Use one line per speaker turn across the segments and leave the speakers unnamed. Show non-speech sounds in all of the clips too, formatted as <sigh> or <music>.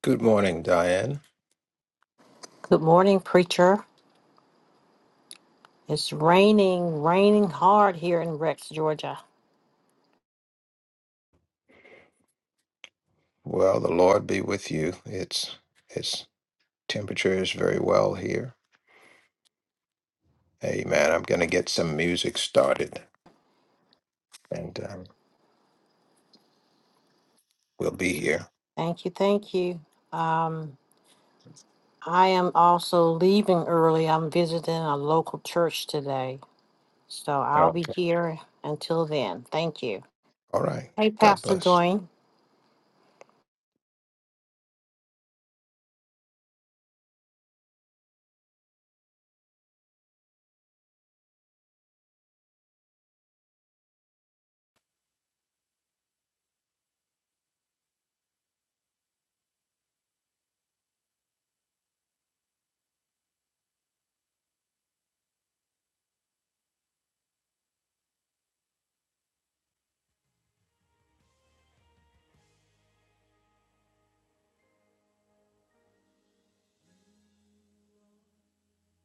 Good morning, Diane.
Good morning, preacher. It's raining, raining hard here in Rex, Georgia.
Well, the Lord be with you. It's it's temperature is very well here. Amen. I'm going to get some music started, and um, we'll be here.
Thank you, thank you. Um, I am also leaving early. I'm visiting a local church today, so I'll be
Okay.
here until then. Thank you.
All right.
Hey,
God
Pastor
bless.
Dwayne.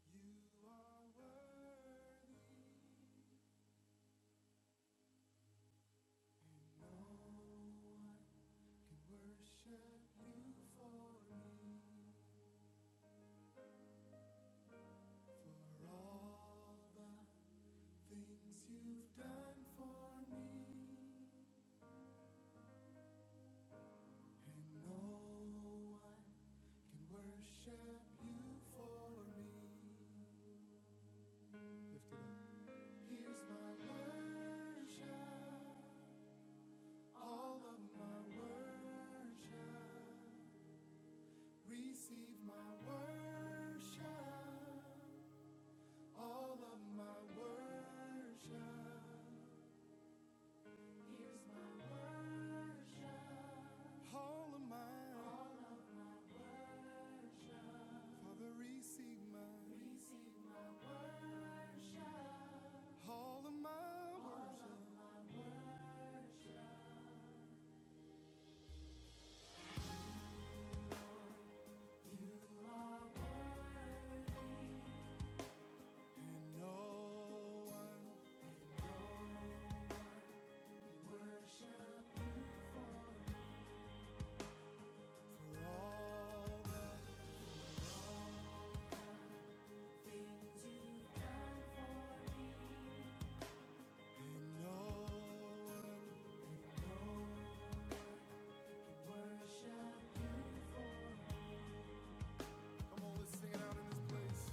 You are worthy. No one can worship you for me. For all the things you've done for me. And no one can worship you for me. Lift it up. Here's my worship, all of my worship. Receive my worship, all of my worship. Here's my worship, all of mine. All of worship. Father, receive my, receive my, all of my all worship. Of you are worthy, and no one no worship you for for all the And no one, come on, let's sing it out in this place.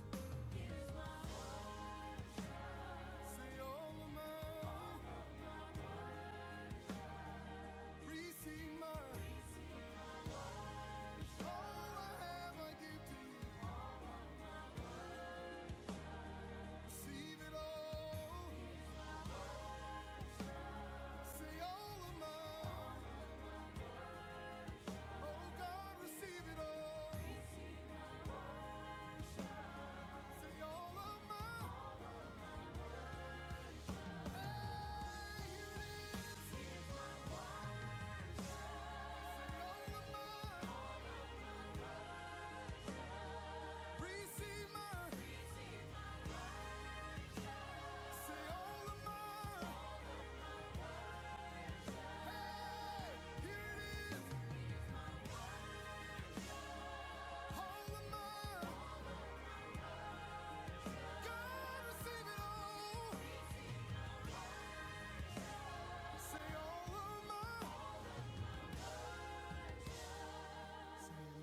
Say all of mine, receive mine. All I have I give to you. Receive it all. Say all of mine. Oh God, receive it all. Say all of mine. Hey, here it is.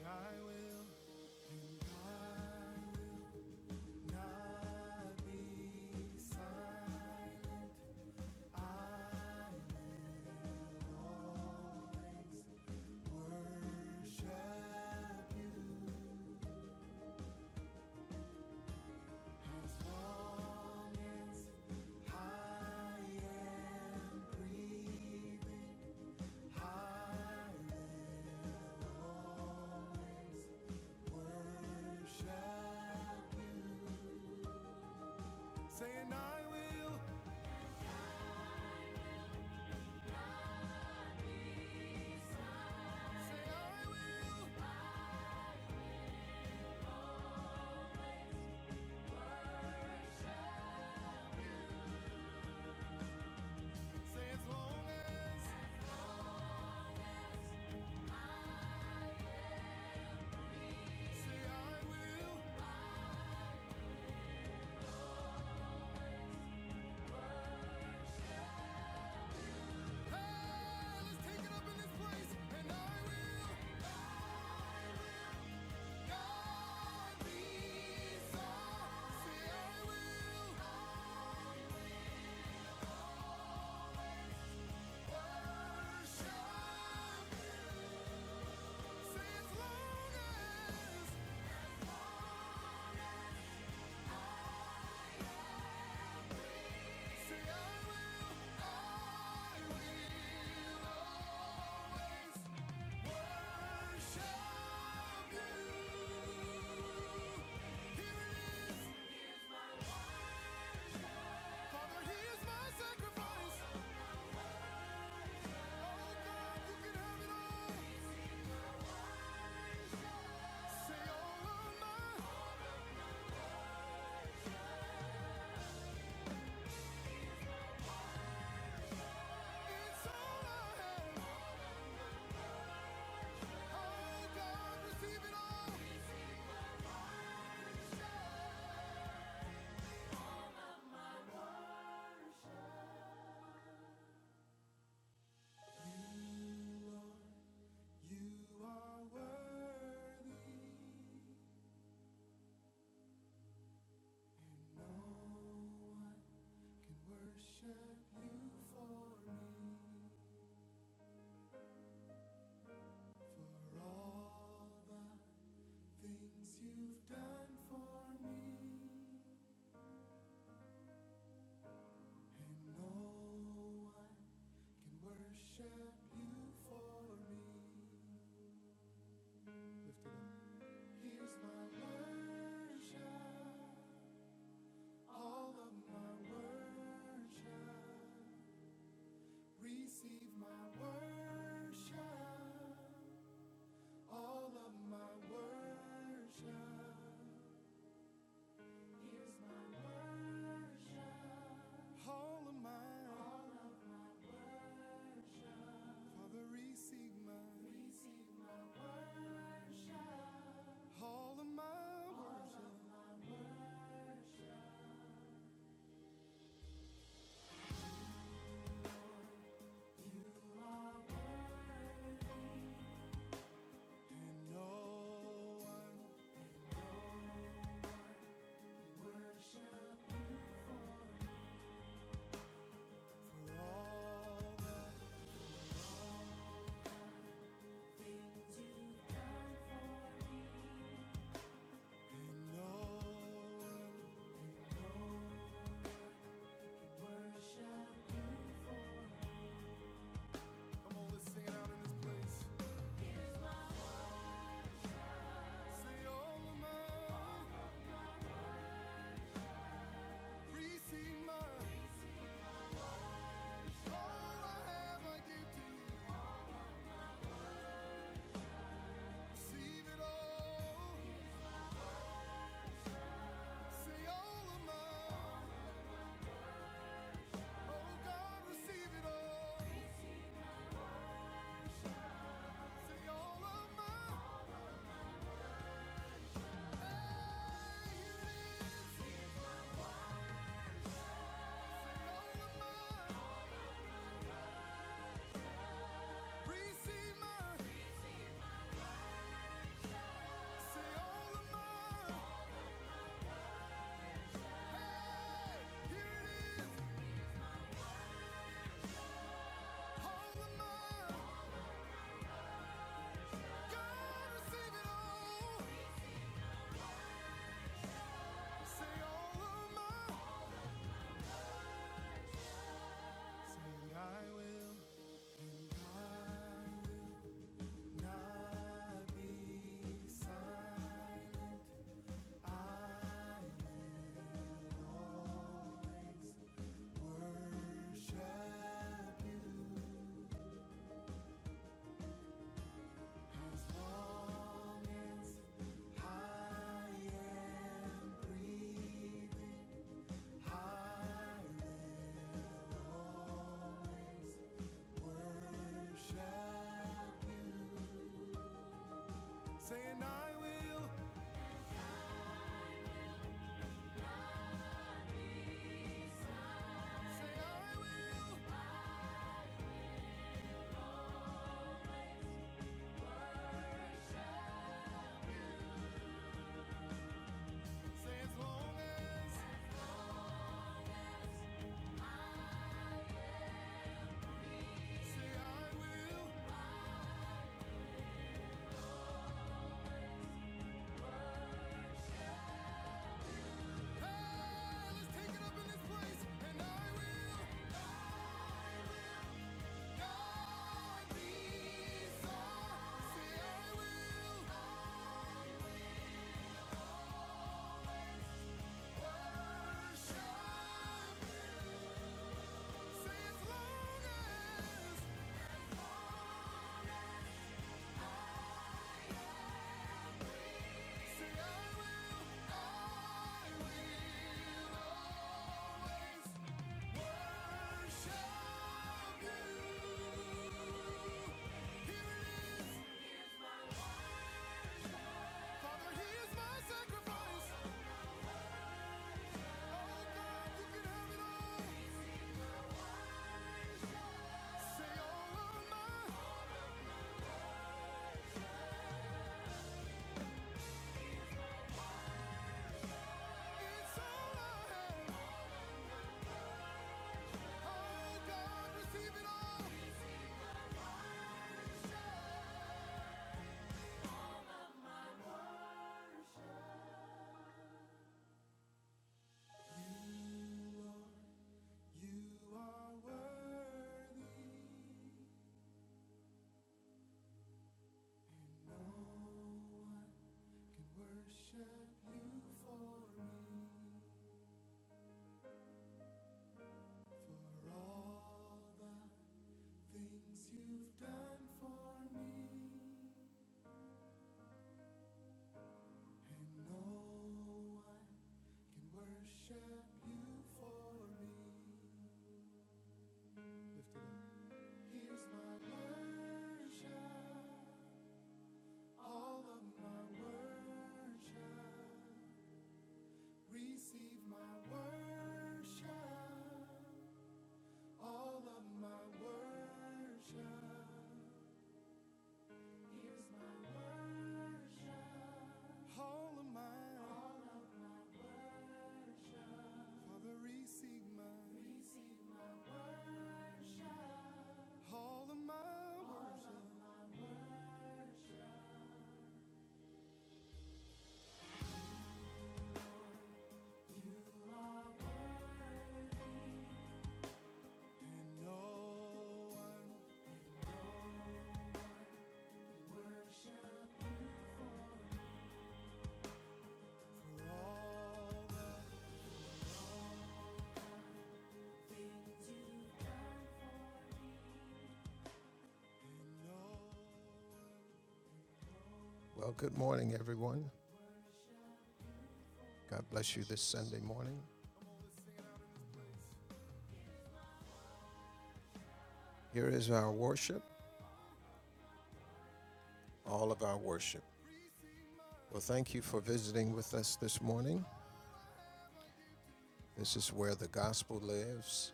I will, and I will not be silent. I will worship you. Saying I will, say I will, say as long as, say I will. Hey, let's take it up in this place, and I will. God be so. Say I will, Receive it all. You are worthy, no one can worship you for me. For all the things you've done for me, and no one can worship you for me. Lift it up. Here's my worship. All of my worship, receive my worship. All of my worship, here's my worship. All of mine, All of mine. Father, receive my, receive my. All of my All worship, of you. and no one worship for all that, and no one. Come on, let's sing it out in this Say all of mine, All I have, I give to Receive it all. Say all of mine. Oh all. of mine. Hey, all of mine. Receive mine. all I will, I will not be silent. I will worship you as long as I am breathing. I will Worship. Saying I will, say I will, say as long as, say I will. Hey, let's take it up in this place, and I will not be sorry. Say I will worship, say as long as. Say I will, I will always worship you. Here Father, here's my sacrifice. Oh God, you can have it all. Say all of mine. It's all I have. Oh God, receive it all. You are worthy, and no one can worship you for me. For all the things you've done for me, and no one can worship you for me. Lift it up. Here's my worship, all of my worship. Receive my worship, all of my worship. Here's my worship, all of mine. All of mine. Father, receive my, receive my- all of my all worship. Of my, you are worthy, And no one don't worship you for for all the, and no one. Well, good morning, everyone. God bless you this Sunday morning. Here is our worship, all of our worship. Well, thank you for visiting with us this morning. This is where the gospel lives,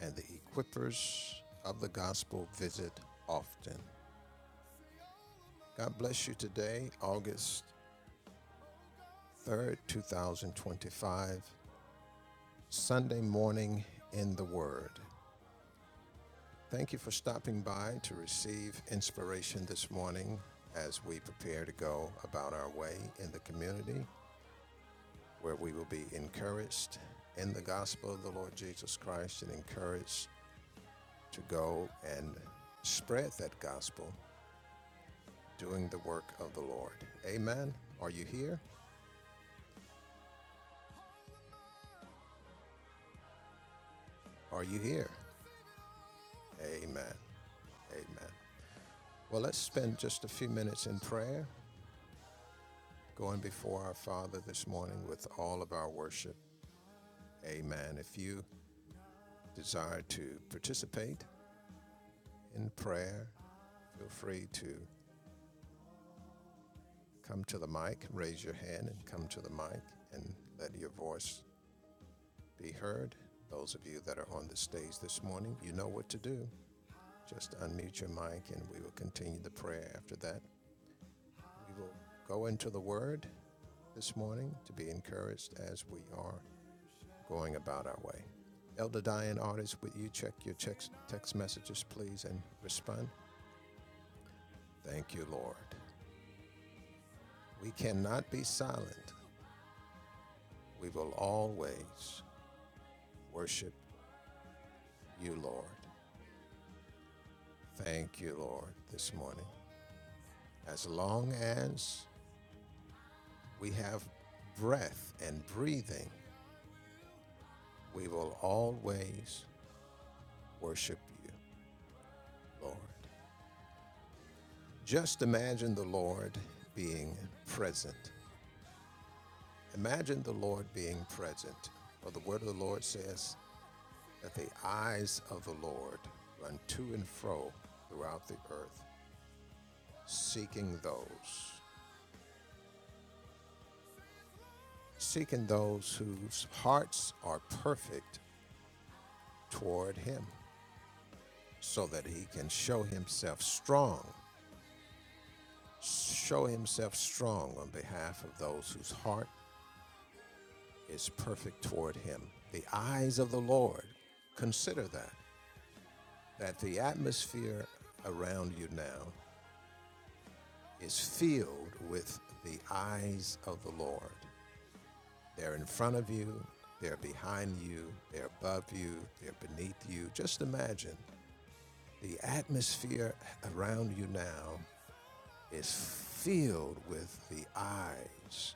and the equippers of the gospel visit often. God bless you today, August 3rd, 2025, Sunday morning in the Word. Thank you for stopping by to receive inspiration this morning as we prepare to go about our way in the community where we will be encouraged in the gospel of the Lord Jesus Christ and encouraged to go and spread that gospel doing the work of the Lord. Amen. Are you here? Are you here? Amen. Amen. Well, let's spend just a few minutes in prayer, going before our Father this morning with all of our worship Amen. If you desire to participate in prayer, feel free to come to the mic, raise your hand, and come to the mic and let your voice be heard. Those of you that are on the stage this morning, you know what to do. Just unmute your mic and we will continue the prayer after that. We will go into the Word this morning to be encouraged as we are going about our way. Elder Diane Artist, would you check your text, text messages, please, and respond? Thank you, Lord. We cannot be silent. We will always worship you, Lord. Thank you, Lord, this morning. As long as we have breath and breathing, we will always worship you, Lord. Just imagine the Lord being present. Imagine the Lord being present. For the word of the Lord says that the eyes of the Lord run to and fro throughout the earth seeking those, seeking those whose hearts are perfect toward Him, so that He can show Himself strong, show Himself strong on behalf of those whose heart is perfect toward Him. The eyes of the Lord, consider that, that the atmosphere around you now is filled with the eyes of the Lord. They're in front of you, they're behind you, they're above you, they're beneath you. Just imagine the atmosphere around you now is filled with the eyes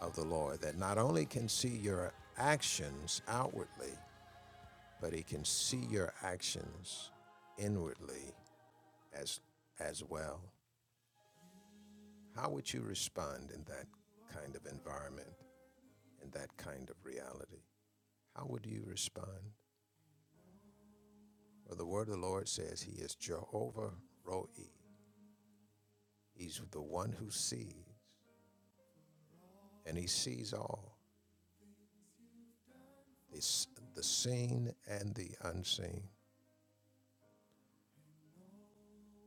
of the Lord that not only can see your actions outwardly, but he can see your actions inwardly as as well. How would you respond in that kind of environment, in that kind of reality? How would you respond? Well, the word of the Lord says he is Jehovah Roi. He's the one who sees, and he sees all the the seen and the unseen.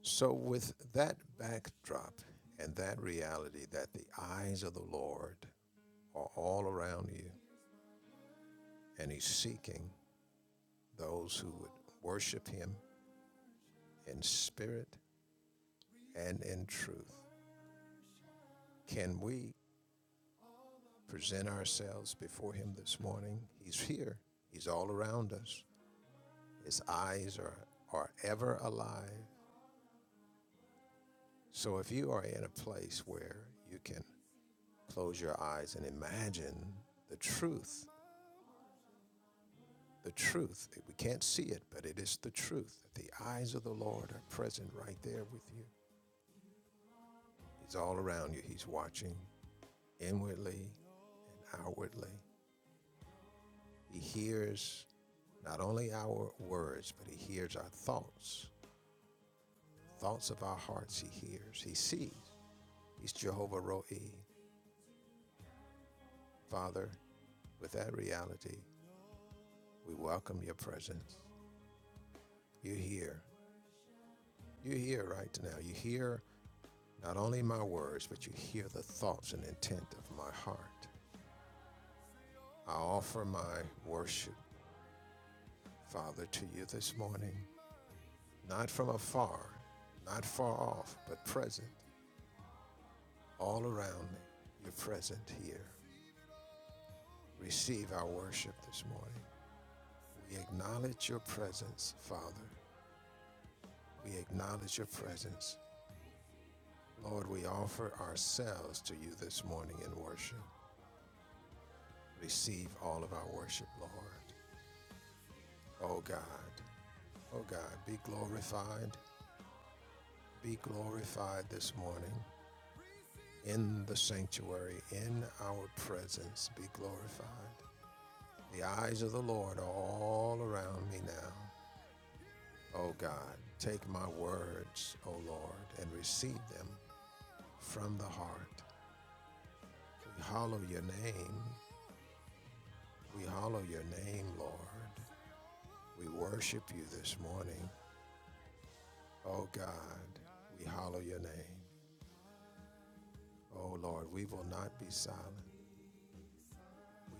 So, with that backdrop and that reality that the eyes of the Lord are all around you, and he's seeking those who would worship him in spirit and in truth. Can we present ourselves before him this morning? He's here, he's all around us. His eyes are, are ever alive. So if you are in a place where you can close your eyes and imagine the truth, the truth, we can't see it, but it is the truth that the eyes of the Lord are present right there with you. He's all around you, He's watching inwardly and outwardly. He hears not only our words, but He hears our thoughts. Thoughts of our hearts He hears, He sees. He's Jehovah Roi. Father, with that reality, we welcome your presence. You're here. You're here right now. You hear not only my words, but you hear the thoughts and intent of my heart. I offer my worship, Father, to you this morning, not from afar, not far off, but present all around me. You're present here. Receive our worship this morning. We acknowledge your presence, Father. We acknowledge your presence. Lord, we offer ourselves to you this morning in worship. Receive all of our worship, Lord. Oh God, oh God, be glorified, be glorified this morning in the sanctuary, in our presence, be glorified. The eyes of the Lord are all around me now. Oh God, take my words, oh Lord, and receive them from the heart. We hallow your name. We hallow your name, Lord. We worship you this morning. Oh God, we hallow your name. Oh Lord, we will not be silent.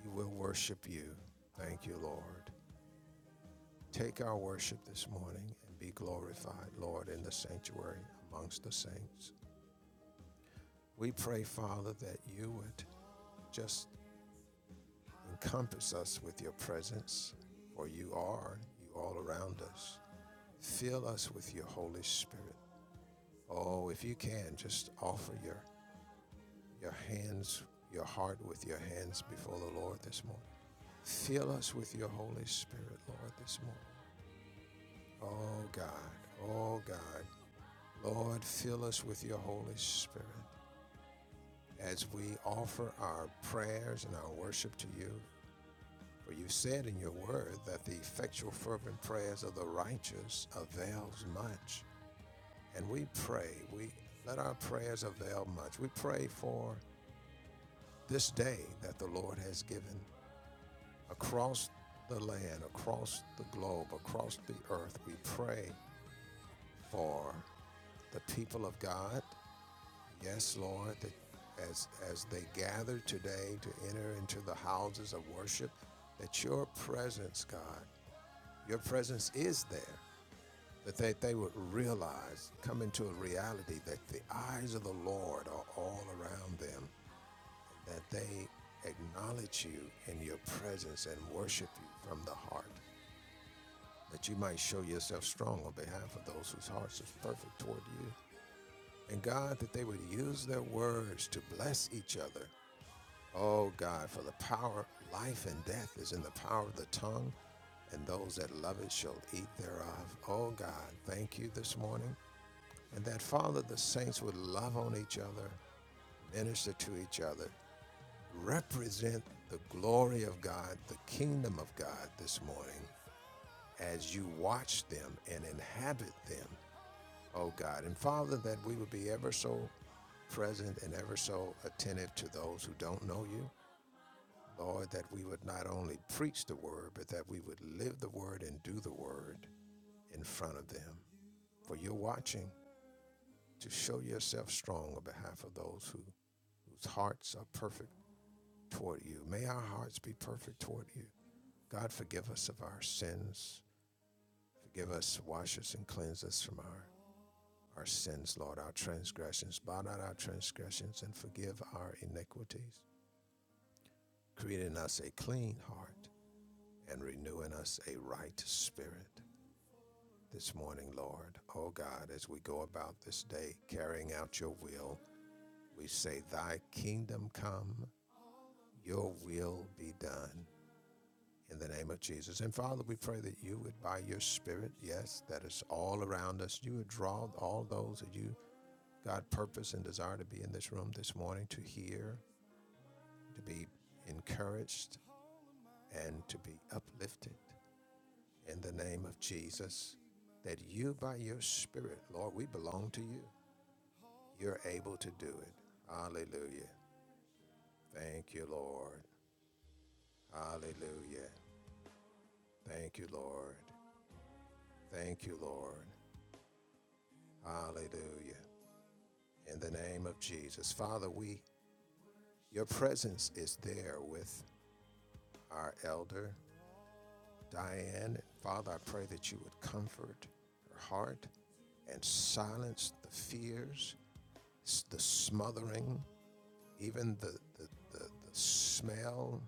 We will worship you. Thank you, Lord. Take our worship this morning and be glorified, Lord, in the sanctuary amongst the saints. We pray, Father, that you would just encompass us with your presence, for you are, you all around us. Fill us with your Holy Spirit. Oh, if you can, just offer your your hands, your heart with your hands before the Lord this morning. Fill us with your Holy Spirit, Lord, this morning. Oh God, oh God. Lord, fill us with your Holy Spirit as we offer our prayers and our worship to you. For you said in your word that the effectual, fervent prayers of the righteous avails much. And we pray, we let our prayers avail much. We pray for this day that the Lord has given across the land, across the globe, across the earth. We pray for the people of God. Yes, Lord, that as as they gather today to enter into the houses of worship, that your presence, God, your presence is there. That they, they would realize, come into a reality that the eyes of the Lord are all around them, that they acknowledge you in your presence and worship you from the heart. that you might show yourself strong on behalf of those whose hearts are perfect toward you. And God, that they would use their words to bless each other. Oh God, for the power, life and death is in the power of the tongue, and those that love it shall eat thereof. Oh God, thank you this morning. And that, Father, the saints would love on each other, minister to each other, represent the glory of God, the kingdom of God this morning as you watch them and inhabit them, oh God. And Father, that we would be ever so present and ever so attentive to those who don't know you. Lord, that we would not only preach the word, but that we would live the word and do the word in front of them. For you're watching to show yourself strong on behalf of those who, whose hearts are perfect toward you. May our hearts be perfect toward you. God, forgive us of our sins. Forgive us, wash us, and cleanse us from our, our sins, Lord, our transgressions. Blot out our transgressions and forgive our iniquities. Create in us a clean heart and renew in us a right spirit. This morning, Lord, O God, as we go about this day carrying out your will, we say, Thy kingdom come, your will be done. In the name of Jesus. And Father, we pray that you would, by your Spirit, yes, that is all around us, you would draw all those that you God purpose and desire to be in this room this morning to hear, to be encouraged, and to be uplifted in the name of Jesus. That you, by your Spirit, Lord, we belong to you. You're able to do it. Hallelujah. Thank you, Lord. Hallelujah. Thank you, Lord. Thank you, Lord. Hallelujah. In the name of Jesus. Father, we, your presence is there with our elder Diane. And Father, I pray that you would comfort her heart and silence the fears, the smothering, even the, the, the, the smell.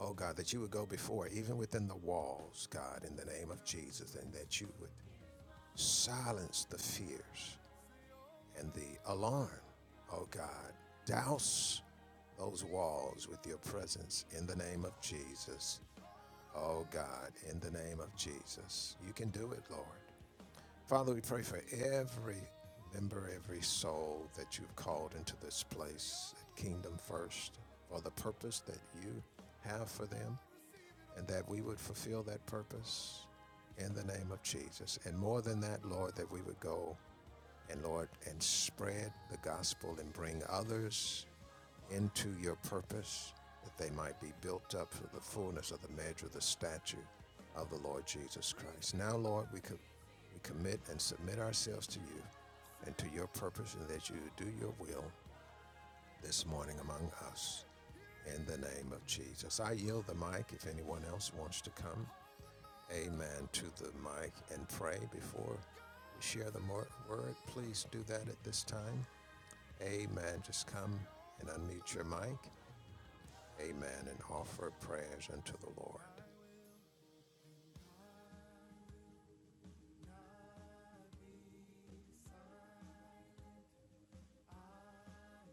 Oh God, that you would go before, even within the walls, God, in the name of Jesus, and that you would silence the fears and the alarm. Oh God, douse those walls with your presence in the name of Jesus. Oh God, in the name of Jesus, you can do it, Lord. Father, we pray for every member, every soul that you've called into this place at Kingdom First for the purpose that you have for them, and that we would fulfill that purpose in the name of Jesus. And more than that, Lord, that we would go and Lord, and spread the gospel and bring others into your purpose that they might be built up for the fullness of the measure of the stature of the Lord Jesus Christ. Now, Lord, we, co- we commit and submit ourselves to you and to your purpose, and that you do your will this morning among us. In the name of Jesus. I yield the mic if anyone else wants to come amen to the mic and pray before we share the word, please do that at this time. Amen. Just come and unmute your mic. Amen. And offer prayers unto the Lord.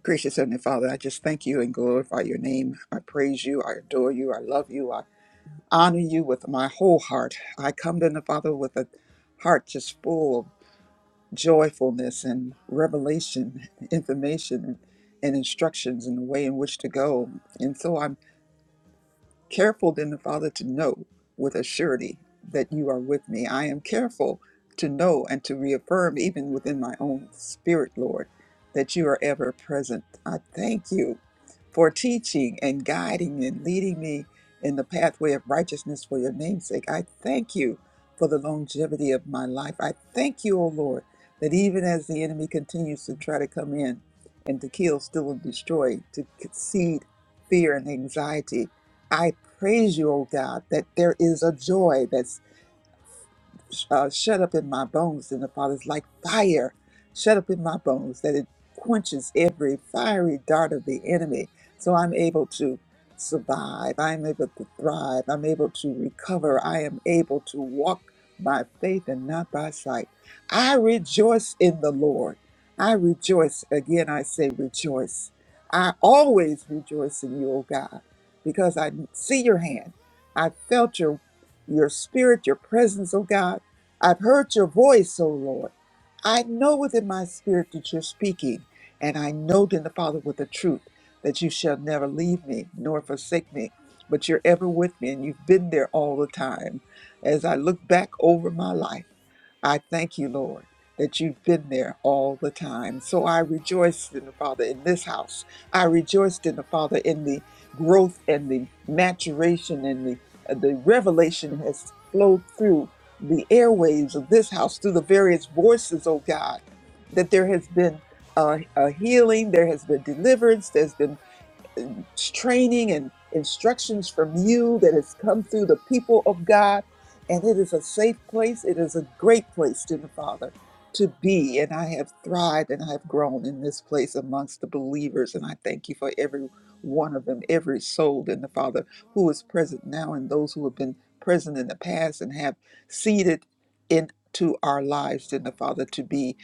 Gracious Heavenly Father, I just thank you and glorify your name. I praise you. I adore you. I love you. I honor you with my whole heart. I come to the Father with a heart just full of joyfulness and revelation, information, and, and instructions in the way in which to go. And so I'm Careful then the Father to know with a surety that you are with me. I am careful to know and to reaffirm, even
Saying
within my
I
own
will
spirit, Lord, that you are ever present. I thank you for teaching and guiding
Say I
and
will.
leading me in the pathway of righteousness for your name's sake. I thank you for the longevity of my life. I thank you, O Lord, that even as the enemy continues to try to come in
Say
and to
as
kill,
long
steal, and
as.
destroy, to seed fear and anxiety, I praise you, O God, that there is a
Say I
joy that
will.
uh, shut up in my bones. And the Father's like fire, shut up in my bones, that it quenches every fiery dart of the enemy. So I'm able to survive. I'm able to thrive. I'm able to recover. I am able to walk
Say
by
I
faith and not by sight.
will.
I rejoice in the Lord. I rejoice. Again, I say rejoice. I always rejoice in you, O God, because I see
Say as
your hand.
long
I felt your your spirit, your presence, oh God. I've heard your voice, O Lord. I know within my spirit that you're speaking, and I know then the Father with the truth that you shall never leave me nor forsake me, but you're ever with me, and you've been there all the time. As I look back over my life, I thank you, Lord, that you've been there all the time.
my
So I
sacrifice.
rejoiced
Oh
in the Father in this house. I rejoiced in the Father
you
in
can
the
have it all.
growth and the maturation and the uh, the
Say
revelation
all
has
of
flowed through
mine.
the airwaves of this house through the various voices, oh God, that there has been uh, a healing, there has been
It's
deliverance,
all
there's
I
been
have.
training and instructions from
Oh
you that has come through the people of God. And it is a safe place. It is a great place, dear Father, to be. And I have thrived and I have grown in this place amongst the believers. And I thank you for every one of them, every soul, dear
You
Father, who is
are
present now and those who have
worthy.
been present in the past and have seeded into our lives,
No
dear
one
Father, to be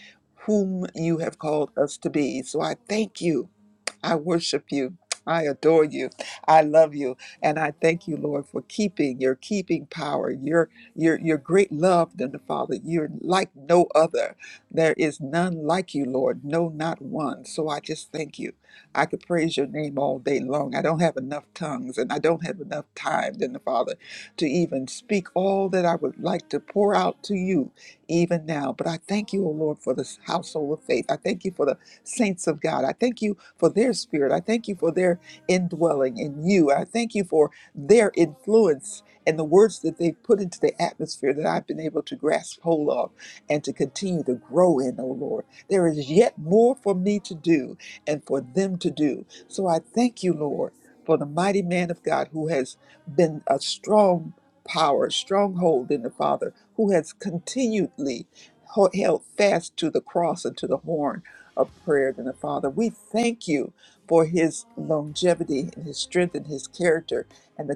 whom
can
you have
worship
called us to
you for me.
be. So I
For all
thank
the
you
things
I worship you. I adore you. I love you. And I thank you, Lord, for keeping your keeping power, your
you've
your your
done
great
for
love, then
me.
the Father. You're like no other. There is none like you, Lord. No,
no
not one. So I just
one
thank you.
can
I could praise
worship
your name all
you
day long. I don't
for
have
me.
enough tongues and I don't have enough time, then the Father,
Lift it up.
to even speak
Here's my
all that I would like to pour out to you
worship.
even now. But I thank you, O
All of
Lord, for
my
this household of faith. I
worship,
thank you for the saints of God. I thank you for their
receive
spirit. I
my
thank you for their indwelling in
worship.
you. I thank you for their
All of
influence
my
and the words that they've
worship,
put into the atmosphere that I've been able to grasp hold of
here's my
and to continue to grow in, oh
worship.
Lord. There is yet
All of
more for
mine,
me to
all of
do and for them to do. So I thank you,
Father,
Lord,
receive
for the
my,
mighty man of God
receive my,
who has been a strong power,
all of my worship.
stronghold in the Father, who has continually ho- held fast to the cross and to the horn of prayer than the Father. We thank you for his longevity and his strength and his
And
character and the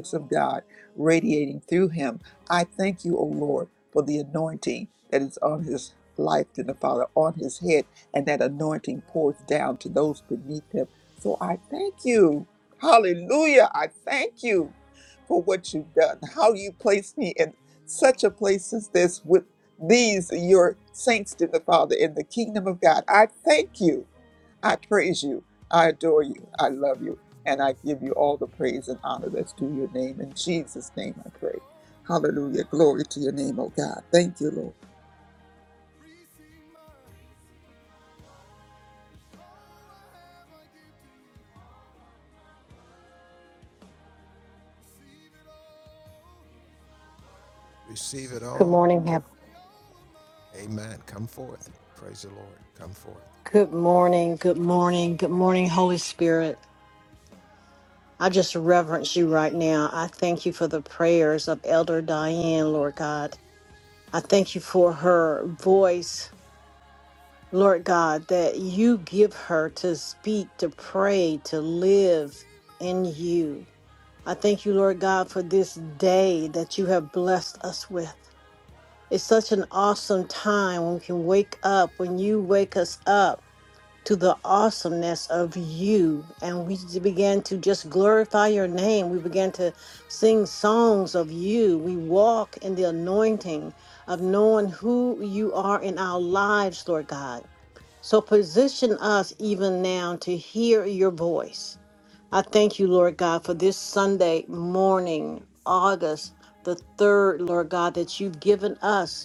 no
of God
one
radiating through him. I
no
thank you, O Lord, for the anointing
worship
that is on his life than the Father, on his head, and that anointing pours down to those beneath him. So I
all the
thank you. Hallelujah. I thank you for what you've done, how you placed me in such a place as this with these are your saints to the Father in the kingdom of God. I thank you. I praise you. I adore you. I love you. And I give you all the praise and honor that's due your name. In Jesus' name I pray. Hallelujah. Glory to your name, oh God. Thank you, Lord.
receive it all.
Good morning. Hap-
Amen. Come forth. Praise the Lord. Come forth. Oh
Good morning. Good morning. Good morning, Holy Spirit. I just reverence you right now. I thank you for the prayers of Elder Diane, Lord God. I thank you for her voice
I
Lord God, that you give her to speak, to pray, to live in you. I thank you, Lord God, for this day that you have blessed us with. It's such an awesome time when we can wake up, when you wake us up to the awesomeness of you. And we j- began to just glorify your name. We began to sing songs of you. We walk in the anointing of knowing who you are in our lives, Lord God. So position us even now to
will,
hear your voice. I thank you, Lord God,
I will
for this Sunday
not
morning,
be
August the
silent.
3rd, Lord God,
I
that you've given us.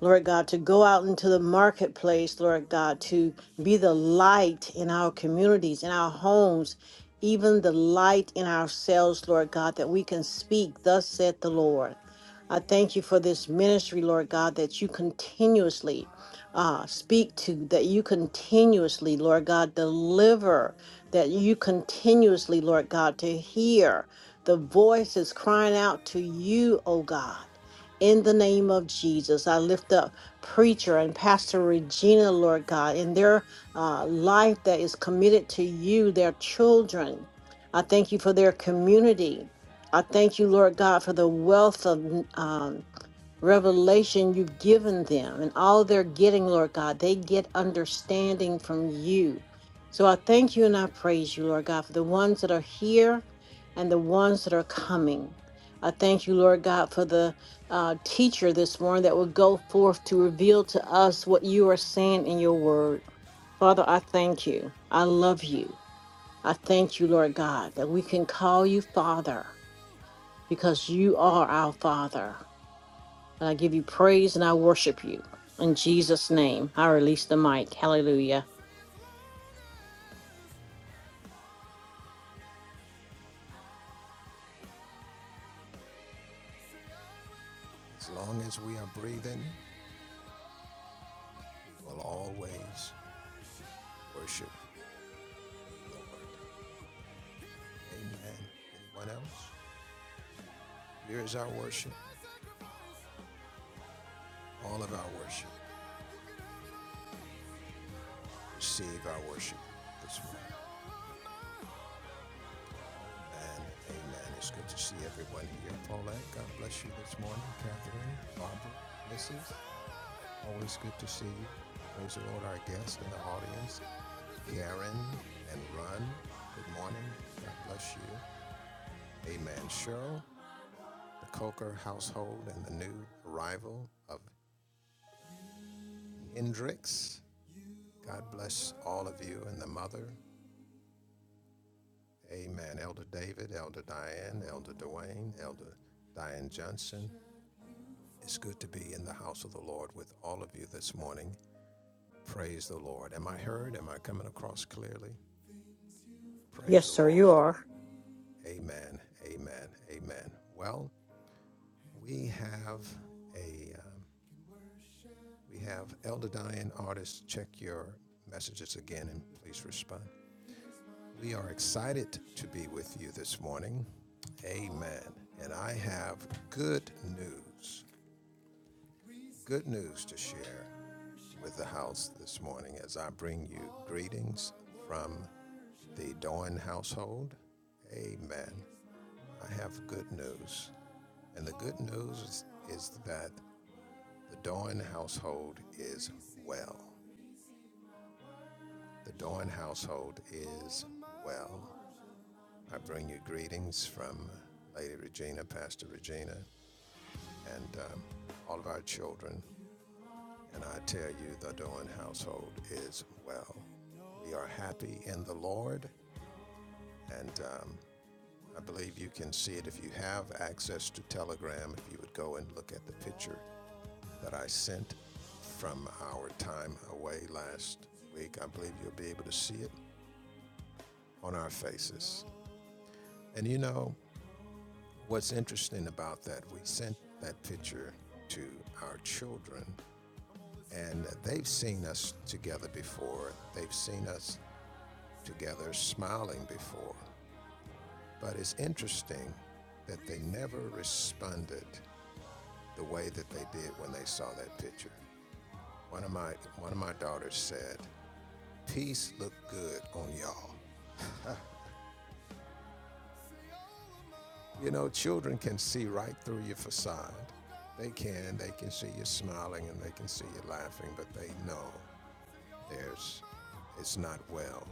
Lord God, to go out into the marketplace, Lord God, to
will
be the light
shut you
in our communities, in our homes, even the light in ourselves, Lord God, that we can
on
speak, thus saith the Lord. I thank you for this ministry, Lord God, that you continuously
high and
uh,
free.
speak to, that you continuously, Lord God, deliver, that you continuously, Lord God, to hear the voices
Saying
crying
I
out to
will, say
you, oh God. In the name of Jesus, I lift up preacher and Pastor Regina,
I
Lord God, in their
will,
uh,
say
life that is committed to you, their children. I thank you for their community. I thank you, Lord God, for the wealth of um,
as long
revelation you've
as,
given them and all they're getting, Lord God. They get understanding from you. So I thank
say
you and I
I
praise you, Lord
will.
God, for the ones that are here and the ones that are coming. I thank you, Lord God, for the uh, teacher this morning that will go
Hey,
forth to
let's
reveal
take
to
it up in
us
this
what you
place,
are
and I
saying in your
will
word. Father, I thank you. I love you. I
not be
thank you, Lord God, that we can
sorry.
call you
Say I
Father
will,
because you are our Father. And I give you praise and I
worship.
worship you. In Jesus' name, I release the mic. Hallelujah.
Say as long as, As long as we are breathing, we'll always worship the Lord. Amen. Anyone else? Here is our worship. All of our worship. Receive our worship this morning. Amen. Amen. It's good to see everyone here. Paulette, God bless you this morning. Catherine, Barbara, Mrs. Always good to see you. Praise the Lord, our guests in the audience. Karen and Ron. good morning. God bless you. Amen. Cheryl, the Coker household, and the new arrival of Hendrix. God bless all of you and the mother. Amen. Elder David, Elder Diane, Elder Dwayne, Elder Diane Johnson. It's good to be in the house of the Lord with all of you this morning. Praise the Lord. Am I heard? Am I coming across clearly? Praise
Yes,
the
sir, you
Lord.
are.
Amen. Amen. Amen. Well, we have a um, we have Elder Diane artist check your messages again and please respond. We are excited to be with you this morning. Amen. And I have good news, good news to share with the house this morning as I bring you greetings from the Doan household. Amen. I have good news. And the good news is, that the Doan household is well. The Doan household is well. I bring you greetings from Lady Regina, Pastor Regina, and um, all of our children. And I tell you, the Doan household is well. We are happy in the Lord, and um, I believe you can see it if you have access to Telegram. If you would go and look at the picture that I sent from our time away last week, I believe you'll be able to see it on our faces. And you know, What's interesting about that, we sent that picture to our children, and they've seen us together before. They've seen us together smiling before. But it's interesting that they never responded the way that they did when they saw that picture. One of my one of my daughters said, "Peace looked good on y'all." You know, children can see right through your facade. They can. They can see you smiling and they can see you laughing, but they know There's, it's not well.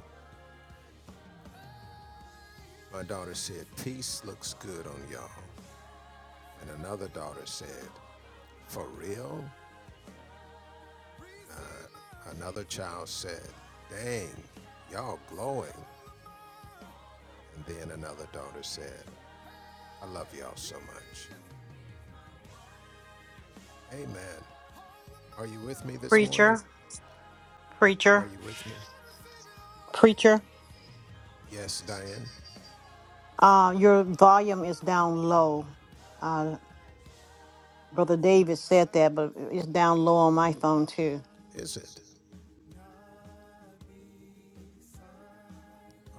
My daughter said, Peace looks good on y'all. And another daughter said, For real? Another child said, Dang, y'all glowing. And then another daughter said, I love y'all so much. Amen. Are you with me this morning?
Preacher,
Are
preacher,
you with me?
preacher.
Yes, Diane.
Uh, your volume is down low. Uh, Brother David said that, but it's down low on my phone too.
Is it?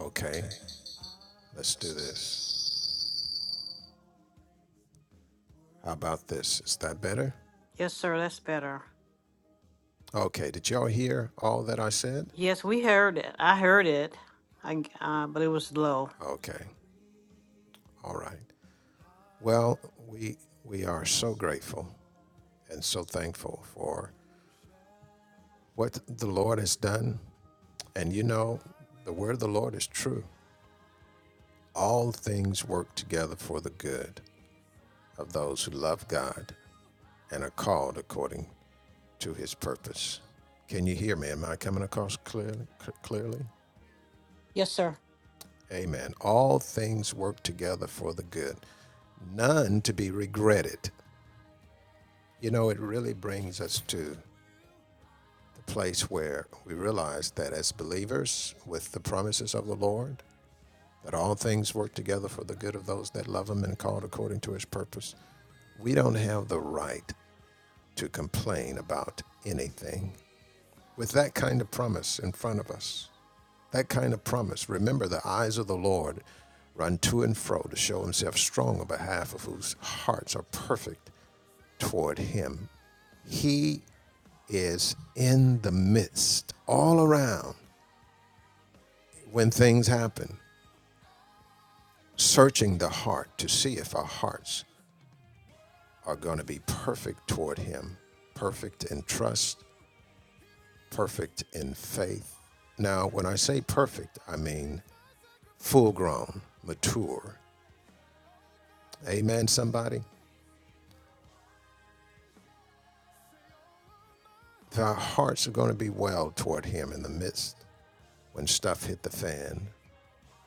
Okay, let's do this. How about this? Is that better?
Yes, sir, that's better.
Okay, did y'all hear all that I said?
Yes, we heard it. I heard it, I uh, but it was low.
Okay, all right. Well, we we are so grateful and so thankful for what the Lord has done. And you know, the word of the Lord is true. All things work together for the good of those who love God and are called according to his purpose. Can you hear me? Am I coming across clearly? clearly?
Yes, sir.
Amen. All things work together for the good none to be regretted. You know, it really brings us to the place where we realize that as believers, with the promises of the Lord, that all things work together for the good of those that love Him and called according to His purpose, we don't have the right to complain about anything. With that kind of promise in front of us, that kind of promise, remember the eyes of the Lord run to and fro to show Himself strong on behalf of whose hearts are perfect toward him. He is in the midst, all around, when things happen, searching the heart to see if our hearts are going to be perfect toward Him, perfect in trust, perfect in faith. Now, when I say perfect, I mean full grown, mature. Amen, somebody? our hearts are going to be well toward Him in the midst, when stuff hit the fan,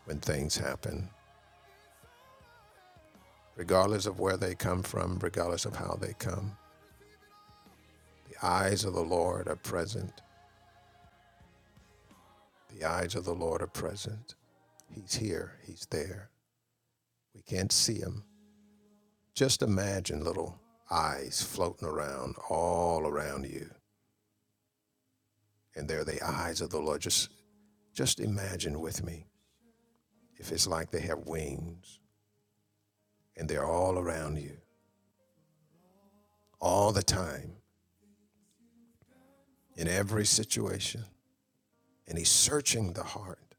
when things happen, regardless of where they come from, regardless of how they come. The eyes of the Lord are present. The eyes of the Lord are present. He's here, He's there. We can't see Him. Just imagine little eyes floating around all around you, and they're the eyes of the Lord. Just, just imagine with me if it's like they have wings and they're all around you all the time in every situation, and He's searching the heart,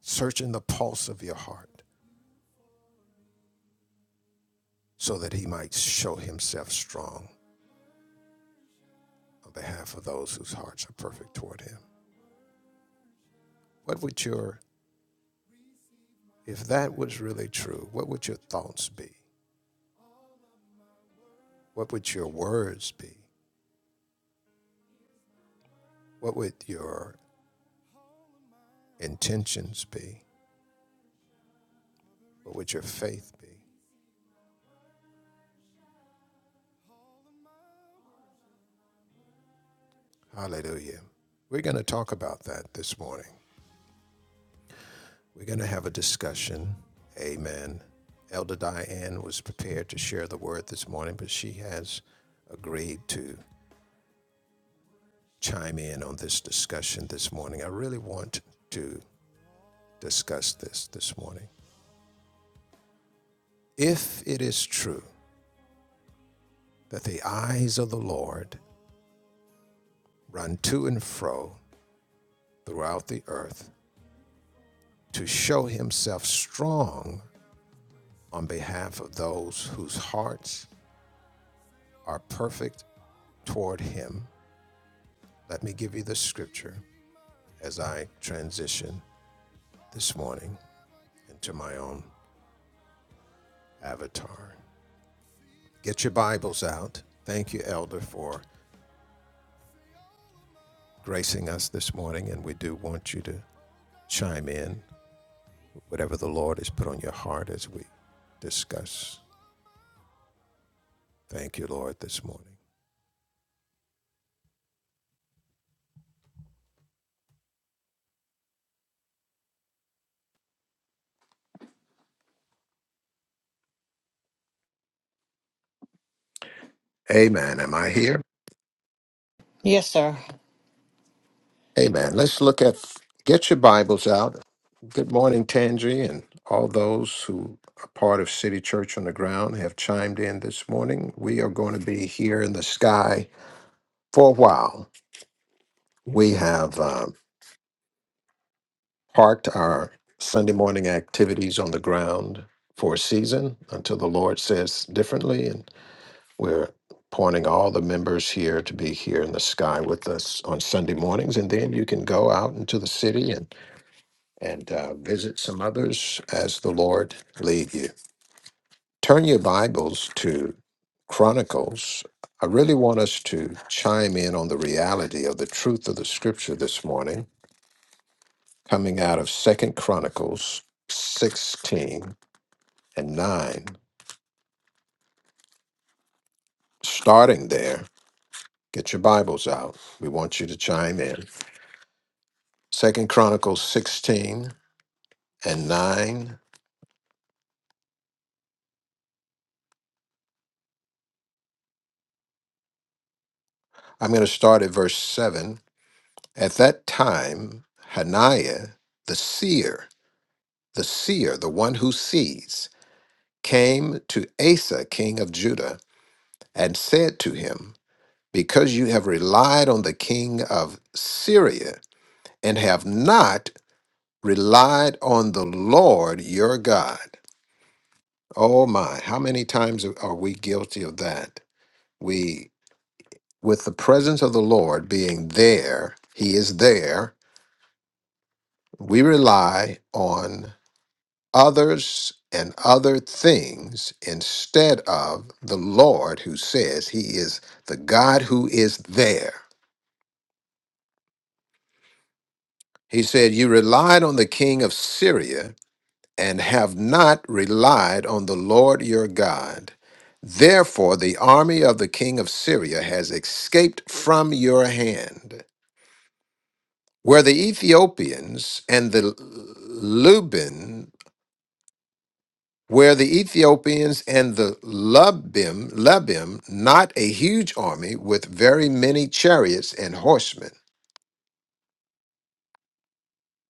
searching the pulse of your heart so that he might show himself strong on behalf of those whose hearts are perfect toward him. What would your, if that was really true, what would your thoughts be? What would your words be? What would your intentions be? What would your faith be? Hallelujah. We're going to talk about that this morning. We're going to have a discussion. Amen. Elder Diane was prepared to share the word this morning, but she has agreed to chime in on this discussion this morning. I really want to discuss this this morning. If it is true that the eyes of the Lord run to and fro throughout the earth to show himself strong on behalf of those whose hearts are perfect toward him, let me give you the scripture as I transition this morning into my own avatar. Get your Bibles out. Thank you, Elder, for gracing us this morning, and we do want you to chime in, whatever the Lord has put on your heart as we discuss. Thank you, Lord, this morning.
Amen. Am I here?
Yes, sir.
Amen. Let's look at. Get your Bibles out. Good morning, Tangi, and all those who are part of City Church on the ground have chimed in this morning. We are going to be here in the sky for a while. We have. Um, parked our Sunday morning activities on the ground for a season until the Lord says differently. And we're appointing all the members here to be here in the sky with us on Sunday mornings. And then you can go out into the city and, and uh, visit some others as the Lord lead you. Turn your Bibles to Chronicles. I really want us to chime in on the reality of the truth of the scripture this morning coming out of Second Chronicles 16 and 9. Starting there, get your Bibles out. We want you to chime in. Second Chronicles 16 and 9. I'm going to start at verse 7. At that time, Hananiah, the seer, the seer, the one who sees, came to Asa, king of Judah, and said to him, Because you have relied on the king of Syria and have not relied on the Lord your God. Oh my, how many times are we guilty of that? We, with the presence of the Lord being there, He is there, we rely on others and other things instead of the Lord who says He is the God who is there. He said, You relied on the king of Syria and have not relied on the Lord your God. Therefore, the army of the king of Syria has escaped from your hand. Where the Ethiopians and the Lubim, where the Ethiopians and the Lubim, Lubim, not a huge army with very many chariots and horsemen.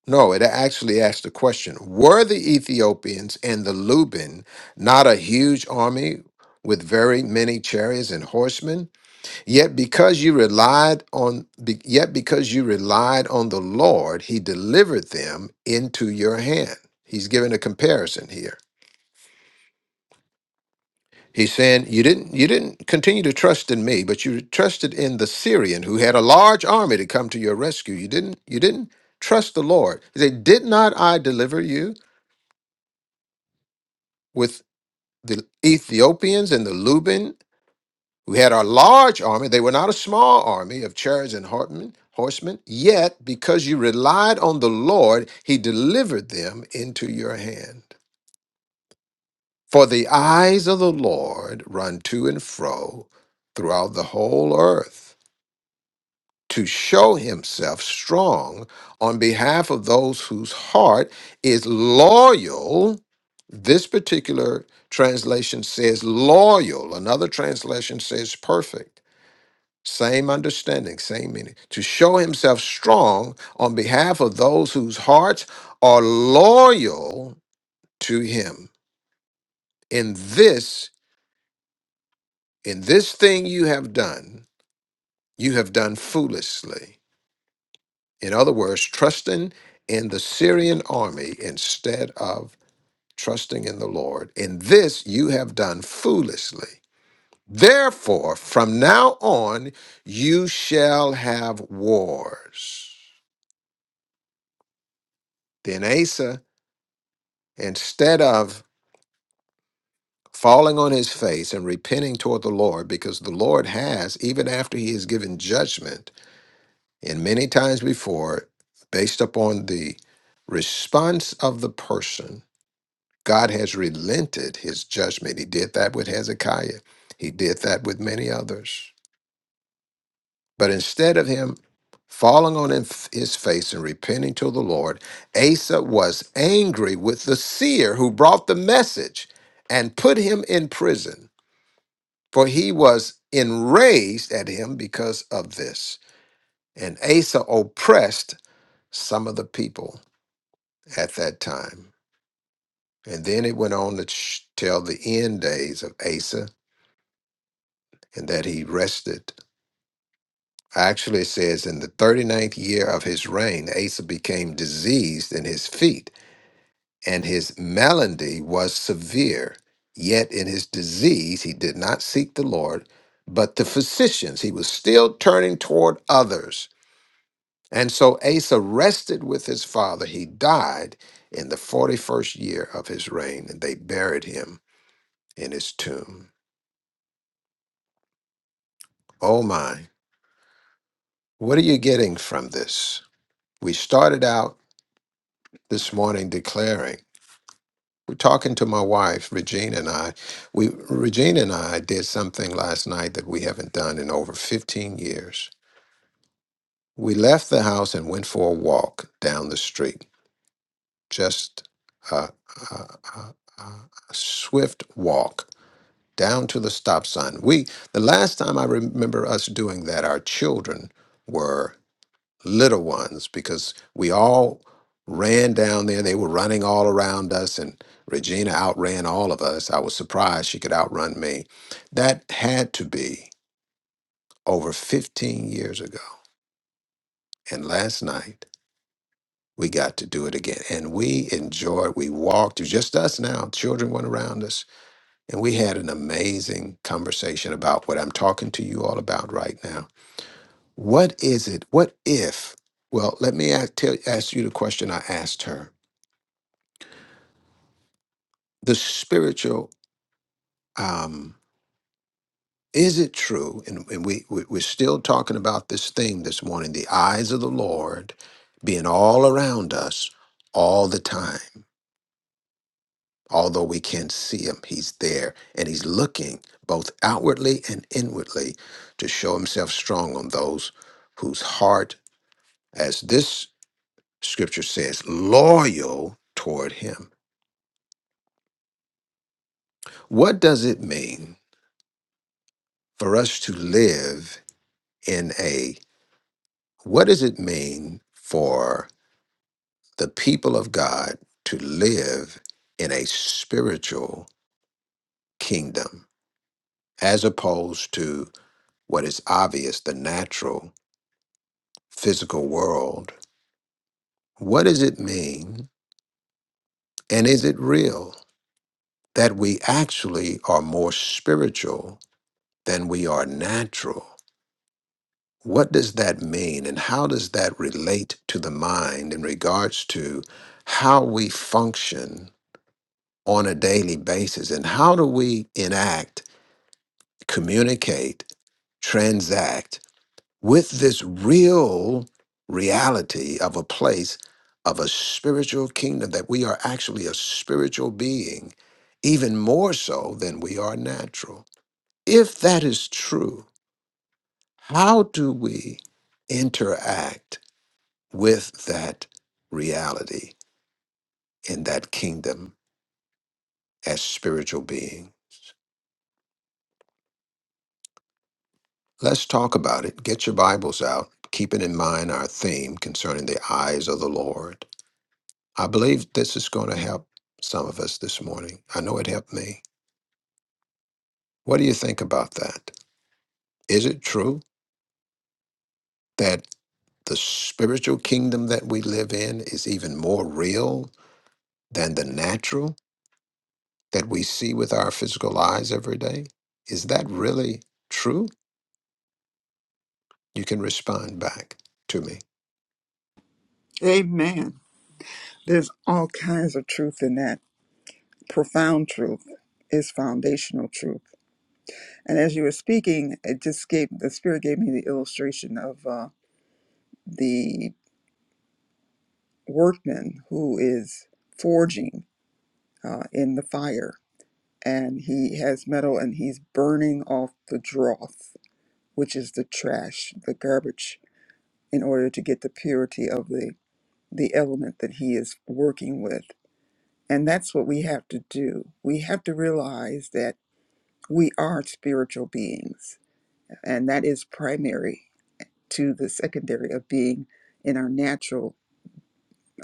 No, it actually asked the question Were the Ethiopians and the Luban not a huge army with very many chariots and horsemen? Yet because you relied on be, yet because you relied on the Lord, he delivered them into your hand. He's giving a comparison here. He's saying you didn't you didn't continue to trust in me, but you trusted in the Syrian who had a large army to come to your rescue. You didn't you didn't trust the Lord. He said, Did not I deliver you? the Ethiopians and the Luban, who had a large army, they were not a small army of chariots and horsemen, horsemen, yet because you relied on the Lord, he delivered them into your hand. For the eyes of the Lord run to and fro throughout the whole earth to show himself strong on behalf of those whose heart is loyal. This particular translation says loyal, another translation says perfect. Same understanding, same meaning. To show himself strong on behalf of those whose hearts are loyal to him. In this, in this thing you have done, you have done foolishly In other words, trusting in the Syrian army instead of trusting in the Lord. In this you have done foolishly. Therefore, from now on, you shall have wars. Then Asa, instead of falling on his face and repenting toward the Lord, because the Lord has, even after he has given judgment, and many times before, based upon the response of the person, God has relented his judgment. He did that with Hezekiah, he did that with many others. But instead of him falling on his his face and repenting to the Lord, Asa was angry with the seer who brought the message and put him in prison, for he was enraged at him because of this. And Asa oppressed some of the people at that time. And then it went on to sh- tell the end days of Asa and that he rested. Actually, it says, in the thirty-ninth year of his reign, Asa became diseased in his feet, and his malady was severe. Yet in his disease, he did not seek the Lord, but the physicians. He was still turning toward others. And so Asa rested with his father. He died in the 41st year of his reign, and they buried him in his tomb. Oh my, what are you getting from this? We started out this morning declaring. We're talking to my wife, Regina and I. We Regina and I did something last night that we haven't done in over 15 years. We left the house and went for a walk down the street. Just a, a, a, a swift walk down to the stop sign. We the last time I remember us doing that, our children were little ones because we all ran down there. They were running all around us, and Regina outran all of us. I was surprised she could outrun me. That had to be over 15 years ago. And last night, we got to do it again. And we enjoyed, we walked, it was just us now. Children went around us, and we had an amazing conversation about what I'm talking to you all about right now. What is it? What if? Well, let me ask, tell, ask you the question I asked her the spiritual um is it true and, and we, we we're still talking about this thing this morning the eyes of the lord being all around us all the time although we can't see him he's there and he's looking both outwardly and inwardly to show himself strong on those whose heart as this scripture says loyal toward him what does it mean for us to live in a What does it mean for the people of God to live in a spiritual kingdom as opposed to what is obvious, the natural physical world? What does it mean, and is it real, that we actually are more spiritual than we are natural? What does that mean, and how does that relate to the mind in regards to how we function? on a daily basis and how do we enact communicate transact with this real reality of a place of a spiritual kingdom that we are actually a spiritual being even more so than we are natural if that is true how do we interact with that reality in that kingdom as spiritual beings Let's talk about it. Get your Bibles out, keeping in mind our theme concerning the eyes of the Lord. I believe this is going to help some of us this morning. I know it helped me. What do you think about that? Is it true that the spiritual kingdom that we live in is even more real than the natural that we see with our physical eyes every day? Is that really true? You can respond back to me.
Amen. There's all kinds of truth in that. Profound truth is foundational truth. And as you were speaking, it just gave the Spirit gave me the illustration of uh, the workman who is forging. uh, in the fire. And he has metal and he's burning off the dross, which is the trash, the garbage, in order to get the purity of the, the element that he is working with. And that's what we have to do. We have to realize that we are spiritual beings, and that is primary to the secondary of being in our natural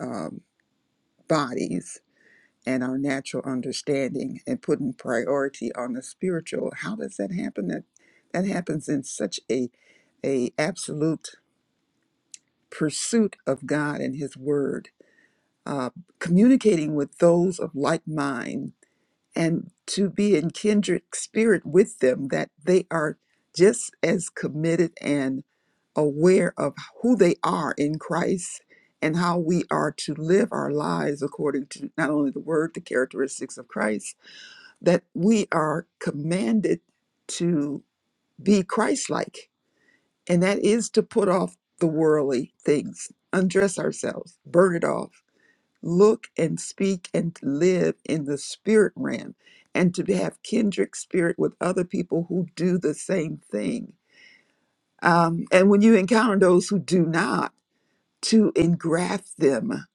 um, bodies and our natural understanding and putting priority on the spiritual how does that happen that that happens in such a a absolute pursuit of god and his word uh, communicating with those of like mind and to be in kindred spirit with them that they are just as committed and aware of who they are in christ and how we are to live our lives according to not only the word the characteristics of christ that we are commanded to be Christ-like, and that is to put off the worldly things, undress ourselves, burn it off, look and speak and live in the spirit realm, and to have kindred spirit with other people who do the same thing. Um, and when you encounter those who do not, to engraft them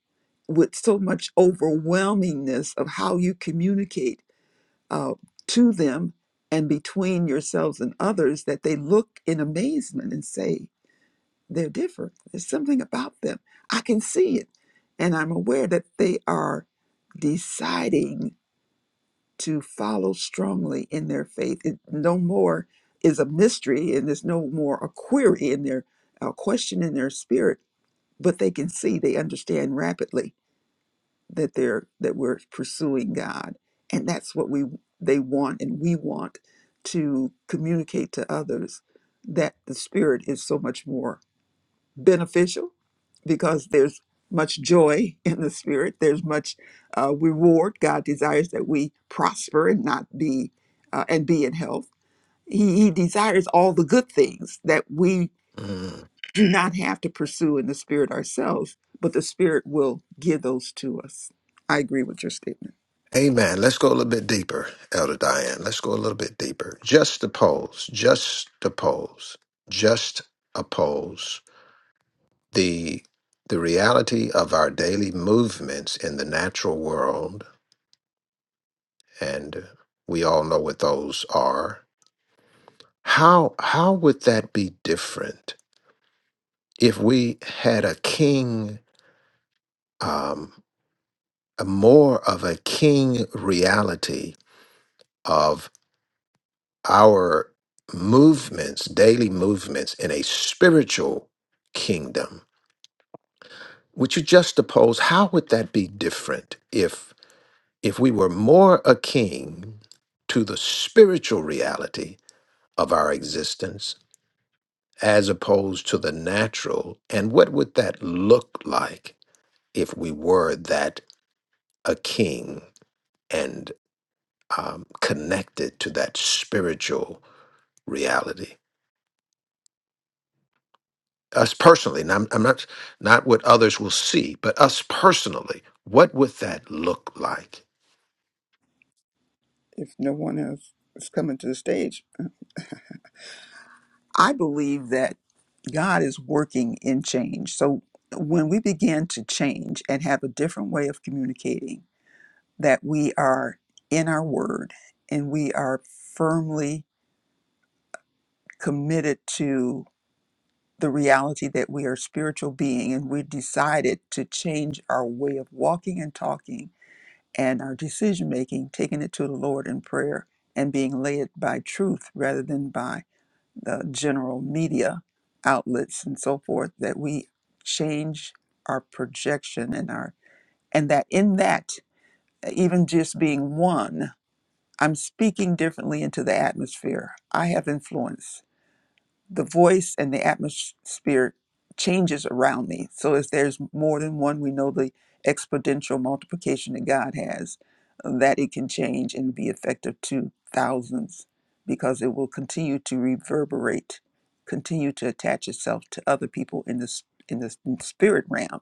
with so much overwhelmingness of how you communicate uh, to them and between yourselves and others that they look in amazement and say, they're different. There's something about them. I can see it. And I'm aware that they are deciding to follow strongly in their faith. It no more is a mystery and there's no more a query in their a question in their spirit, but they can see, they understand rapidly that they're that we're pursuing God, and that's what we they want and we want to communicate to others that the spirit is so much more beneficial because there's much joy <laughs> in the spirit. There's much uh, reward. God desires that we prosper and not be uh, and be in health. He, he desires all the good things that we do not have to pursue in the spirit ourselves, but the spirit will give those to us. I agree with your statement.
Amen. Let's go a little bit deeper, Elder Diane. Let's go a little bit deeper. Just oppose, just oppose, just oppose the the reality of our daily movements in the natural world, and we all know what those are. How how would that be different if we had a king, um, a more of a king reality? our movements, daily movements in a spiritual kingdom, would you juxtapose how would that be different if if we were more akin to the spiritual reality of our existence as opposed to the natural? And what would that look like if we were that akin and um, connected to that spiritual reality? us personally, and I'm, I'm not not what others will see, but us personally, what would that look like?
if no one else is coming to the stage. I believe that God is working in change. So when we begin to change and have a different way of communicating, that we are in our word and we are firmly committed to the reality that we are spiritual being and we decided to change our way of walking and talking and our decision making, taking it to the Lord in prayer and being led by truth rather than by the general media outlets and so forth that we change our projection and our and that in that even just being one i'm speaking differently into the atmosphere i have influence the voice and the atmosphere changes around me. So if there's more than one, we know the exponential multiplication that God has, uh, that it can change and be effective to thousands because it will continue to reverberate, continue to attach itself to other people in this in the in the spirit realm.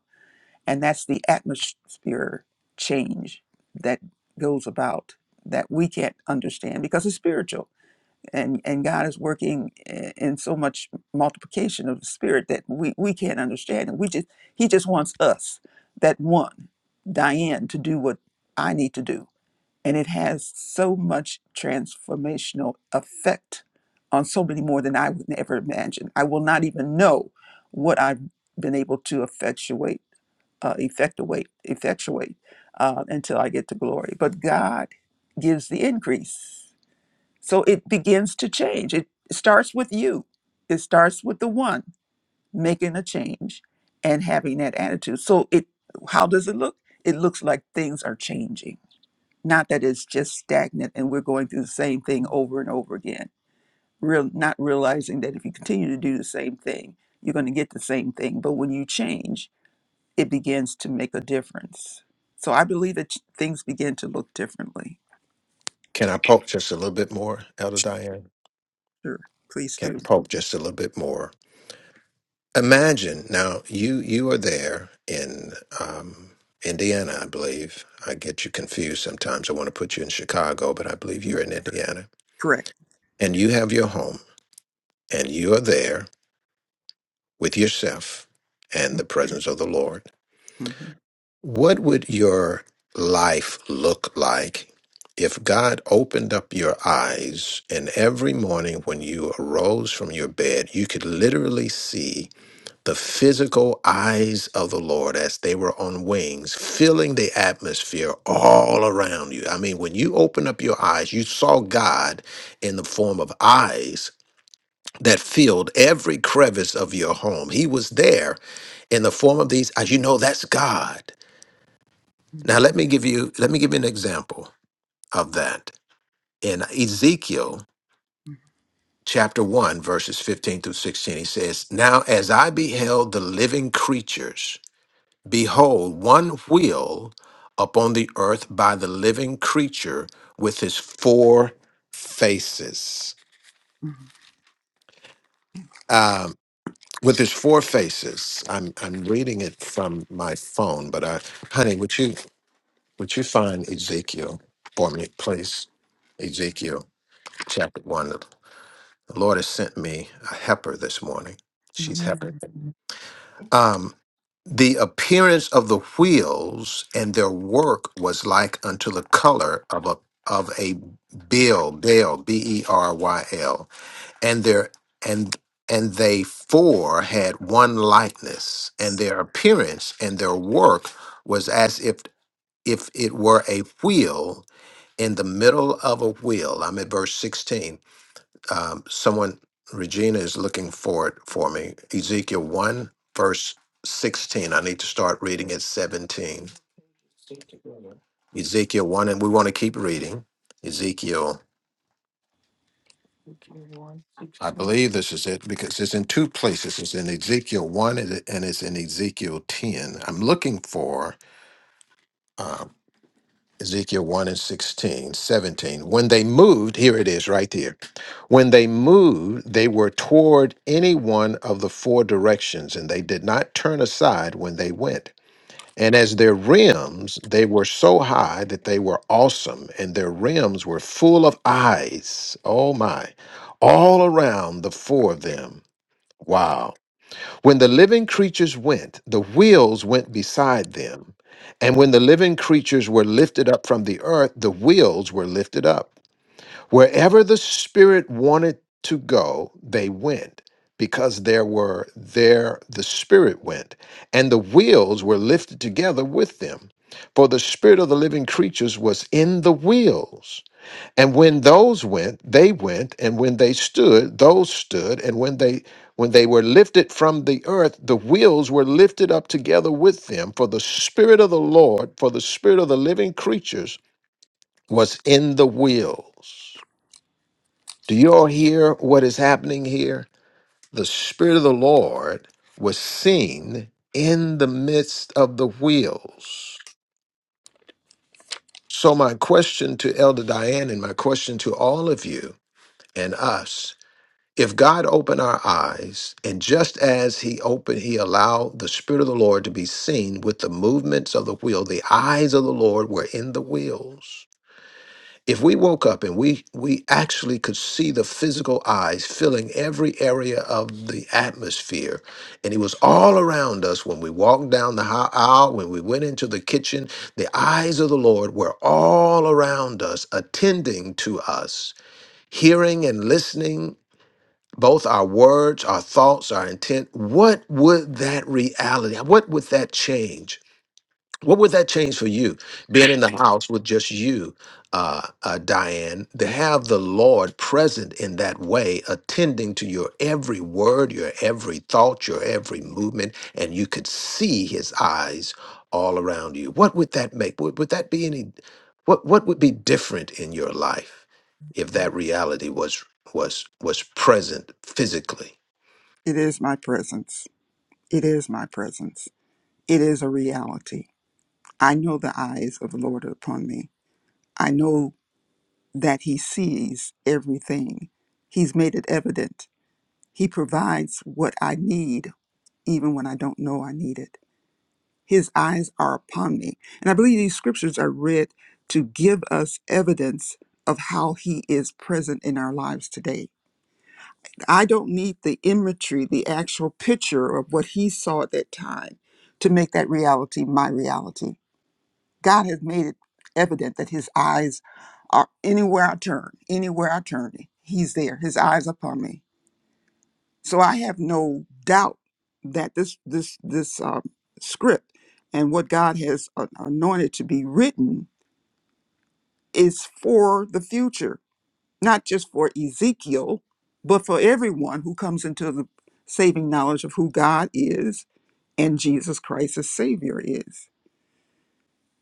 And that's the atmosphere change that goes about that we can't understand because it's spiritual and and God is working i- in so much multiplication of the spirit that we we can't understand, and we just He just wants us that one Diane to do what I need to do, and it has so much transformational effect on so many more than I would ever imagine. I will not even know what I've been able to effectuate, uh, effectuate, effectuate uh, until I get to glory. But God gives the increase so it begins to change. It starts with you, it starts with the one making a change and having that attitude. So it how does it look? It looks like things are changing. Not that it's just stagnant and we're going through the same thing over and over again. Real not realizing that if you continue to do the same thing, you're going to get the same thing. But when you change, it begins to make a difference. So I believe that things begin to look differently.
Can I poke just a little bit more, Elder Diane?
Sure. Please
Can
do.
I poke just a little bit more? Imagine now you you are there in um, Indiana, I believe. I get you confused sometimes. I want to put you in Chicago, but I believe
No,
you're in Indiana,
Correct.
and you have your home, and you are there with yourself and the presence of the Lord What would your life look like if God opened up your eyes and every morning when you arose from your bed, you could literally see the physical eyes of the Lord as they were on wings, filling the atmosphere all around you? I mean, when you opened up your eyes, you saw God in the form of eyes that filled every crevice of your home. He was there in the form of these eyes. You know, that's God. Now
hmm
let me give you let me give you an example of that. In Ezekiel chapter 1 verses 15 through 16 he says, "Now as I beheld the living creatures, behold one wheel upon the earth by the living creature with his four faces."
Mhm.
Um with his four faces. I'm I'm reading it from my phone, but I honey, would you would you find Ezekiel for me, please? Ezekiel chapter 1 The Lord has sent me a heifer this morning. She's heifer.
Amen.
Um, the appearance of the wheels and their work was like unto the color of a of a bill, bell, b e r y l, and their and and they four had one likeness, and their appearance and their work was as if if it were a wheel in the middle of a wheel. I'm at verse sixteen um, someone, Regina is looking for it for me. Ezekiel 1, verse 16. I need to start reading at 17. Ezekiel 1, and we want to keep reading. Ezekiel, I believe this is it because it's in two places. It's in Ezekiel 1 and it- and it's in Ezekiel 10. I'm looking for. um, Ezekiel 1 and 16, 17. When they moved, here it is right here. When they moved, they were toward any one of the four directions, and they did not turn aside when they went. And as their rims, they were so high that they were awesome, and their rims were full of eyes. Oh my. All around the four of them. Wow. When the living creatures went, the wheels went beside them. And when the living creatures were lifted up from the earth, the wheels were lifted up. Wherever the Spirit wanted to go, they went, because there were there the Spirit went, and the wheels were lifted together with them. For the Spirit of the living creatures was in the wheels. And when those went, they went, and when they stood, those stood, and when they when they were lifted from the earth, the wheels were lifted up together with them, for the spirit of the Lord, for the spirit of the living creatures was in the wheels. Do you all hear what is happening here? The spirit of the Lord was seen in the midst of the wheels. So my question to Elder Diane and my question to all of you and us if God opened our eyes, and just as He opened, He allowed the Spirit of the Lord to be seen with the movements of the wheel, the eyes of the Lord were in the wheels. If we woke up and we we actually could see the physical eyes filling every area of the atmosphere, and He was all around us when we walked down the hi- aisle, when we went into the kitchen, the eyes of the Lord were all around us, attending to us, hearing and listening both our words, our thoughts, our intent, what would that reality, what would that change? What would that change for you, being in the house with just you, uh, uh, Diane, to have the Lord present in that way, attending to your every word, your every thought, your every movement, and you could see His eyes all around you? What would that make? Would, would that be any? What What would be different in your life if that reality was was was present physically?
It is my presence. It is my presence. It is a reality. I know the eyes of the Lord are upon me. I know that He sees everything. He's made it evident. He provides what I need, even when I don't know I need it. His eyes are upon me. And I believe these scriptures are read to give us evidence of how He is present in our lives today I don't need the imagery, the actual picture of what he saw at that time to make that reality my reality. God has made it evident that his eyes are anywhere I turn, anywhere I turn, he's there. His eyes upon me. So I have no doubt that this this this um, script and what God has a- anointed to be written is for the future not just for Ezekiel, but for everyone who comes into the saving knowledge of who God is and Jesus Christ as Savior is.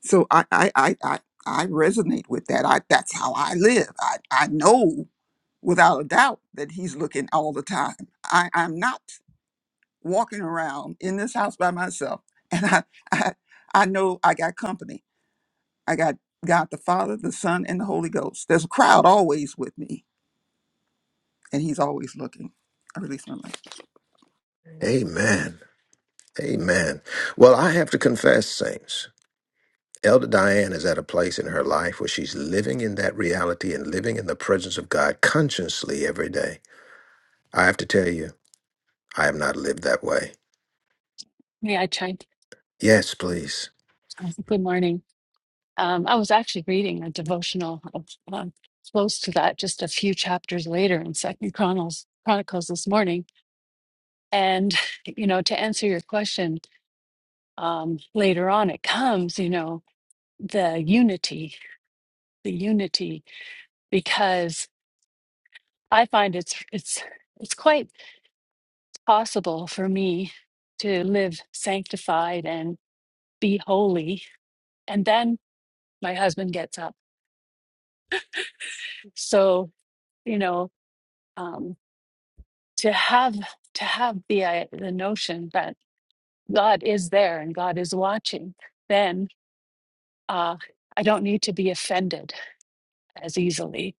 So I I I I, I resonate with that. I that's how I live. I, I know without a doubt that he's looking all the time. I, I'm not walking around in this house by myself <laughs> and I, I I know I got company. I got God the Father, the Son, and the Holy Ghost. There's a crowd always with me, and he's always looking. I release my mic.
Amen. Amen. Well, I have to confess, saints. Elder Diane is at a place in her life where she's living in that reality and living in the presence of God consciously every day. I have to tell you, I have not lived that way.
Hey, I tried.
Yes, please.
um, Good morning. Um, I was actually reading a devotional of, um, close to that, just a few chapters later in Second Chronicles, Chronicles this morning. And <laughs> you know, to answer your question, um, later on it comes. You know, the unity, the unity, because I find it's it's it's quite possible for me to live sanctified and be holy, and then my husband gets up. So you know. Um, to have to have the i- the notion that God is there and God is watching, then uh, I don't need to be offended as easily.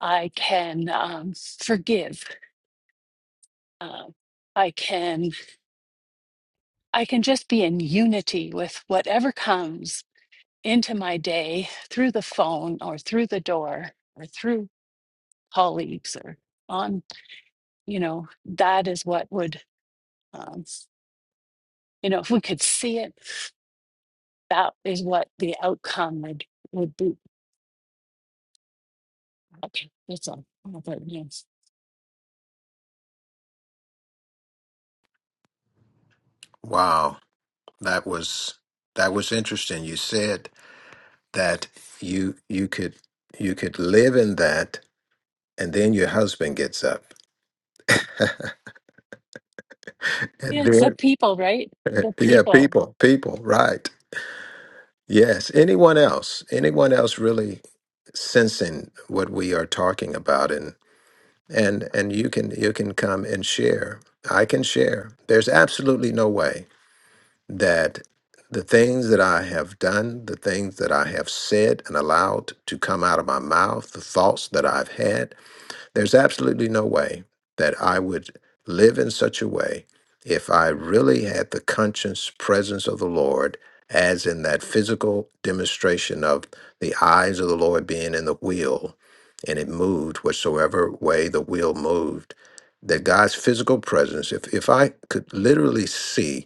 I can um, forgive. Um I can I can just be in unity with whatever comes into my day through the phone or through the door or through colleagues or on you know that is what would um, you know if we could see it that is what the outcome would would be. Okay, that's all. Oh, but yes,
Wow, that was that was interesting. You said that you you could you could live in that, and then your husband gets up, <laughs> and
yeah, it's the
then
people, right?
<laughs>
The
yeah,
people.
people, people, right? Yes. Anyone else? Anyone else really sensing what we are talking about and and you can you can come and share i can share there's absolutely no way that the things that i have done the things that i have said and allowed to come out of my mouth the thoughts that i've had there's absolutely no way that I would live in such a way if I really had the conscience presence of the Lord, as in that physical demonstration of the eyes of the Lord being in the wheel and it moved whatsoever way the wheel moved. That God's physical presence, if, if I could literally see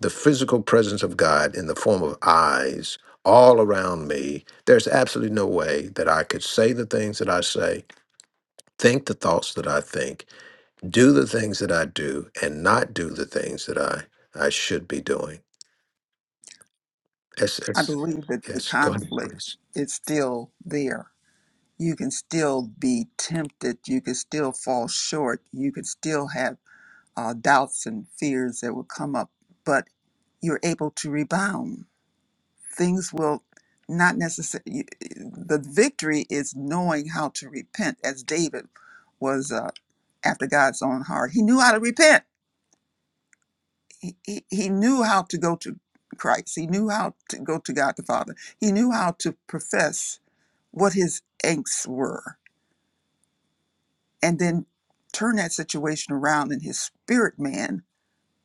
the physical presence of God in the form of eyes all around me, there's absolutely no way that I could say the things that I say think the thoughts that I think, do the things that I do, and not do the things that I I should be doing. It's,
I
it's,
believe that the
yes, go ahead,
conflict
please.
is still there. You can still be tempted. You can still fall short. You can still have uh, doubts and fears that will come up, but you're able to rebound. Things will not necessarily. The victory is knowing how to repent, as David was uh, after God's own heart. He knew how to repent. He, he, he knew how to go to Christ. He knew how to go to God the Father. He knew how to profess what his angsts were and then turn that situation around in his spirit man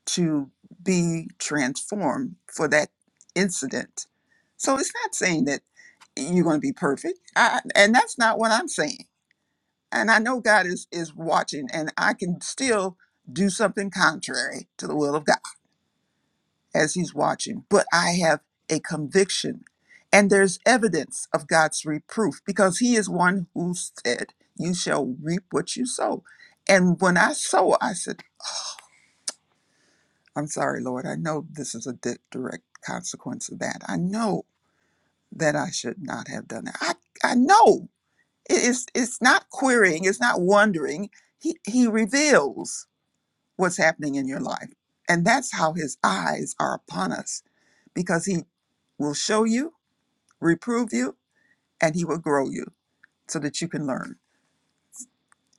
to be transformed for that incident. So it's not saying that you're going to be perfect. I, and that's not what I'm saying. And I know God is is watching and I can still do something contrary to the will of God. as he's watching, but I have a conviction. And there's evidence of God's reproof because he is one who said, You shall reap what you sow. And when I sow, I said, I'm sorry, Lord, I know this is a di- direct consequence of that. I know that I should not have done that. I, I know. It is, it's not querying, it's not wondering. He, he reveals what's happening in your life. And that's how his eyes are upon us because he will show you reprove you and he will grow you so that you can learn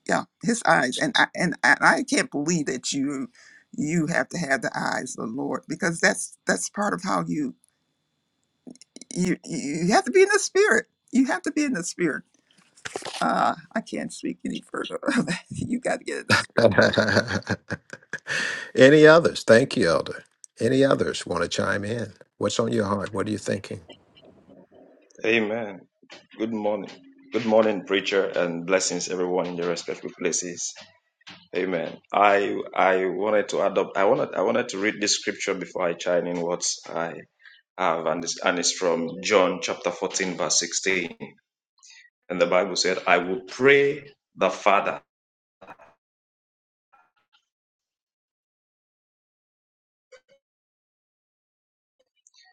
yeah his eyes and i and i, I can't believe that you you have to have the eyes of the lord because that's that's part of how you you you have to be in the spirit you have to be in the spirit uh i can't speak any further <laughs> you got to get in the spirit
<laughs> Any others? Thank you, Elder. Any others want to chime in? What's on your heart? What are you thinking?
Amen. Good morning. Good morning, preacher, and blessings everyone in their respective places. Amen. I I wanted to add up. I wanted I wanted to read this scripture before I chime in what I have, and it's, and it's from John chapter fourteen, verse sixteen. And the Bible said, "I will pray the Father,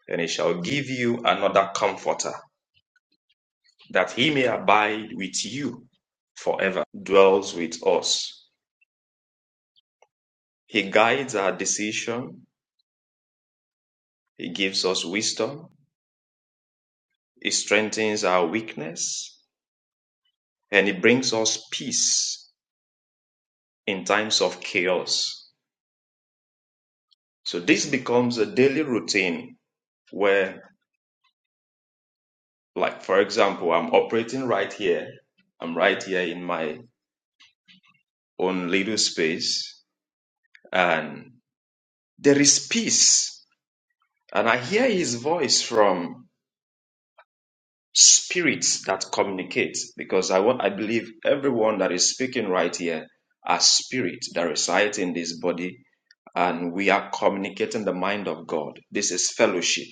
and He shall give you another Comforter, that He may abide with you forever, dwells with us. He guides our decision. He gives us wisdom." It strengthens our weakness and it brings us peace in times of chaos. So this becomes a daily routine where, like, for example, I'm operating right here. I'm right here in my own little space and there is peace. And I hear his voice from spirits that communicate because I want, I believe everyone that is speaking right here are spirits that reside in this body and we are communicating the mind of God. This is fellowship.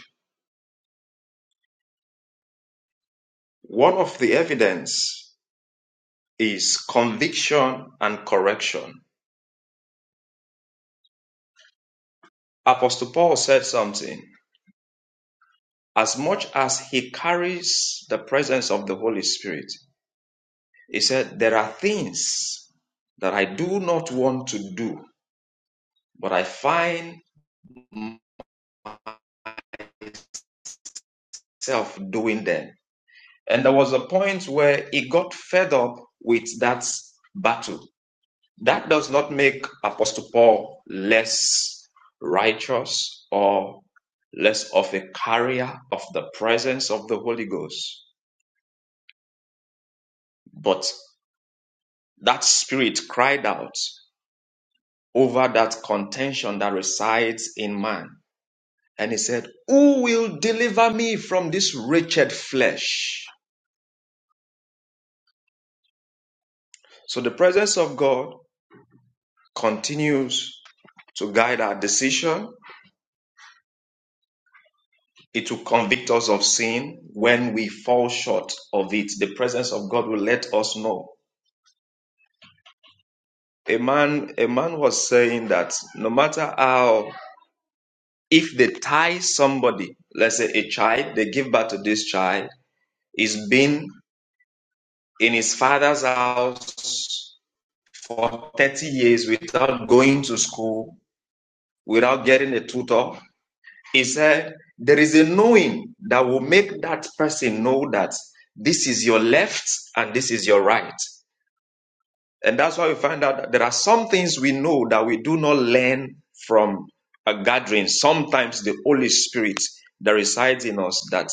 One of the evidence is conviction and correction. Apostle Paul said something. As much as he carries the presence of the Holy Spirit, he said, There are things that I do not want to do, but I find myself doing them. And there was a point where he got fed up with that battle That does not make Apostle Paul less righteous or less of a carrier of the presence of the Holy Ghost. But that spirit cried out over that contention that resides in man. And he said, Who will deliver me from this wretched flesh? So the presence of God continues to guide our decision It will convict us of sin when we fall short of it. The presence of God will let us know. A man, a man was saying that no matter how, if they tie somebody, let's say a child, they give birth to this child, he's been in his father's house for 30 years without going to school, without getting a tutor. He said, there is a knowing that will make that person know that this is your left and this is your right. And that's why we find out that there are some things we know that we do not learn from a gathering. Sometimes the Holy Spirit that resides in us that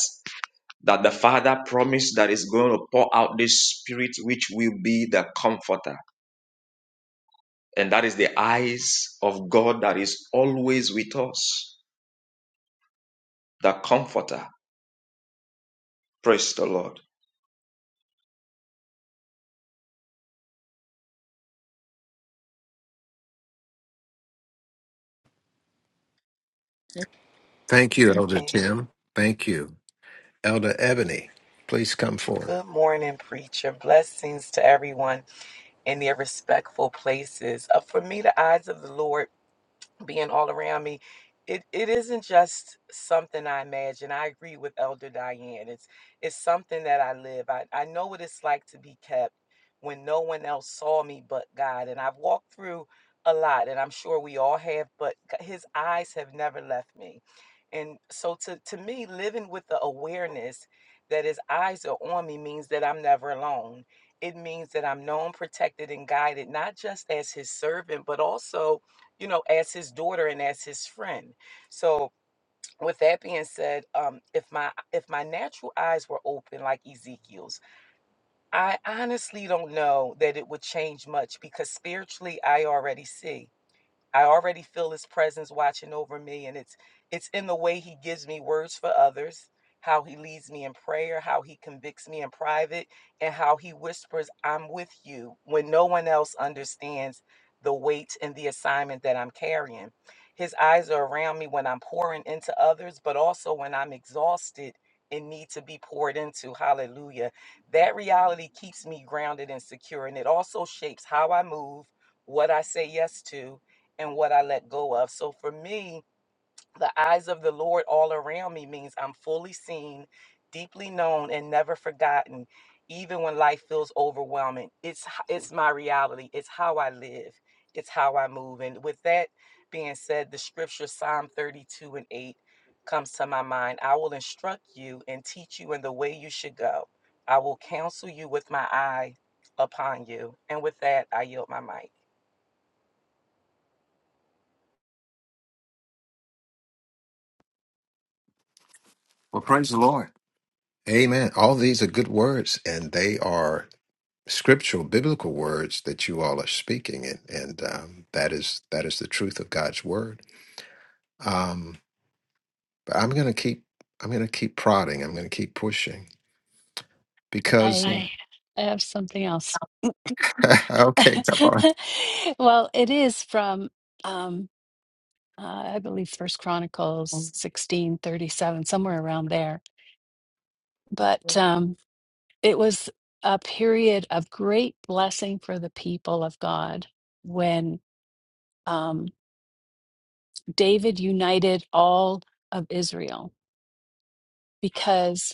that the Father promised that is going to pour out this spirit which will be the comforter. And that is the eyes of God that is always with us, the comforter. Praise the Lord.
Thank you, Elder
Amen.
Tim. Thank you, Elder Ebony. Please come forward.
Good morning, preacher. Blessings to everyone in their respectful places. Uh, for me, the eyes of the Lord. being all around me it, it isn't just something i imagine i agree with elder diane it's it's something that i live i, I know what it's like to be kept when no one else saw me but god and i've walked through a lot and i'm sure we all have but g- his eyes have never left me and so to, to me living with the awareness that his eyes are on me means that i'm never alone it means that i'm known protected and guided not just as his servant but also you know, as his daughter and as his friend. So with that being said, um, if my if my natural eyes were open like Ezekiel's, I honestly don't know that it would change much because spiritually I already see. I already feel his presence watching over me and it's it's in the way he gives me words for others, how he leads me in prayer, how he convicts me in private, and how he whispers, "I'm with you" when no one else understands the weight and the assignment that I'm carrying. His eyes are around me when I'm pouring into others, but also when I'm exhausted and need to be poured into. Hallelujah. That reality keeps me grounded and secure and it also shapes how I move, what I say yes to, and what I let go of. So for me, the eyes of the Lord all around me means I'm fully seen, deeply known, and never forgotten, even when life feels overwhelming. It's h- it's my reality. It's how I live. It's how I move. And with that being said, the scripture Psalm 32 and 8 comes to my mind. I will instruct you and teach you in the way you should go. I will counsel you with my eye upon you. And with that, I yield my mic.
Well, praise the Lord. Amen. All these are good words, and they are. scriptural biblical words that you all are speaking and and um, that is that is the truth of God's word um, but I'm gonna keep I'm gonna keep prodding I'm gonna keep pushing because
I uh, I have something else.
<laughs> okay
<laughs> well, it is from um, uh, I believe First Chronicles sixteen thirty seven, somewhere around there. But um, it was a period of great blessing for the people of God when um, David united all of Israel because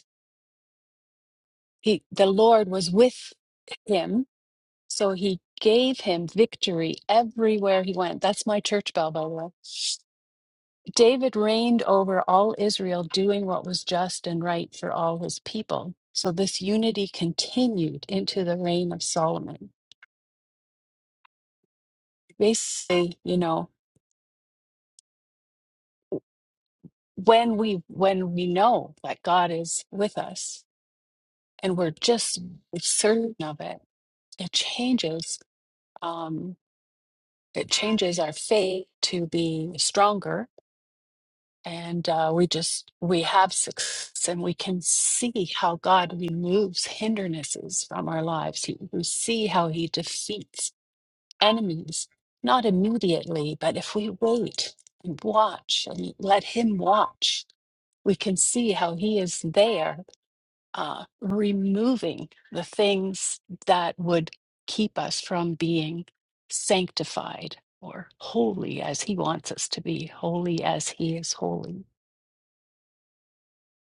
He, the Lord was with him, so he gave him victory everywhere he went. That's my church bell, by the way. David reigned over all Israel, doing what was just and right for all his people. So this unity continued into the reign of Solomon. Basically, you know, when we when we know that God is with us and we're just certain of it, it changes. Um, it changes our faith to be stronger and uh, we just we have success and we can see how god removes hindrances from our lives He- we see how he defeats enemies not immediately but if we wait and watch and let him watch we can see how he is there uh, removing the things that would keep us from being sanctified or holy as he wants us to be holy as he is holy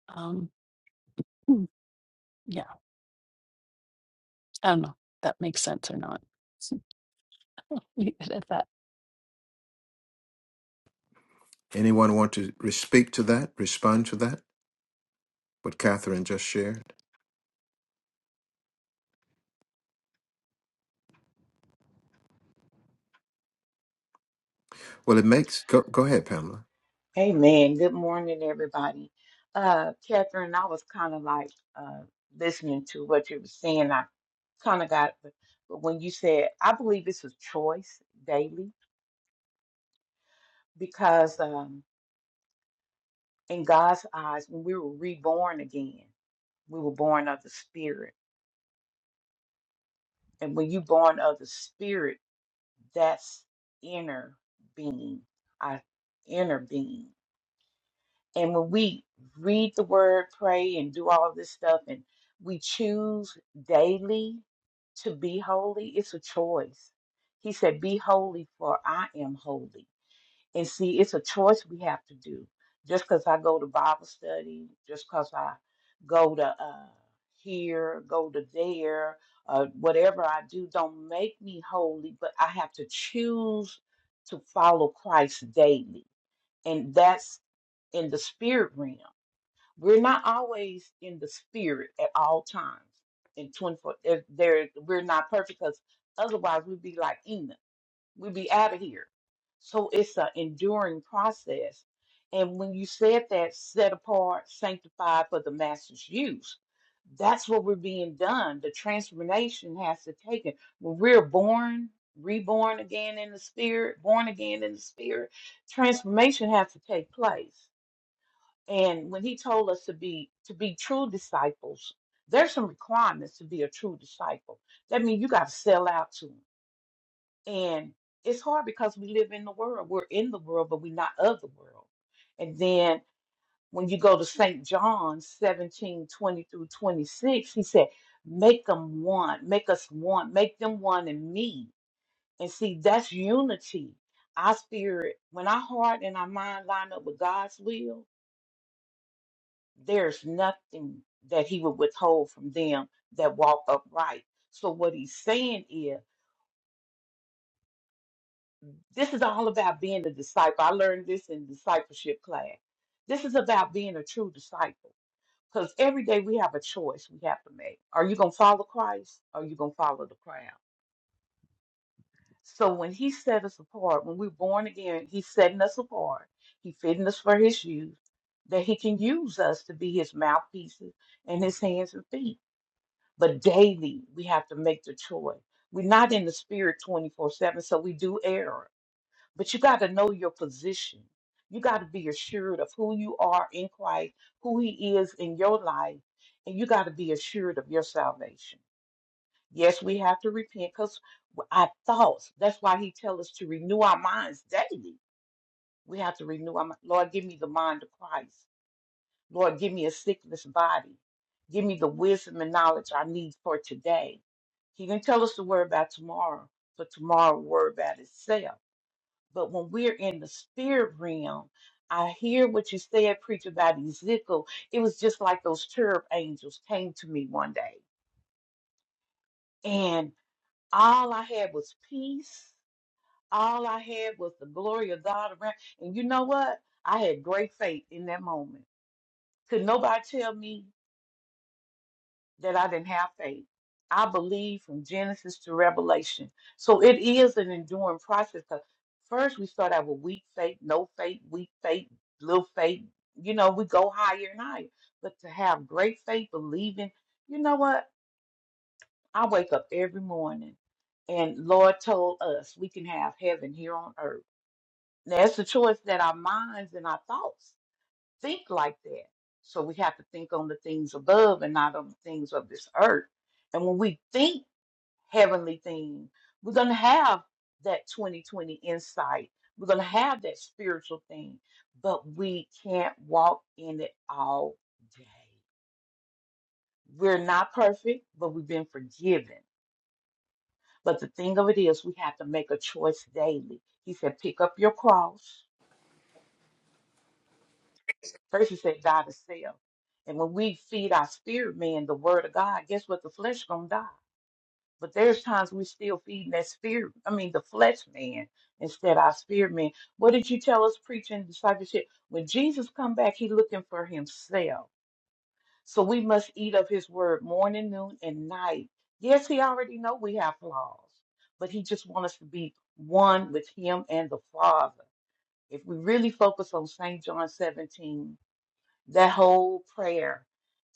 Um, Hmm, Yeah, I don't know if that makes sense or not. <laughs> Leave it at that.
anyone want to re- speak to that respond to that what Catherine just shared well it makes go, go ahead Pamela
Amen. Good morning, everybody. Uh, Catherine, I was kind of like uh, listening to what you were saying. I kind of got, but when you said, I believe it's a choice daily because um, in God's eyes, when we were reborn again, we were born of the Spirit. And when you're born of the Spirit, that's inner being, our inner being. And when we read the word, pray, and do all this stuff, and we choose daily to be holy, it's a choice. He said, Be holy, for I am holy. And see, it's a choice we have to do. Just because I go to Bible study, just because I go to uh, here, go to there, uh, whatever I do, don't make me holy, but I have to choose to follow Christ daily. And that's in the spirit realm. We're not always in the spirit at all times. In 24, if there we're not perfect because otherwise we'd be like Enoch. We'd be out of here. So it's an enduring process. And when you said that, set apart, sanctified for the master's use, that's what we're being done. The transformation has to take it. When we're born, reborn again in the spirit, born again in the spirit, transformation has to take place. And when he told us to be to be true disciples, there's some requirements to be a true disciple. That means you got to sell out to him. And it's hard because we live in the world. We're in the world, but we're not of the world. And then when you go to St. John 17:20 through 26, he said, make them one, make us one, make them one in me. And see, that's unity. Our spirit, when our heart and our mind line up with God's will, there's nothing that he would withhold from them that walk upright. So what he's saying is, this is all about being a disciple. I learned this in discipleship class. This is about being a true disciple. Because every day we have a choice we have to make. Are you going to follow Christ or are you going to follow the crowd? So when he set us apart, when we're born again, he's setting us apart. He fitting us for his use, that he can use us to be his mouthpieces and his hands and feet. But daily, we have to make the choice. We're not in the spirit 24 7, so we do err. But you got to know your position. You got to be assured of who you are in Christ, who He is in your life, and you got to be assured of your salvation. Yes, we have to repent because our thoughts, that's why He tells us to renew our minds daily. We have to renew our mind. Lord, give me the mind of Christ. Lord, give me a sickness body. Give me the wisdom and knowledge I need for today. He can tell us to worry about tomorrow, but tomorrow will worry about itself. But when we're in the spirit realm, I hear what you said, preach about Ezekiel. It was just like those cherub angels came to me one day. And all I had was peace. All I had was the glory of God around. And you know what? I had great faith in that moment. Could nobody tell me? that I didn't have faith. I believe from Genesis to Revelation. So it is an enduring process because first we start out with weak faith, no faith, weak faith, little faith. You know, we go higher and higher. But to have great faith, believing, you know what? I wake up every morning and Lord told us we can have heaven here on earth. Now, it's a choice that our minds and our thoughts think like that. So we have to think on the things above and not on the things of this earth. And when we think heavenly things, we're going to have that 2020 insight. We're going to have that spiritual thing, but we can't walk in it all day. We're not perfect, but we've been forgiven. But the thing of it is, we have to make a choice daily. He said, pick up your cross First, he said, die to self. And when we feed our spirit man the word of God, guess what? The flesh gonna die. But there's times we still feeding that spirit, I mean the flesh man instead of our spirit man. What did you tell us preaching discipleship? When Jesus come back, he looking for himself. So we must eat of his word morning, noon, and night. Yes, he already know we have flaws, but he just want us to be one with him and the Father. If we really focus on St. John 17, that whole prayer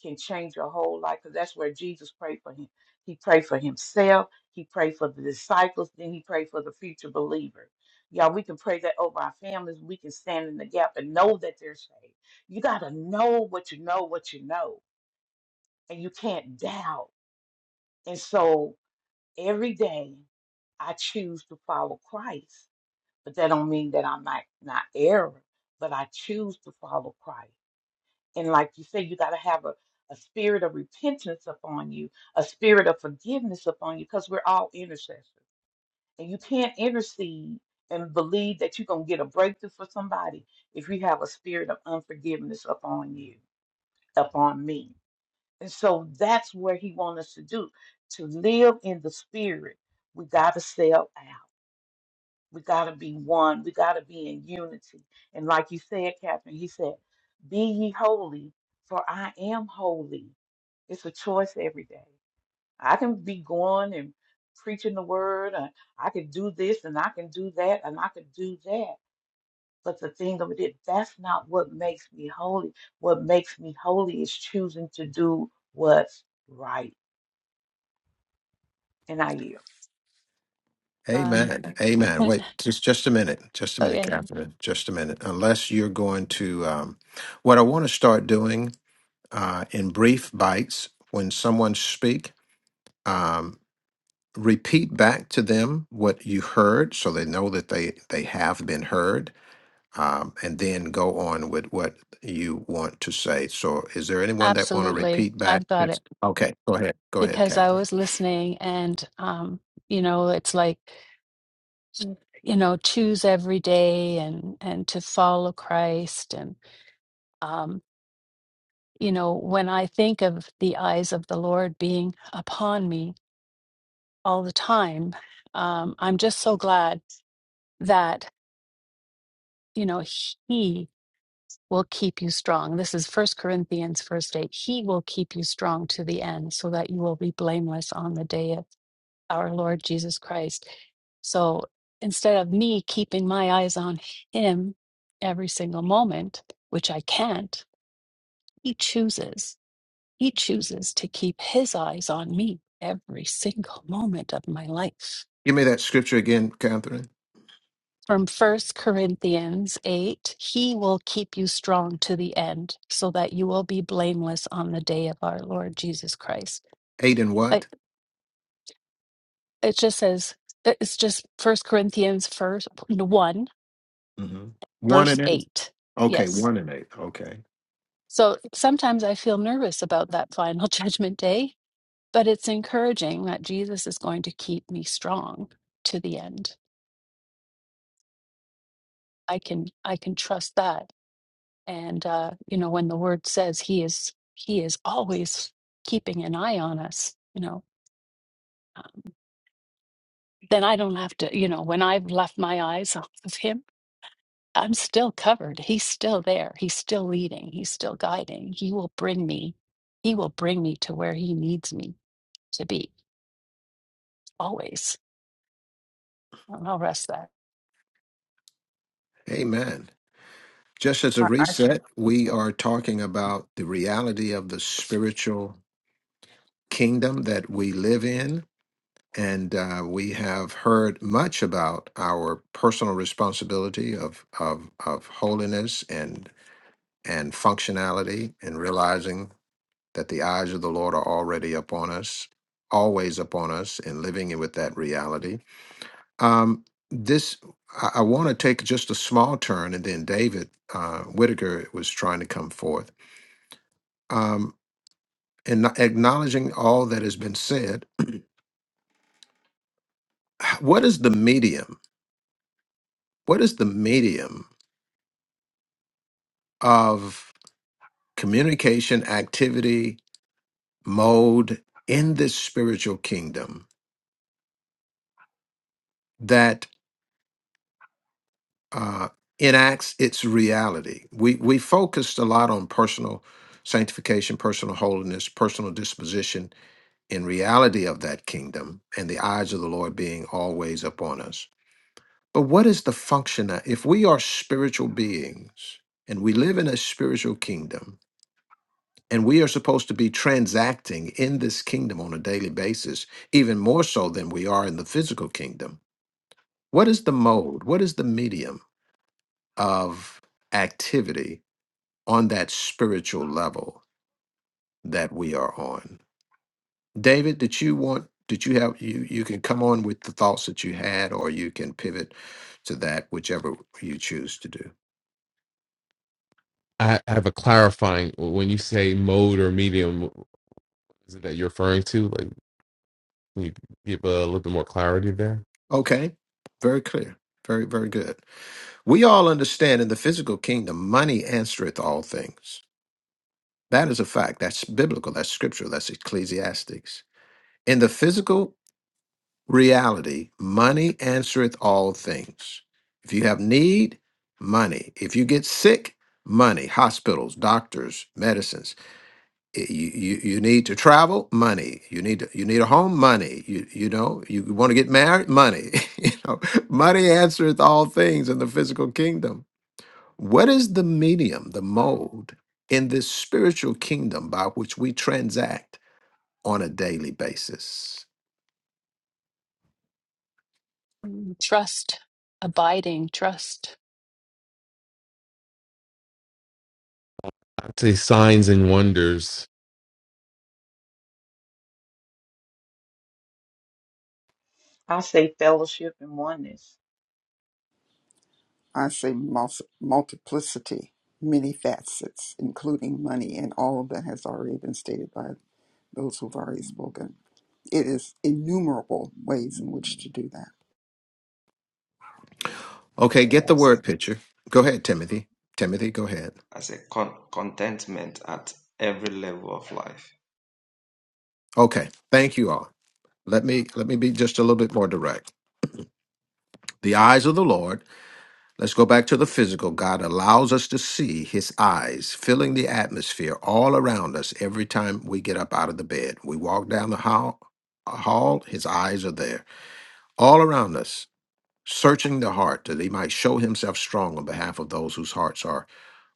can change your whole life because that's where Jesus prayed for him. He prayed for himself, he prayed for the disciples, then he prayed for the future believers. Y'all, we can pray that over our families. We can stand in the gap and know that they're saved. You got to know what you know, what you know, and you can't doubt. And so every day I choose to follow Christ, but that don't mean that I'm not, not error, but I choose to follow Christ. And like you say, you got to have a, a spirit of repentance upon you, a spirit of forgiveness upon you, because we're all intercessors. And you can't intercede and believe that you're going to get a breakthrough for somebody if you have a spirit of unforgiveness upon you, upon me. And so that's what he wants us to do to live in the spirit. We got to sell out. We got to be one. We got to be in unity. And like you said, Catherine, he said, Be ye holy, for I am holy. It's a choice every day. I can be going and preaching the word, and I can do this, and I can do that, and I can do that. But the thing of it is, that's not what makes me holy. What makes me holy is choosing to do what's right. And I yield.
Um,
amen
<laughs>
amen wait just just a minute just a minute
okay,
Catherine just a minute unless you're going to um, what I want to start doing uh, in brief bites when someone speak um, repeat back to them what you heard so they know that they they have been heard um, and then go on with what you want to say so is there anyone that want to
absolutely.
repeat back
I've got
yes.
it
okay go ahead go ahead
because I
catherine
was listening and um, you know, it's like you know, choose every day and and to follow Christ and um, you know, when I think of the eyes of the Lord being upon me all the time, um, I'm just so glad that, you know, He. will keep you strong. This is First Corinthians, verse 8. He will keep you strong to the end so that you will be blameless on the day of our Lord Jesus Christ. So instead of me keeping my eyes on Him every single moment, which I can't, He chooses. He chooses to keep His eyes on me every single moment of my life.
give me that scripture again catherine
from First Corinthians 8 He will keep you strong to the end so that you will be blameless on the day of our Lord Jesus Christ.
eight and
Like
what
it just says, it's just First Corinthians first, 1,
hmm one and
verse
eight
8.
okay
Yes.
one and eight okay
So sometimes I feel nervous about that final <laughs> judgment day, but it's encouraging that Jesus is going to keep me strong to the end. I can I can trust that and uh, you know when the word says he is he is always keeping an eye on us you know um, then i don't have to you know when i've left my eyes <laughs> off of him i'm still covered he's still there he's still leading he's still guiding he will bring me he will bring me to where he needs me to be always and i'll rest that
amen just as a
I, I
reset we are talking about the reality of the spiritual kingdom that we live in. And uh, we have heard much about our personal responsibility of, of, of holiness and, and functionality and realizing that the eyes of the Lord are already upon us, always upon us, and living in with that reality. Um, this, I, I want to take just a small turn, and then David uh, Whitaker was trying to come forth. Um, and acknowledging all that has been said, <clears throat> what is the medium? What is the medium of communication, activity, mode in this spiritual kingdom that uh, enacts its reality? We we focused a lot on personal sanctification, personal holiness, personal disposition in reality of that kingdom, and the eyes of the Lord being always upon us. But what is the function? If we are spiritual beings and we live in a spiritual kingdom, And we are supposed to be transacting in this kingdom on a daily basis, even more so than we are in the physical kingdom. What is the mode? What is the medium of activity on that spiritual level that we are on? David, did you want, did you have, you, you can come on with the thoughts that you had, or you can pivot to that, whichever you choose to do.
I have a clarifying. When you say mode or medium, is it that you're referring to? Like, can you give a little bit more clarity there?
Okay. Very clear. Very, very good. We all understand in the physical kingdom, money answereth all things. That is a fact. That's biblical. That's scriptural. That's ecclesiastics. In the physical reality, money answereth all things. If you have need, money. If you get sick, money. Hospitals, doctors, medicines you, you you need to travel money you need to, you need a home money you you know you want to get married money <laughs> you know money answereth all things in the physical kingdom what is the medium the mode in this spiritual kingdom by which we transact on a daily basis
Mm, trust abiding trust
I'd say signs and wonders.
I say fellowship and oneness.
I say mul- multiplicity, many facets, including money, and all of that has already been stated by those who've already spoken. It is innumerable ways in which to do that.
Okay, get the
As
word picture. Go ahead, Timothy. Timothy, go ahead.
a, as a con- contentment at every level of life.
Okay, thank you all. Let me let me be just a little bit more direct. The eyes of the Lord. Let's go back to the physical. God allows us to see his eyes filling the atmosphere all around us every time we get up out of the bed. We walk down the hall, hall his eyes are there all around us, searching the heart that he might show himself strong on behalf of those whose hearts are,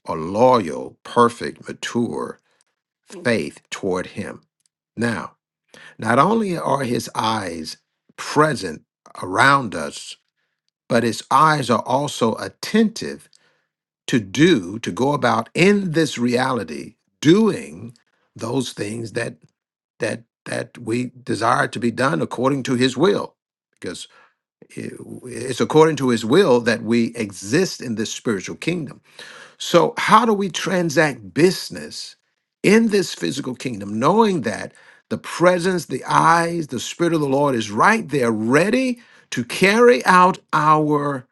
are loyal, perfect, mature, faith toward him. Now, not only are his eyes present around us, but his eyes are also attentive to do, to go about in this reality, doing those things that that that we desire to be done according to his will. Because it- it's according to his will that we exist in this spiritual kingdom. So, how do we transact business in this physical kingdom, knowing that the presence, the eyes, the Spirit of the Lord is right there, ready to carry out our,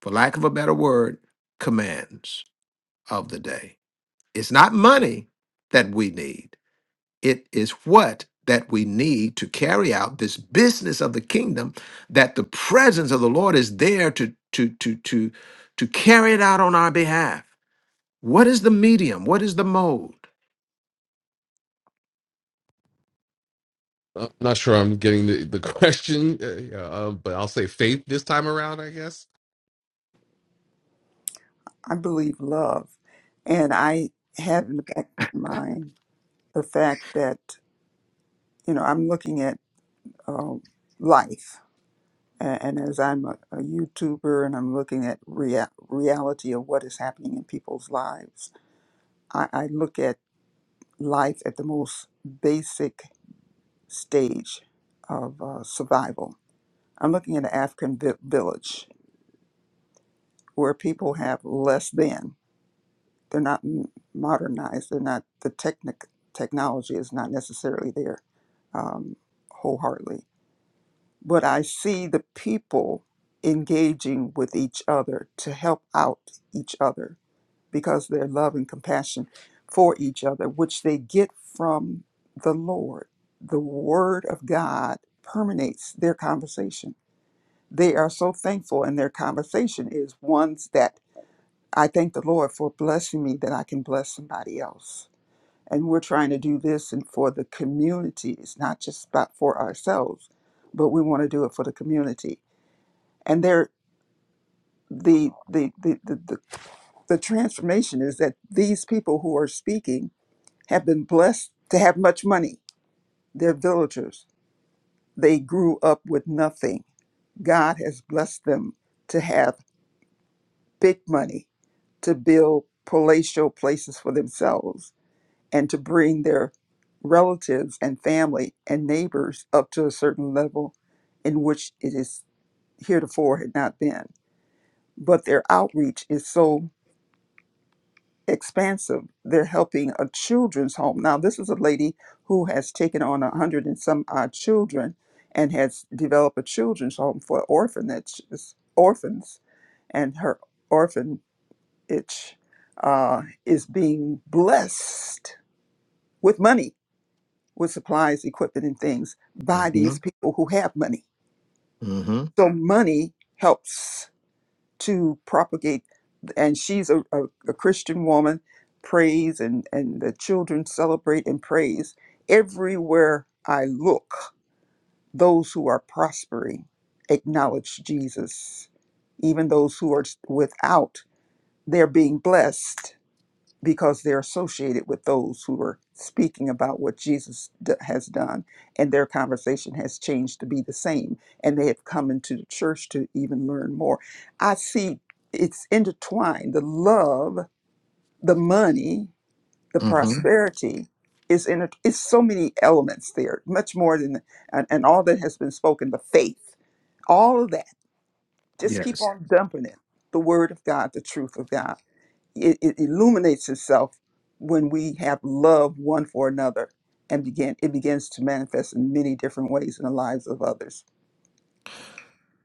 for lack of a better word, commands of the day? It's not money that we need, it is what that we need to carry out this business of the kingdom that the presence of the Lord is there to to to to to carry it out on our behalf What is the medium? What is the mode?
I'm not sure I'm getting the, the <laughs> question, uh, yeah, uh, but I'll say faith this time around, I guess.
I believe love. And I have in the back of my mind the fact that, you know, I'm looking at um, life. A- And as I'm a, a YouTuber and I'm looking at rea- reality of what is happening in people's lives, I, I look at life at the most basic stage of uh, survival. I'm looking at an African vi- village where people have less than. they're not m- modernized. They're not the technic technology is not necessarily there um, wholeheartedly. But I see the people engaging with each other to help out each other because their love and compassion for each other, which they get from the Lord. The Word of God permeates their conversation. They are so thankful, and their conversation is ones that I thank the Lord for blessing me that I can bless somebody else and we're trying to do this and for the community. It's not just about for ourselves, but we want to do it for the community. And there the the, the, the, the the transformation is that these people who are speaking have been blessed to have much money. They're villagers. They grew up with nothing. God has blessed them to have big money to build palatial places for themselves and to bring their relatives and family and neighbors up to a certain level in which it is heretofore had not been. But their outreach is so expansive. They're helping a children's home. Now, this is a lady who has taken on a hundred and some odd children and has developed a children's home for orphanages, orphans, and her orphanage uh, is being blessed with money with supplies, equipment, and things by
hmm
these people who have money.
hmm
So money helps to propagate, and she's a, a, a Christian woman, prays, and, and the children celebrate and praise. Everywhere I look, those who are prospering acknowledge Jesus. Even those who are without, they're being blessed because they're associated with those who are speaking about what Jesus d- has done, and their conversation has changed to be the same, and they have come into the church to even learn more. I see it's intertwined. The love, the money, the
hmm
prosperity is in it. It's so many elements there, much more than and, and all that has been spoken. The faith, all of that. Just
Yes.
keep on dumping it. The word of God, the truth of God it, it illuminates itself when we have love one for another and begin it begins to manifest in many different ways in the lives of others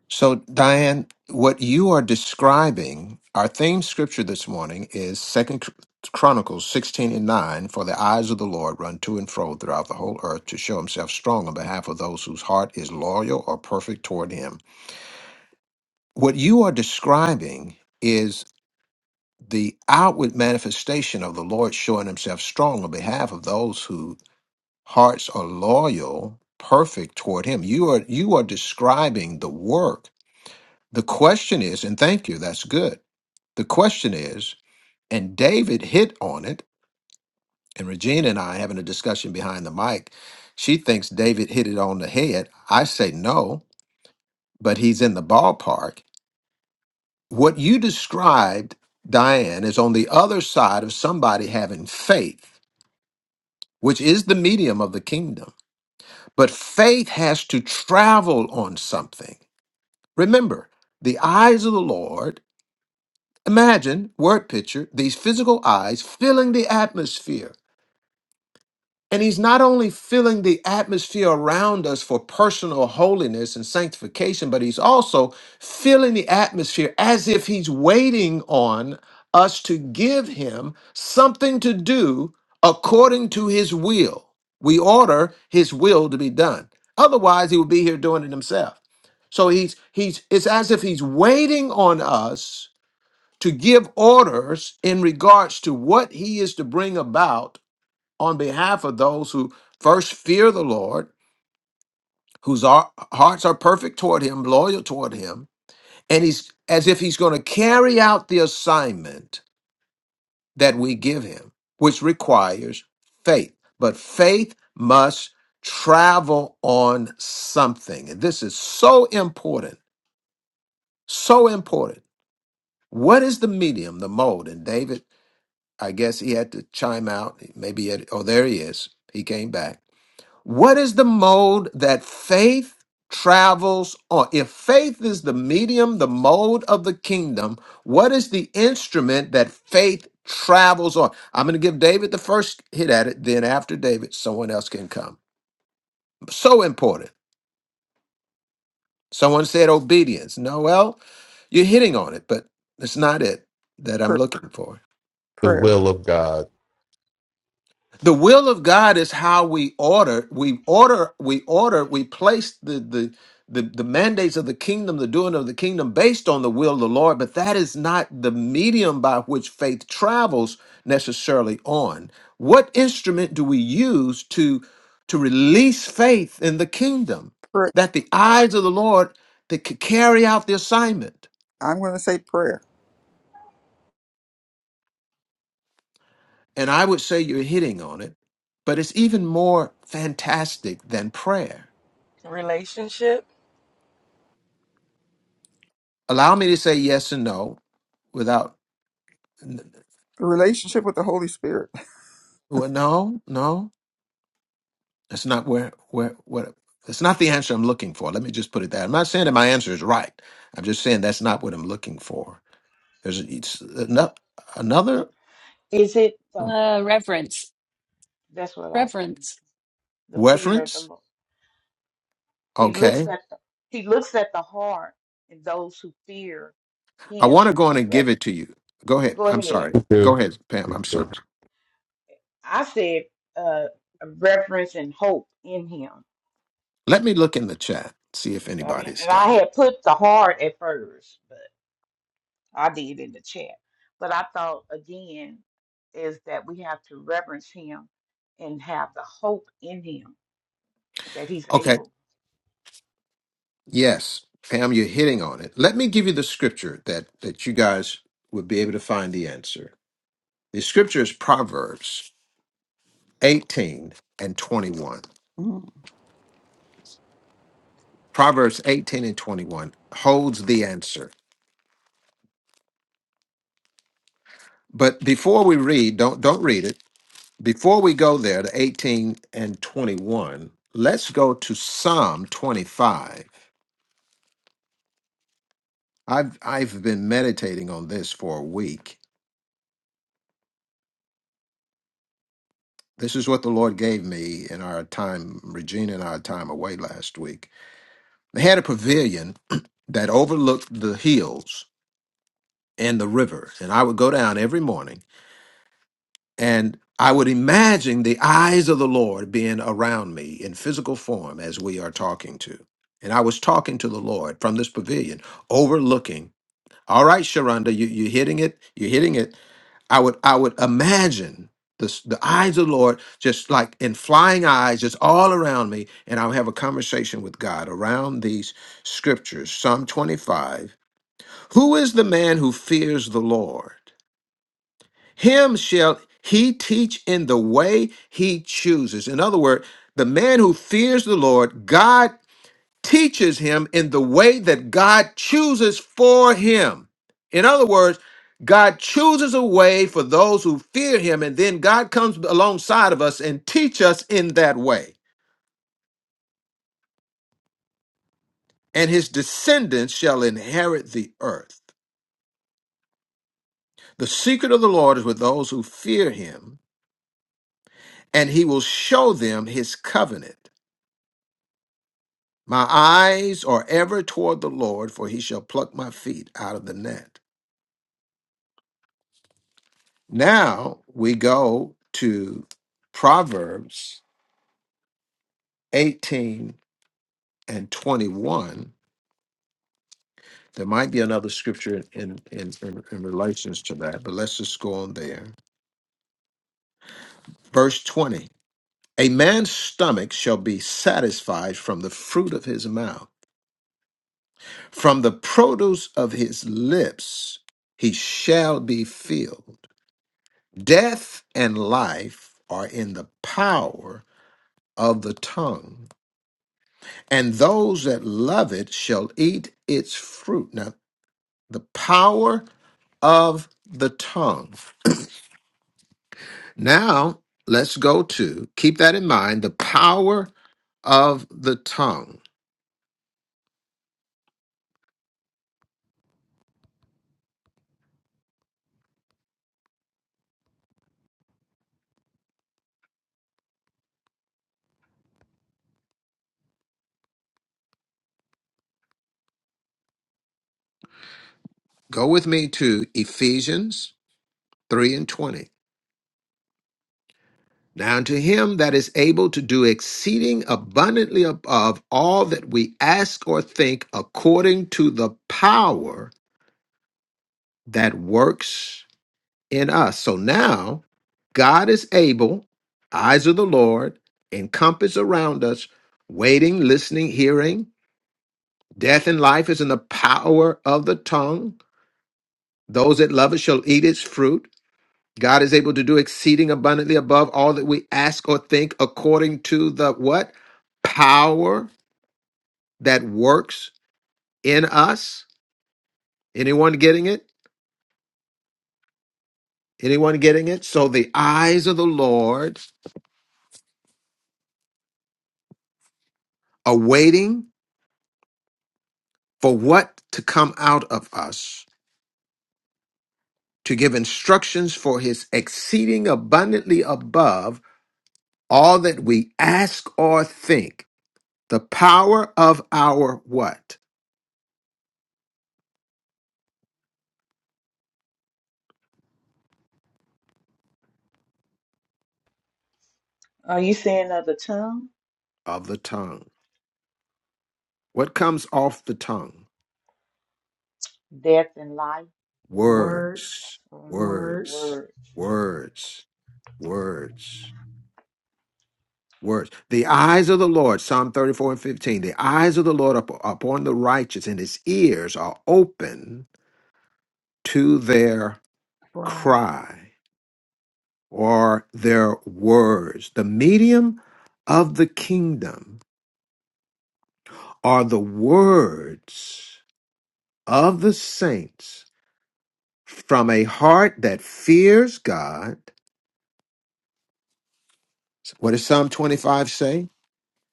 So, Diane, what you are describing, our theme scripture this morning is Second Chronicles 16 and 9. For the eyes of the Lord run to and fro throughout the whole earth to show himself strong on behalf of those whose heart is loyal or perfect toward him. What you are describing is the outward manifestation of the Lord showing himself strong on behalf of those who hearts are loyal, perfect toward him. You are you are describing the work. The question is, and thank you, that's good. The question is, and David hit on it, and Regina and I having a discussion behind the mic. She thinks David hit it on the head. I say no, but he's in the ballpark. What you described, Diane, is on the other side of somebody having faith, which is the medium of the kingdom. But faith has to travel on something. Remember, the eyes of the Lord, imagine, word picture, these physical eyes filling the atmosphere and he's not only filling the atmosphere around us for personal holiness and sanctification, but he's also filling the atmosphere as if he's waiting on us to give him something to do according to his will. We order his will to be done. Otherwise, he would be here doing it himself. So he's he's it's as if he's waiting on us to give orders in regards to what he is to bring about on behalf of those who first fear the Lord, whose ar- hearts are perfect toward Him, loyal toward Him, and He's as if He's going to carry out the assignment that we give Him, which requires faith. But faith must travel on something. And this is so important, so important. What is the medium, the mode? And David, I guess he had to chime out. Maybe, he had, oh, there he is. He came back. What is the mode that faith travels on? If faith is the medium, the mode of the kingdom, what is the instrument that faith travels on? I'm going to give David the first hit at it, then after David, someone else can come. So important. Someone said obedience. No, well, you're hitting on it, but it's not it that I'm
prayer
looking for.
The
prayer,
will of God.
The will of God is how we order, we order, we order, we place the the the, the mandates of the kingdom, the doing of the kingdom based on the will of the Lord, but that is not the medium by which faith travels necessarily on. What instrument do we use to to release faith in the kingdom
prayer.
that the eyes of the Lord that could carry out the assignment?
i'm going to say prayer
And I would say you're hitting on it, but it's even more fantastic than prayer
Relationship.
Allow me to say yes and no without n-
relationship with the holy spirit
well, no, no. That's not where where what that's not the answer I'm looking for. Let me just put it that. I'm not saying that my answer is right. I'm just saying that's not what I'm looking for. There's it's ano- another
Is it the?
uh, reverence
That's what I was.
reverence
the fear of the
reference.
Lord. He looks
Okay.
at the he looks at the heart and those who fear
I
him
want to go
in
on and give it
reverence.
to you. Go ahead.
Go
I'm
ahead.
sorry.
Thank
Go ahead, Pam. I'm
you.
so
I said uh reverence and hope in him.
let me look in the chat, see if
God,
anybody's
And
got
I
it.
had put the heart at first, but I did in the chat. But I thought again is that we have to reverence him and have the hope in him that he's
Okay.
able.
Yes, Pam, you're hitting on it. Let me give you the scripture that that you guys would be able to find the answer. The scripture is Proverbs 18 and 21.
Mm.
Proverbs 18 and 21 holds the answer. But before we read, don't don't read it. Before we go there to 18 and 21, let's go to Psalm 25. I've I've been meditating on this for a week. This is what the Lord gave me in our time, Regina and our time away last week. They had a pavilion that overlooked the hills and the river. And I would go down every morning and I would imagine the eyes of the Lord being around me in physical form as we are talking to. And I was talking to the Lord from this pavilion, overlooking all right, Sharonda, you, you're hitting it. You're hitting it. I would I would imagine the s- the eyes of the Lord just like in flying eyes just all around me, and I'll have a conversation with God around these scriptures. Psalm 25. Who is the man who fears the Lord? Him shall he teach in the way he chooses. In other words, the man who fears the Lord, God teaches him in the way that God chooses for him. In other words, God chooses a way for those who fear him, and then God comes alongside of us and teach us in that way. And his descendants shall inherit the earth. The secret of the Lord is with those who fear him, and he will show them his covenant. My eyes are ever toward the Lord, for he shall pluck my feet out of the net. Now we go to Proverbs 18 and 21. There might be another scripture in, in, in, in relations to that, but let's just go on there. Verse 20 A man's stomach shall be satisfied from the fruit of his mouth, from the produce of his lips he shall be filled. Death and life are in the power of the tongue and those that love it shall eat its fruit. Now, the power of the tongue. Now, let's go to, keep that in mind, the power of the tongue. Go with me to Ephesians 3 and 20. Now, unto him that is able to do exceeding abundantly above all that we ask or think, according to the power that works in us. So now God is able, eyes of the Lord, encompass around us, waiting, listening, hearing. Death and life is in the power of the tongue. Those that love it shall eat its fruit. God is able to do exceeding abundantly above all that we ask or think according to the what? Power that works in us. Anyone getting it? Anyone getting it? So the eyes of the Lord are waiting for what to come out of us, to give instructions for his exceeding abundantly above all that we ask or think. The power of our what?
Are you saying of the tongue?
Of the tongue. What comes off the tongue?
Death and life.
Words,
Words,
hmm The
words,
words,
words.
words, words, words. The eyes of the Lord, Psalm 34 and 15, the eyes of the Lord up- upon the righteous, and his ears are open to their
Brian.
cry. Or their words. The medium of the kingdom are the words of the saints from a heart that fears God. What does Psalm 25 say?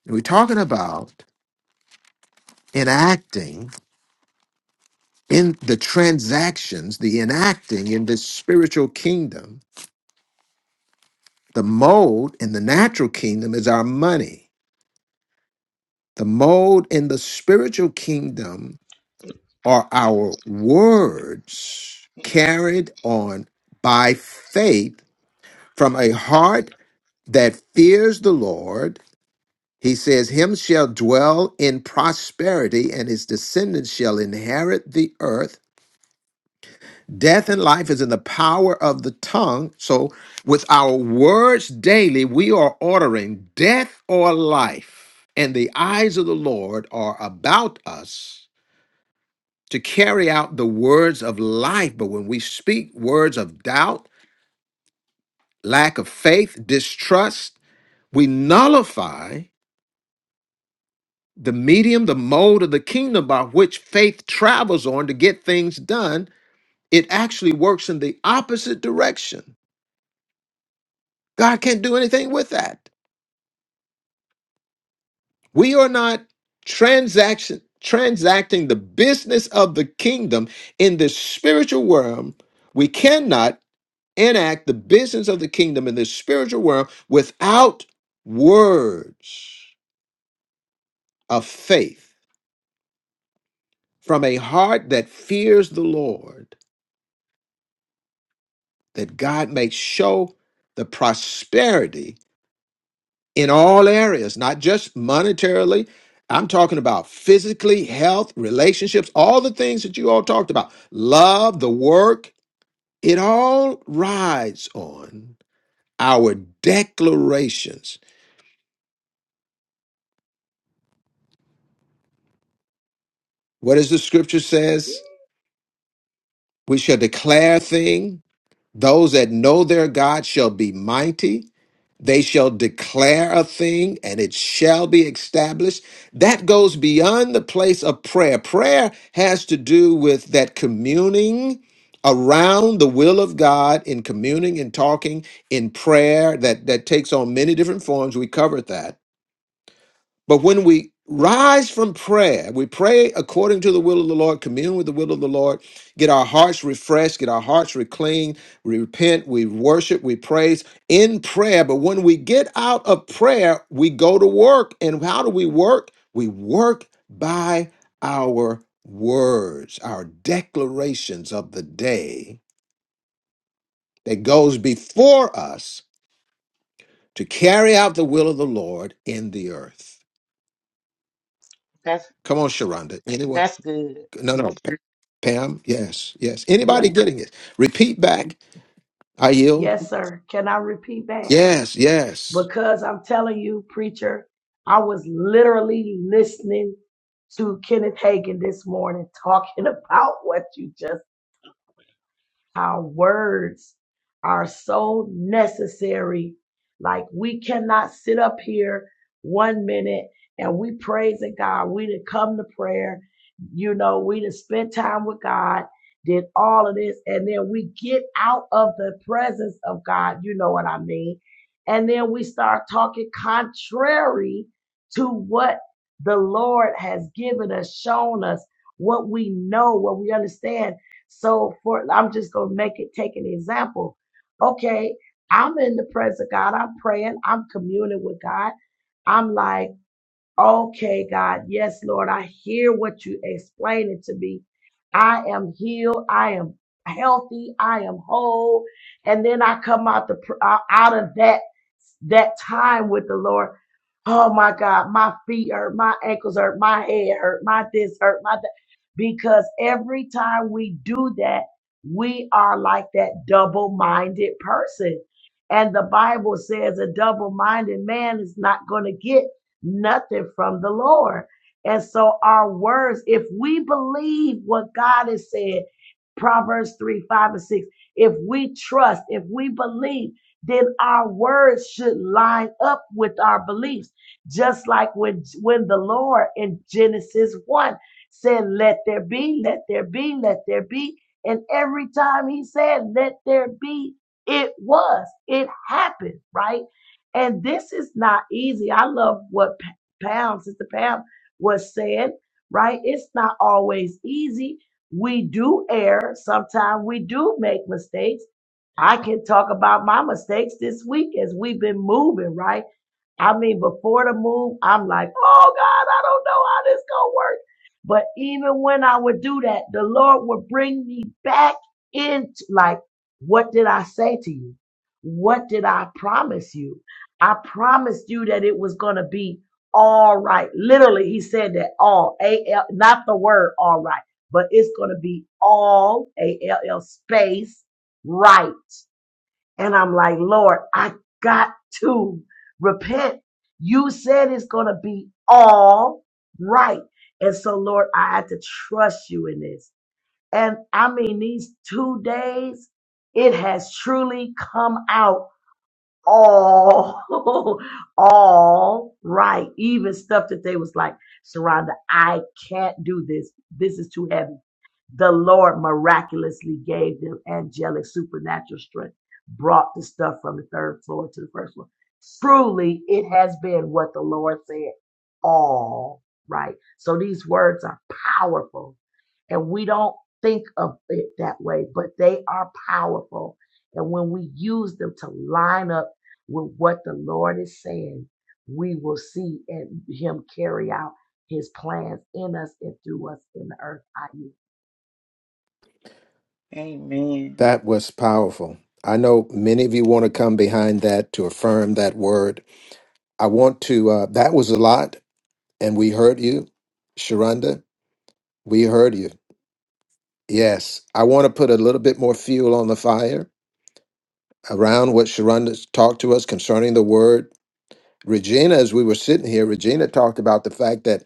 We're talking about enacting in the transactions, the enacting in this spiritual kingdom. The mold in the natural kingdom is our money. The mold in the spiritual kingdom are our words carried on by faith from a heart that fears the Lord. He says, Him shall dwell in prosperity, and his descendants shall inherit the earth. Death and life is in the power of the tongue. So, with our words daily, we are ordering death or life, and the eyes of the Lord are about us to carry out the words of life. But when we speak words of doubt, lack of faith, distrust, we nullify the medium, the mode of the kingdom by which faith travels on to get things done. It actually works in the opposite direction. God can't do anything with that. We are not transaction transacting the business of the kingdom in the spiritual realm. We cannot enact the business of the kingdom in the spiritual world without words of faith from a heart that fears the Lord, that God may show the prosperity in all areas, not just monetarily. I'm talking about physically, health, relationships, all the things that you all talked about, love, the work. It all rides on our declarations. What does the scripture says? We shall declare a thing. Those that know their God shall be mighty. They shall declare a thing and it shall be established. That goes beyond the place of prayer. Prayer has to do with that communing around the will of God in communing and talking in prayer that, that takes on many different forms. We covered that but when we rise from prayer, we pray according to the will of the Lord, commune with the will of the Lord, get our hearts refreshed, get our hearts recleaned, we repent, we worship, we praise in prayer. But when we get out of prayer, we go to work. And how do we work? We work by our words, our declarations of the day that goes before us to carry out the will of the Lord in the earth.
That's.
Come on, Sharonda. Anyone?
That's good.
No, no. Pa- Pam, yes, yes.
Yeah.
Anybody getting it? Repeat back. I
Yes,
yield.
sir. Can I repeat back?
Yes, yes.
Because I'm telling you, preacher, I was literally listening to Kenneth Hagin this morning talking <laughs> about what you just Our words are so necessary. Like we cannot sit up here one minute and we praising God. We did come to prayer. You know, we did spend time with God, did all of this, and then we get out of the presence of God. You know what I mean? And then we start talking contrary to what the Lord has given us, shown us, what we know, what we understand so for I'm just gonna make it take an example. Okay, I'm in the presence of God, I'm praying, I'm communing with God. I'm like Okay, God. Yes, Lord. I hear what you explaining to me. I am healed. I am healthy. I am whole. And then I come out the pr- out out of that that time with the Lord. Oh my God, my feet hurt, my ankles hurt, my head hurt, my this hurt, my that. Because every time we do that, we are like that double-minded person. And the Bible says a double-minded man is not going to get nothing from the Lord. And so our words, if we believe what God has said, Proverbs 3, 5, and 6, if we trust, if we believe, then our words should line up with our beliefs. Just like when, when the Lord in Genesis 1 said, let there be, let there be, let there be. And every time he said, let there be, it was, it happened, right? And this is not easy. I love what P- Pam, Sister Pam, was saying, right? It's not always easy. We do err. Sometimes we do make mistakes. I can talk about my mistakes this week as we've been moving, right? I mean, before the move, I'm like, oh God, I don't know how this gonna work. But even when I would do that, the Lord would bring me back into like, what did I say to you? What did I promise you? I promised you that it was gonna be all right. Literally, he said that all A L not the word all right, but it's gonna be all A L L space right. And I'm like, Lord, I got to repent. You said it's going to be all right. And so, Lord, I had to trust you in this. And I mean, these two days, it has truly come out all <laughs> all right even stuff that they was like Sharonda I can't do this this is too heavy the Lord miraculously gave them angelic supernatural strength brought the stuff from the third floor to the first floor truly it has been what the Lord said all right so these words are powerful and we don't think of it that way, but they are powerful. And when we use them to line up with what the Lord is saying, we will see and Him carry out His plans in us and through us in the earth. I mean,
Amen.
That was powerful. I know many of you want to come behind that to affirm that word. I want to, uh, that was a lot, and we heard you, Sharonda. We heard you. Yes. I want to put a little bit more fuel on the fire around what Sharonda talked to us concerning the word. Regina, as we were sitting here, Regina talked about the fact that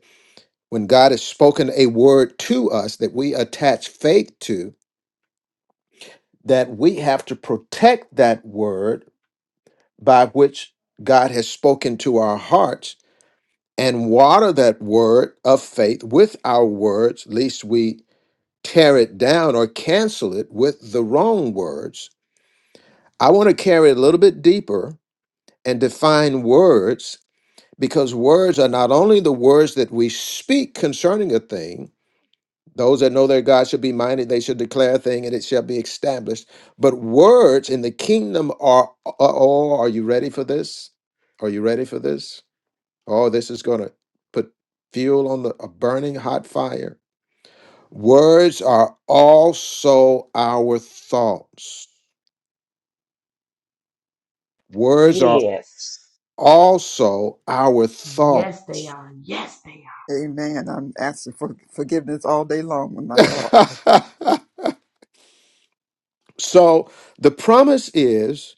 when God has spoken a word to us that we attach faith to, that we have to protect that word by which God has spoken to our hearts and water that word of faith with our words, lest we tear it down or cancel it with the wrong words. I want to carry it a little bit deeper and define words because words are not only the words that we speak concerning a thing, Those that know their God should be minded, they should declare a thing and it shall be established. But words in the kingdom are, oh, are you ready for this? Are you ready for this? Oh, this is going to put fuel on the, a burning hot fire. Words are also our thoughts. Words are
Yes.
also our
yes, they
thoughts.
are. Yes, they
amen i'm asking for forgiveness all day long with my thoughts
<laughs> so the promise is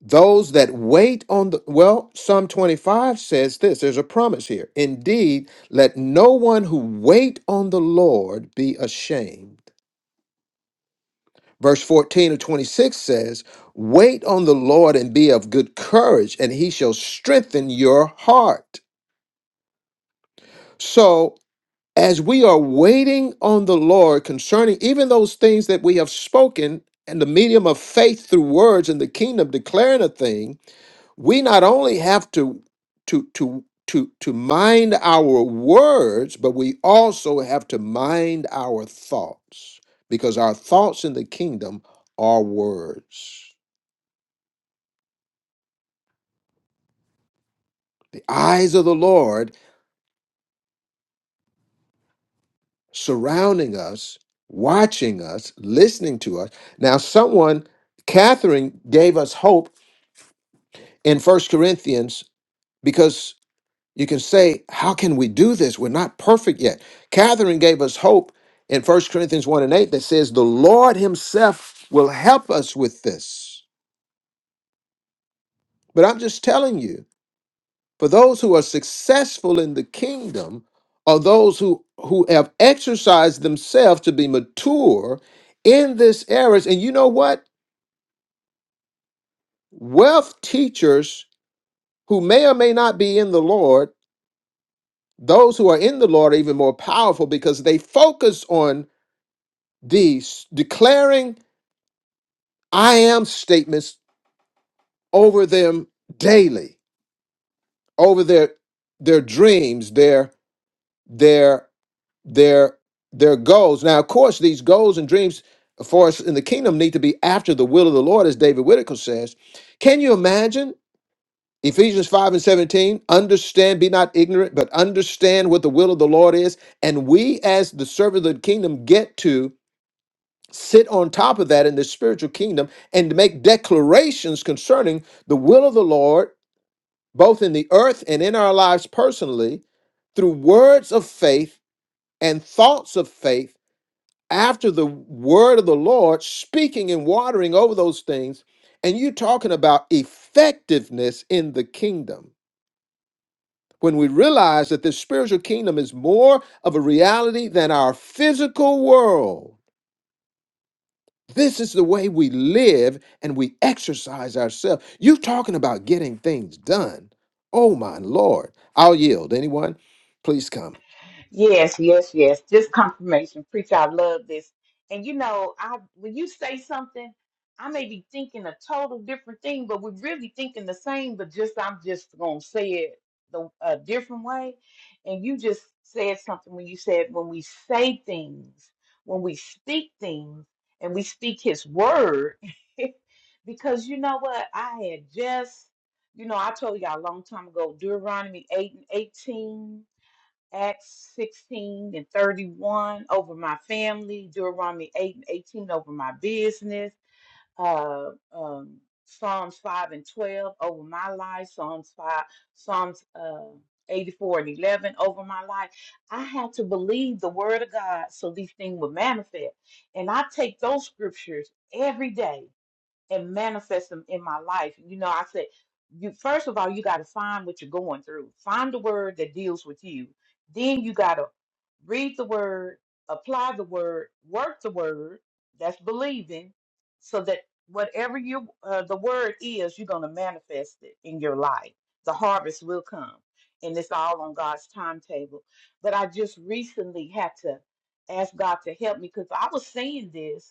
Those that wait on the well, Psalm 25 says this there's a promise here. Indeed, let no one who wait on the Lord be ashamed. Verse 14 of 26 says, Wait on the Lord and be of good courage, and he shall strengthen your heart. So, as we are waiting on the Lord concerning even those things that we have spoken in the medium of faith through words in the kingdom, declaring a thing, we not only have to to to to to mind our words but we also have to mind our thoughts because our thoughts in the kingdom are words the eyes of the lord surrounding us watching us listening to us now someone catherine gave us hope in first corinthians You can say, How can we do this? We're not perfect yet. Catherine gave us hope in 1 Corinthians 1 and 8 that says, The Lord Himself will help us with this. But I'm just telling you, for those who are successful in the kingdom are those who, who have exercised themselves to be mature in this area, And you know what? Wealth teachers who may or may not be in the Lord, those who are in the Lord are even more powerful because they focus on these declaring I am statements over them daily, over their their dreams, their their their their goals. Now, of course, these goals and dreams for us in the kingdom need to be after the will of the Lord, as David Whitaker says. Can you imagine? Ephesians 5 and 17, understand, be not ignorant, but understand what the will of the Lord is. And we, as the servant of the kingdom, get to sit on top of that in the spiritual kingdom and make declarations concerning the will of the Lord, both in the earth and in our lives personally, through words of faith and thoughts of faith, after the word of the Lord, speaking and watering over those things. And you talking about effectiveness in the kingdom. When we realize that the spiritual kingdom is more of a reality than our physical world, This is the way we live and we exercise ourselves. You're talking about getting things done. Oh my Lord. I'll yield. Anyone? Please come.
Yes, yes, yes. Just confirmation. Preacher, I love this. And you know, I when you say something, I may be thinking a total different thing, but we're really thinking the same, but just I'm just gonna say it the a different way. And you just said something when you said when we say things, when we speak things, and we speak his word. <laughs> because you know what? I had just, you know, I told y'all a long time ago, Deuteronomy 8 and 18 Acts 16 and 31 over my family, Deuteronomy 8 and 18 over my business, uh, um, Psalms 5 and 12 over my life, Psalms 5, Psalms uh, 84 and 11 over my life. I had to believe the word of God so these things would manifest. And I take those scriptures every day and manifest them in my life. You know, I said, you first of all, you got to find what you're going through. Find the word that deals with you. Then you got to read the word, apply the word, work the word. That's believing, so that whatever you uh, the word is, you're going to manifest it in your life. The harvest will come, and it's all on God's timetable. But I just recently had to ask God to help me because I was saying this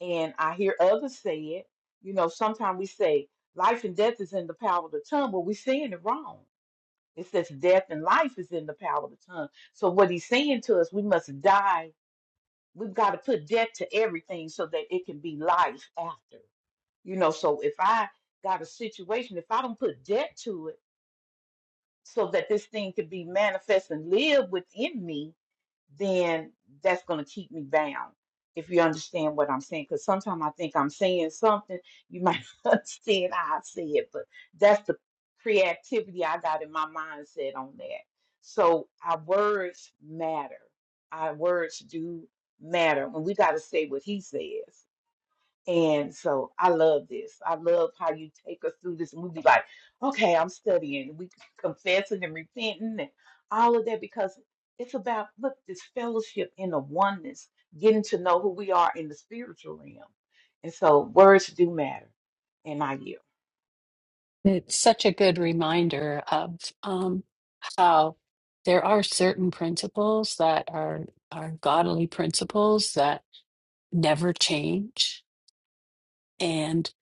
and I hear others say it. You know, sometimes we say life and death is in the power of the tongue, but we're saying it wrong. It says death and life is in the power of the tongue. So what he's saying to us, we must die. We've got to put death to everything so that it can be life after. You know, so if I got a situation, if I don't put death to it so that this thing could be manifest and live within me, then that's going to keep me bound. If you understand what I'm saying, because sometimes I think I'm saying something, you might <laughs> not understand how I say it, but that's the creativity I got in my mindset on that. So our words matter. Our words do matter, and we got to say what he says. And so I love this. I love how you take us through this. And we be like, okay, I'm studying. We <laughs> confessing and repenting and all of that because it's about, look, this fellowship in the oneness, getting to know who we are in the spiritual realm. And so words do matter. And I yield.
it's such a good reminder of um, how there are certain principles that are are godly principles that never change and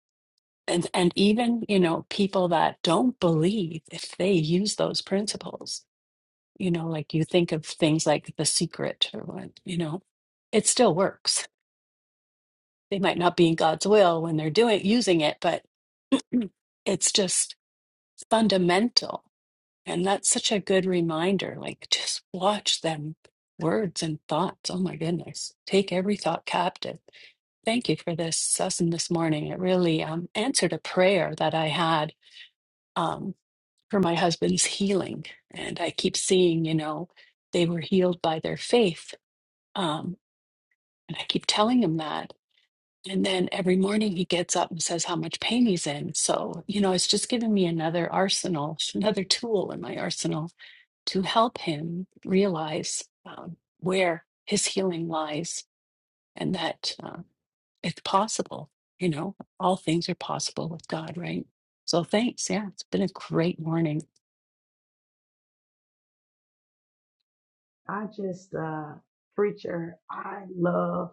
and and even you know people that don't believe if they use those principles you know like you think of things like the secret or what you know it still works they might not be in God's will when they're doing using it but <clears throat> it's just fundamental And that's such a good reminder. Like, just watch them words and thoughts. Oh my goodness. Take every thought captive. Thank you for this session this morning. It really um, answered a prayer that I had um, for my husband's healing. And I keep seeing, you know, they were healed by their faith. Um, and I keep telling him that. And then every morning he gets up and says how much pain he's in. So, you know, it's just giving me another arsenal, another tool in my arsenal to help him realize um, where his healing lies and that uh, it's possible. You know, all things are possible with God, right? So thanks. Yeah, it's been a great morning.
are. I just uh, preacher. I love.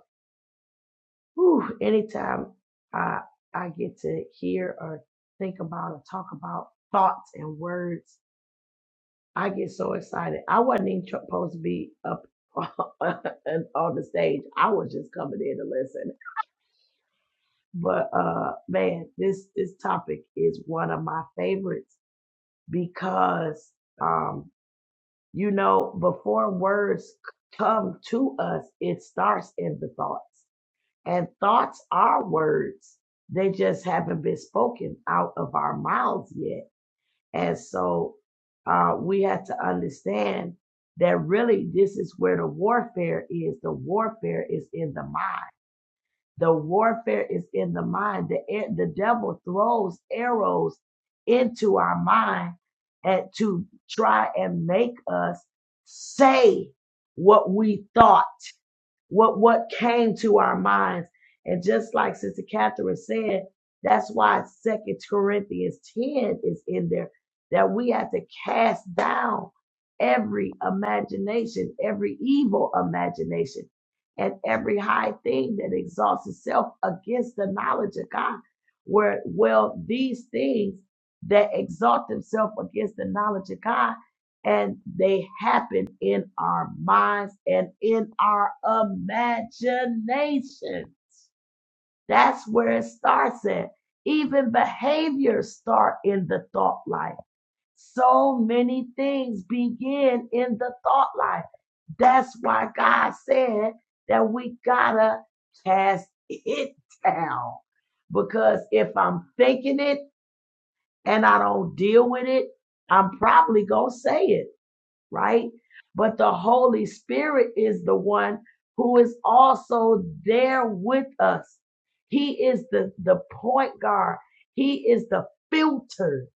Whew, anytime I I get to hear or think about or talk about thoughts and words I get so excited. I wasn't even tr- supposed to be up <laughs> on on the stage. I was just coming in to listen. But uh man, this this topic is one of my favorites because um you know before words c- come to us, it starts in the thoughts. And thoughts are words. They just haven't been spoken out of our mouths yet And so uh, we have to understand that really this is where the warfare is. The warfare is in the mind. The warfare is in the mind. The, air- the devil throws arrows into our mind and to try and make us say what we thought what what came to our minds. And just like Sister Catherine said, that's why Second Corinthians 10 is in there, that we have to cast down every imagination, every evil imagination, and every high thing that exalts itself against the knowledge of God. Where well, these things that exalt themselves against the knowledge of God and they happen in our minds and in our imagination. That's where it starts at. Even behaviors start in the thought life. So many things begin in the thought life. That's why God said that we gotta cast it <laughs> down. Because if I'm thinking it and I don't deal with it, I'm probably gonna say it right? But the Holy Spirit is the one who is also there with us. He is the, the point guard. He is the filter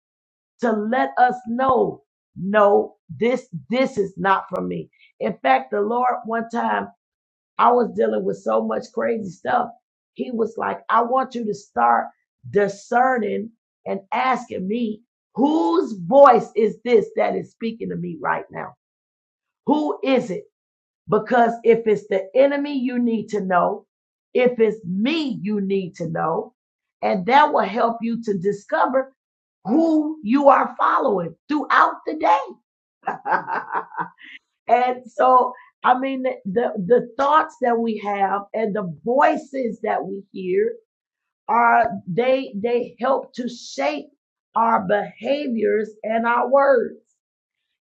to let us know, no, this, this is not from me. In fact, the Lord, one time I was dealing with so much crazy stuff. He was like, I want you to start discerning and asking me, whose voice is this that is speaking to me right now? Who is it? Because if it's the enemy, you need to know. If it's me, you need to know. And that will help you to discover who you are following throughout the day. <laughs> and so, I mean, the, the, the thoughts that we have and the voices that we hear are, they, they help to shape our behaviors and our words.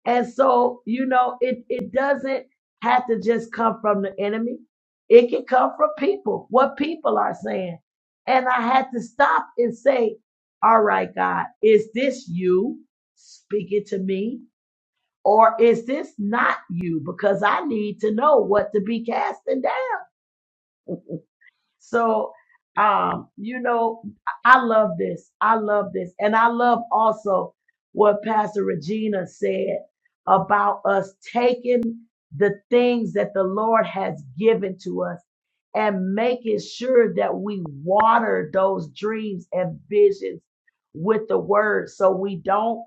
And so, you know, it, it doesn't have to just come from the enemy. It can come from people, what people are saying. And I had to stop and say, all right, God, is this you speaking to me? Or is this not you? Because I need to know what to be casting down. <laughs> So, um, you know, I I love this. I love this. And I love also what Pastor Regina said about us taking the things that the Lord has given to us and making sure that we water those dreams and visions with the word so we don't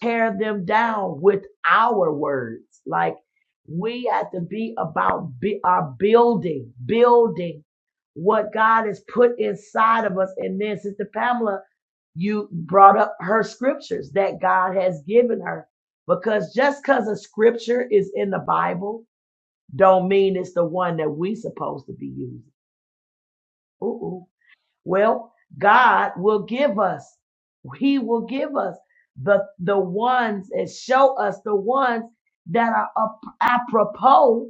tear them down with our words. Like we have to be about be our building, building what God has put inside of us. And then Sister Pamela, you brought up her scriptures that God has given her. Because just because a scripture is in the Bible, don't mean it's the one that we supposed to be using. Ooh, ooh. Well, God will give us, He will give us the the ones and show us the ones that are ap- apropos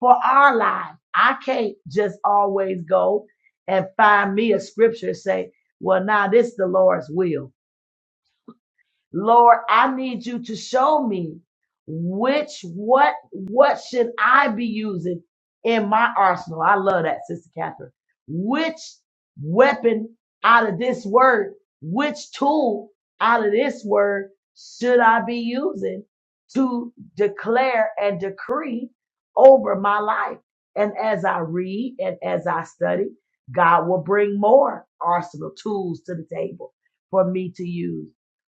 for our lives. I can't just always go and find me a scripture and say, well, now this is the Lord's will. Lord, I need you to show me which what what should I be using in my arsenal. I love that, Sister Catherine. Which weapon out of this word, which tool out of this word should I be using to declare and decree over my life? And as I read and as I study, God will bring more arsenal tools to the table for me to use.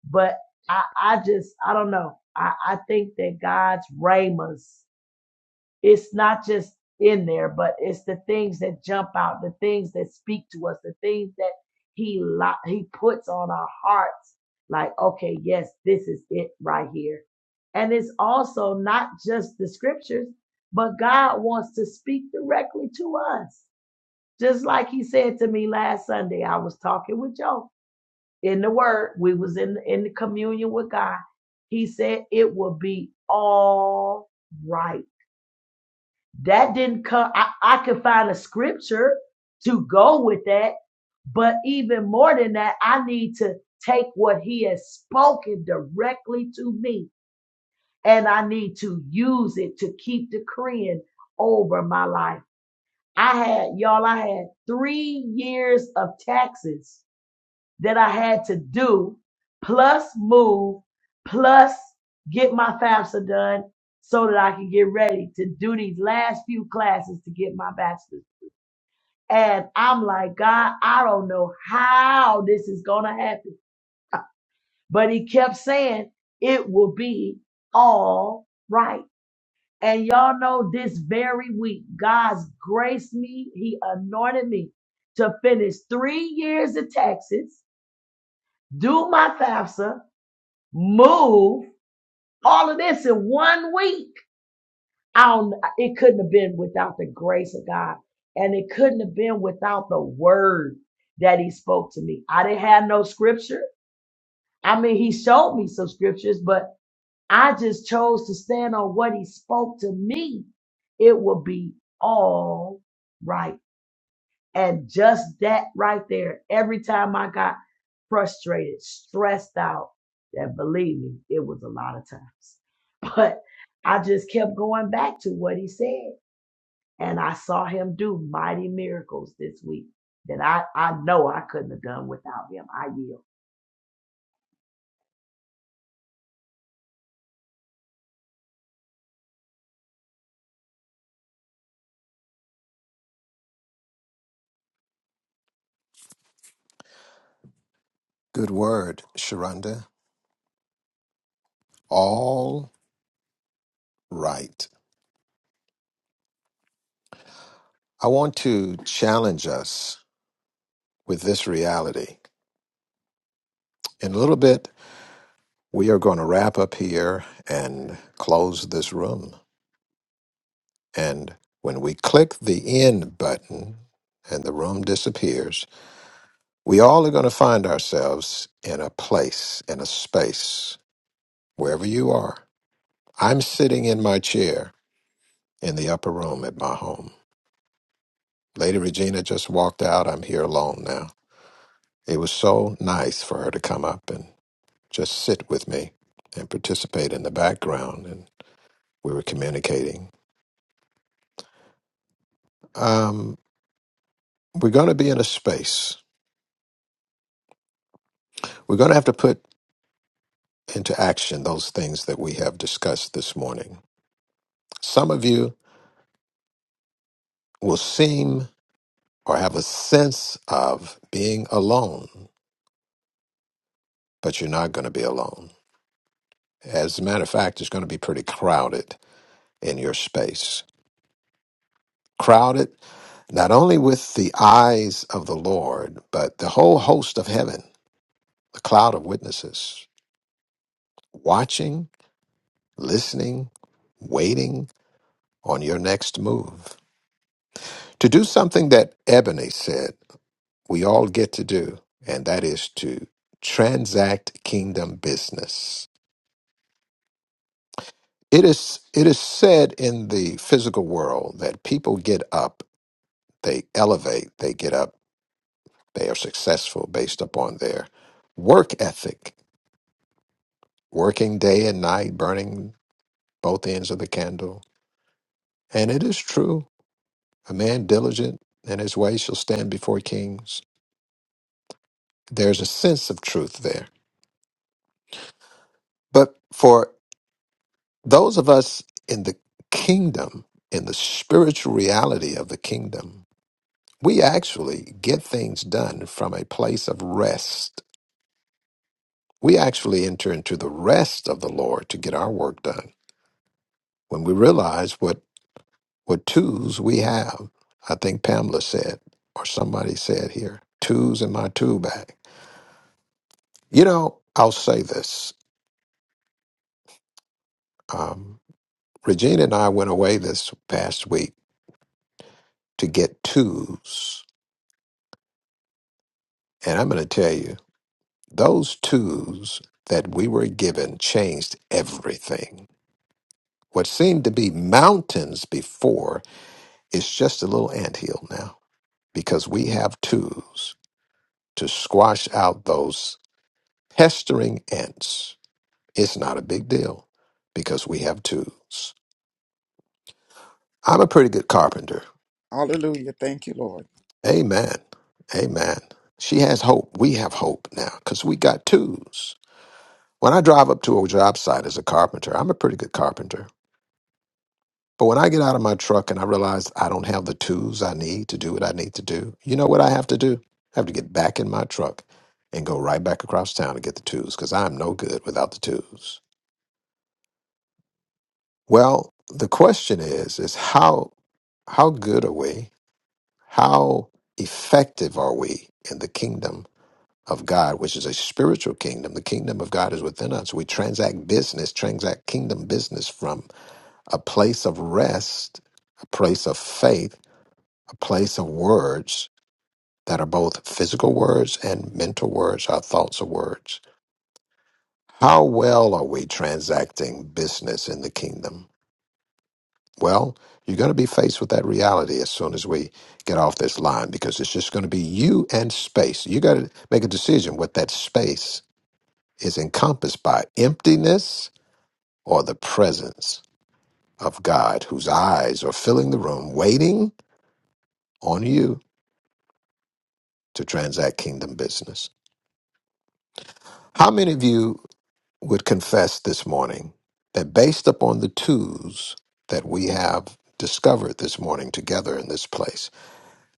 But I, I just, I don't know. I, I think that God's ramas, it's not just in there, but it's the things that jump out, the things that speak to us, the things that He lo- He puts on our hearts. Like, okay, yes, this is it right here. And it's also not just the scriptures, but God wants to speak directly to us. Just like He said to me last Sunday, I was talking with Joe in the word, we was in in the communion with God. He said it will be all right. That didn't come. I, I could find a scripture to go with that, but even more than that, I need to take what he has spoken directly to me, and I need to use it to keep decreeing over my life. I had y'all. I had three years of taxes that I had to do, plus move, plus get my FAFSA done so that I can get ready to do these last few classes to get my bachelor's. And I'm like, God, I don't know how this is going to happen. But he kept saying, it will be all right. And y'all know this very week, God's graced me. He anointed me to finish three years in Texas, do my FAFSA, move all of this in one week. I don't, it couldn't have been without the grace of God. And it couldn't have been without the word that he spoke to me. I didn't have no scripture. I mean, he showed me some scriptures, but I just chose to stand on what he spoke to me. It will be all right And just that right there, every time I got frustrated, stressed out, that believe me, it was a lot of times. <laughs> But I just kept going back to what he said. And I saw him do mighty miracles this week that I, I know I couldn't have done without him. I yield.
Good word, Sharonda. All right. I want to challenge us with this reality. In a little bit, we are going to wrap up here and close this room. And when we click the end button and the room disappears, we all are going to find ourselves in a place, in a space, wherever you are. I'm sitting in my chair in the upper room at my home. Lady Regina just walked out. I'm here alone now. It was so nice for her to come up and just sit with me and participate in the background. And we were communicating um, we're going to be in a space. We're going to have to put into action those things that we have discussed this morning. Some of you will seem or have a sense of being alone, but you're not going to be alone. As a matter of fact, it's going to be pretty crowded in your space. Crowded not only with the eyes of the Lord, but the whole host of heaven, the cloud of witnesses, watching, listening, waiting on your next move. to do something that Ebony said we all get to do, and that is to transact kingdom business. It is it is said in the physical world that people get up, they elevate, they get up, they are successful based upon their work ethic, working day and night, burning both ends of the candle. And it is true, a man diligent in his way shall stand before kings. There's a sense of truth there. But for Those of us in the kingdom, in the spiritual reality of the kingdom, we actually get things done from a place of rest. We actually enter into the rest of the Lord to get our work done when we realize what, what tools we have. I think Pamela said, or somebody said here, tools in my tool bag. You know, I'll say this. Um, Regina and I went away this past week to get tools. And I'm going to tell you, Those tools that we were given changed everything. What seemed to be mountains before is just a little anthill now because we have tools to squash out those pestering ants. It's not a big deal because we have tools. I'm a pretty good carpenter.
hallelujah thank you lord
Amen. Amen. She has hope. We have hope now because we got tools. When I drive up to a job site as a carpenter, I'm a pretty good carpenter. But when I get out of my truck and I realize I don't have the tools I need to do what I need to do, you know what I have to do? I have to get back in my truck and go right back across town to get the tools because I'm no good without the tools. Well, the question is, is how how good are we? How effective are we in the kingdom of God, which is a spiritual kingdom? The kingdom of God is within us. We transact business, transact kingdom business from a place of rest, a place of faith a place of words that are both physical words and mental words, our thoughts are words. How well are we transacting business in the kingdom? Well, you're going to be faced with that reality as soon as we get off this line because it's just going to be you and space. You got to make a decision what that space is encompassed by emptiness or the presence of God, whose eyes are filling the room, waiting on you to transact kingdom business. How many of you would confess this morning that based upon the twos that we have discovered this morning together in this place,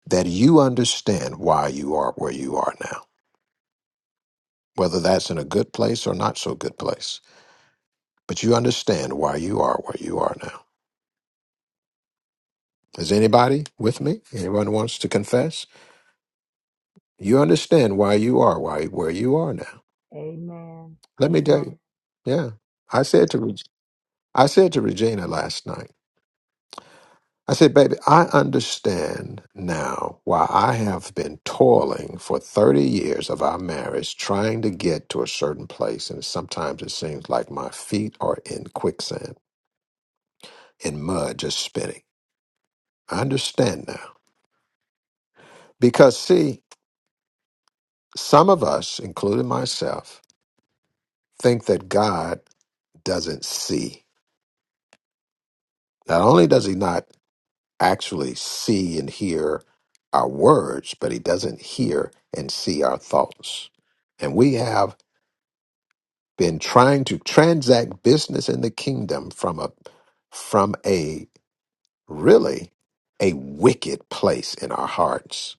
that you understand why you are where you are now, whether that's in a good place or not so good place. But you understand why you are where you are now. Is anybody with me? Anyone wants to confess? You understand why you are why where you are now.
Amen.
Let me tell you. Yeah, I said to Reg- I said to Regina last night. I said, baby, I understand now why I have been toiling for 30 years of our marriage trying to get to a certain place. And sometimes it seems like my feet are in quicksand, in mud, just spinning. I understand now. Because, see, some of us, including myself, think that God doesn't see. Not only does he not actually see and hear our words, but he doesn't hear and see our thoughts. And we have been trying to transact business in the kingdom from a from a really a wicked place in our hearts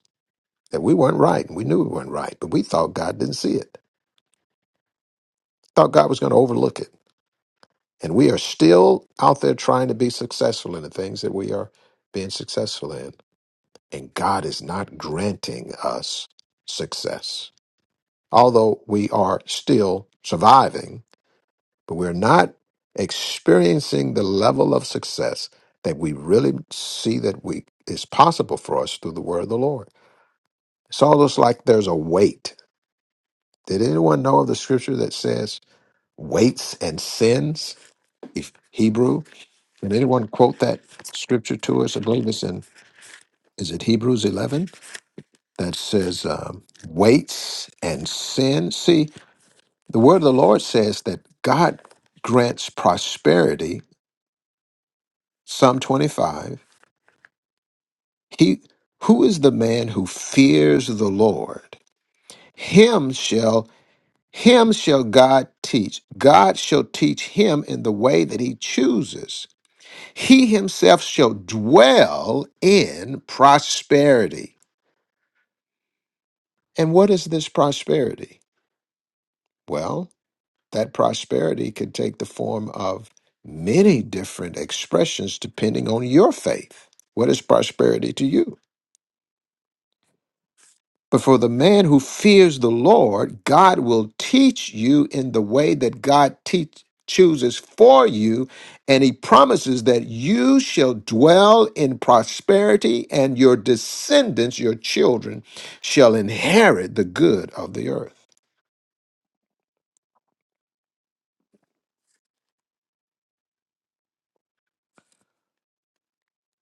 that we weren't right and we knew we weren't right but we thought god didn't see it thought god was going to overlook it and we are still out there trying to be successful in the things that we are being successful in and god is not granting us success although we are still surviving but we're not experiencing the level of success that we really see that we is possible for us through the word of the Lord. It's almost like there's a weight. Did anyone know of the scripture that says weights and sins? If Hebrew, did anyone quote that scripture to us? I believe it's in is it Hebrews eleven that says um, weights and sin. See, the word of the Lord says that God grants prosperity. Psalm twenty five He who is the man who fears the Lord? Him shall him shall God teach. God shall teach him in the way that he chooses. He himself shall dwell in prosperity. And what is this prosperity? Well, that prosperity could take the form of many different expressions depending on your faith. What is prosperity to you? But for the man who fears the Lord, God will teach you in the way that God teach, chooses for you, and he promises that you shall dwell in prosperity, and your descendants, your children, shall inherit the good of the earth.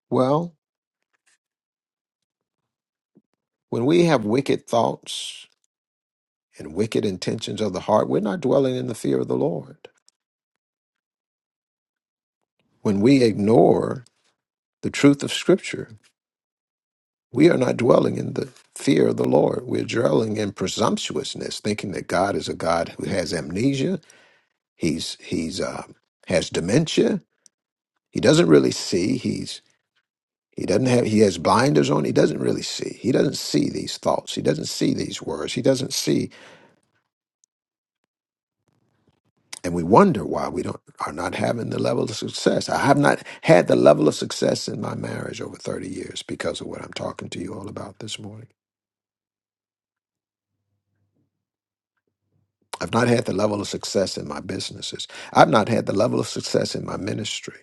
Well, when we have wicked thoughts and wicked intentions of the heart, we're not dwelling in the fear of the Lord. When we ignore the truth of Scripture, We are not dwelling in the fear of the Lord. We're dwelling in presumptuousness, thinking that God is a God who has amnesia. He's he's uh, has dementia. He doesn't really see. He's he doesn't have he has blinders on. He doesn't really see. He doesn't see these thoughts. He doesn't see these words. He doesn't see, and we wonder why we don't are not having the level of success. I have not had the level of success in my marriage over thirty years because of what I'm talking to you all about this morning. I've not had the level of success in my businesses. I've not had the level of success in my ministry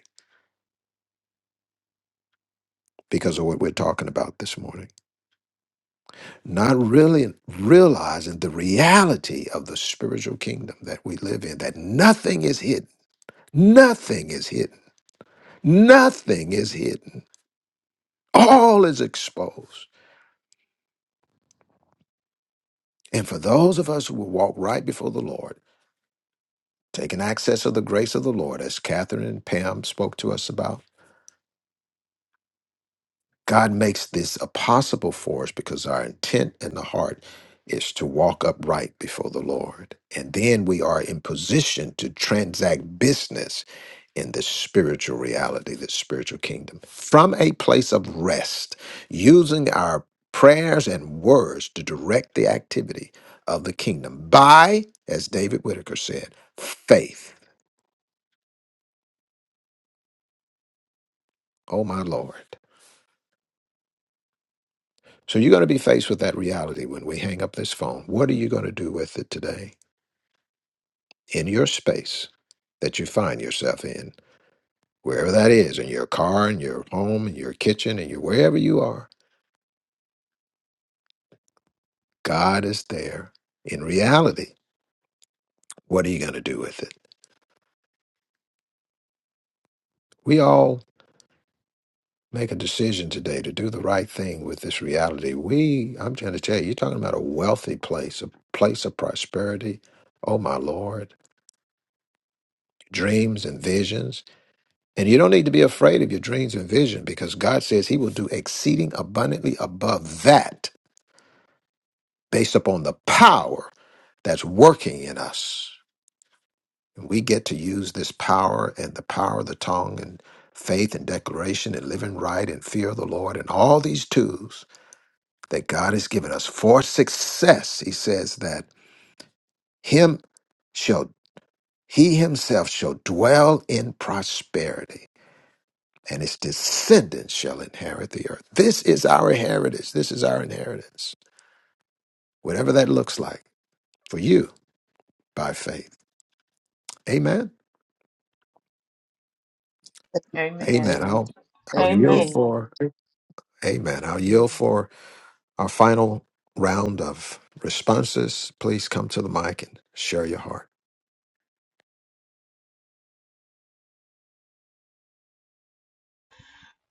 because of what we're talking about this morning. Not really realizing the reality of the spiritual kingdom that we live in, that nothing is hidden. Nothing is hidden. Nothing is hidden. All is exposed. And for those of us who will walk right before the Lord, taking access of the grace of the Lord, as Catherine and Pam spoke to us about, God makes this a possible for us because our intent in the heart is to walk upright before the Lord. And then we are in position to transact business in this spiritual reality, this spiritual kingdom, from a place of rest, using our prayers and words to direct the activity of the kingdom by, as David Whitaker said, faith. Oh, my Lord. So you're going to be faced with that reality when we hang up this phone. What are you going to do with it today? in your space that you find yourself in, wherever that is, in your car, in your home, in your kitchen, in your wherever you are, God is there. In reality, what are you going to do with it? We all make a decision today to do the right thing with this reality. We, I'm trying to tell you, you're talking about a wealthy place, a place of prosperity. Oh my Lord, dreams and visions. And you don't need to be afraid of your dreams and vision because God says He will do exceeding abundantly above that based upon the power that's working in us. We get to use this power and the power of the tongue and faith and declaration and living right and fear of the Lord and all these tools that God has given us for success. He says that him shall he himself shall dwell in prosperity and his descendants shall inherit the earth. This is our heritage. This is our inheritance. Whatever that looks like for you by faith. Amen.
amen
Amen.
amen,
Amen.
amen.
Amen.
Amen. I'll yield for our final round of responses. Please come to the mic and share your heart.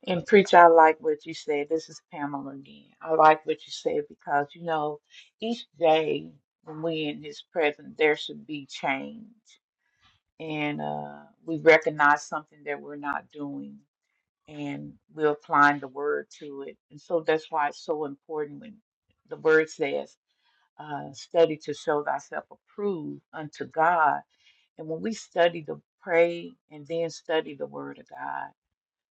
And preach, I like what you said. This is Pamela again. I like what you said because you know, each day when we in His presence, there should be change, and uh, we recognize something that we're not doing, and we're applying the word to it. And so that's why it's so important when the word says, uh, "Study to show thyself approved unto God." And when we study the pray and then study the word of God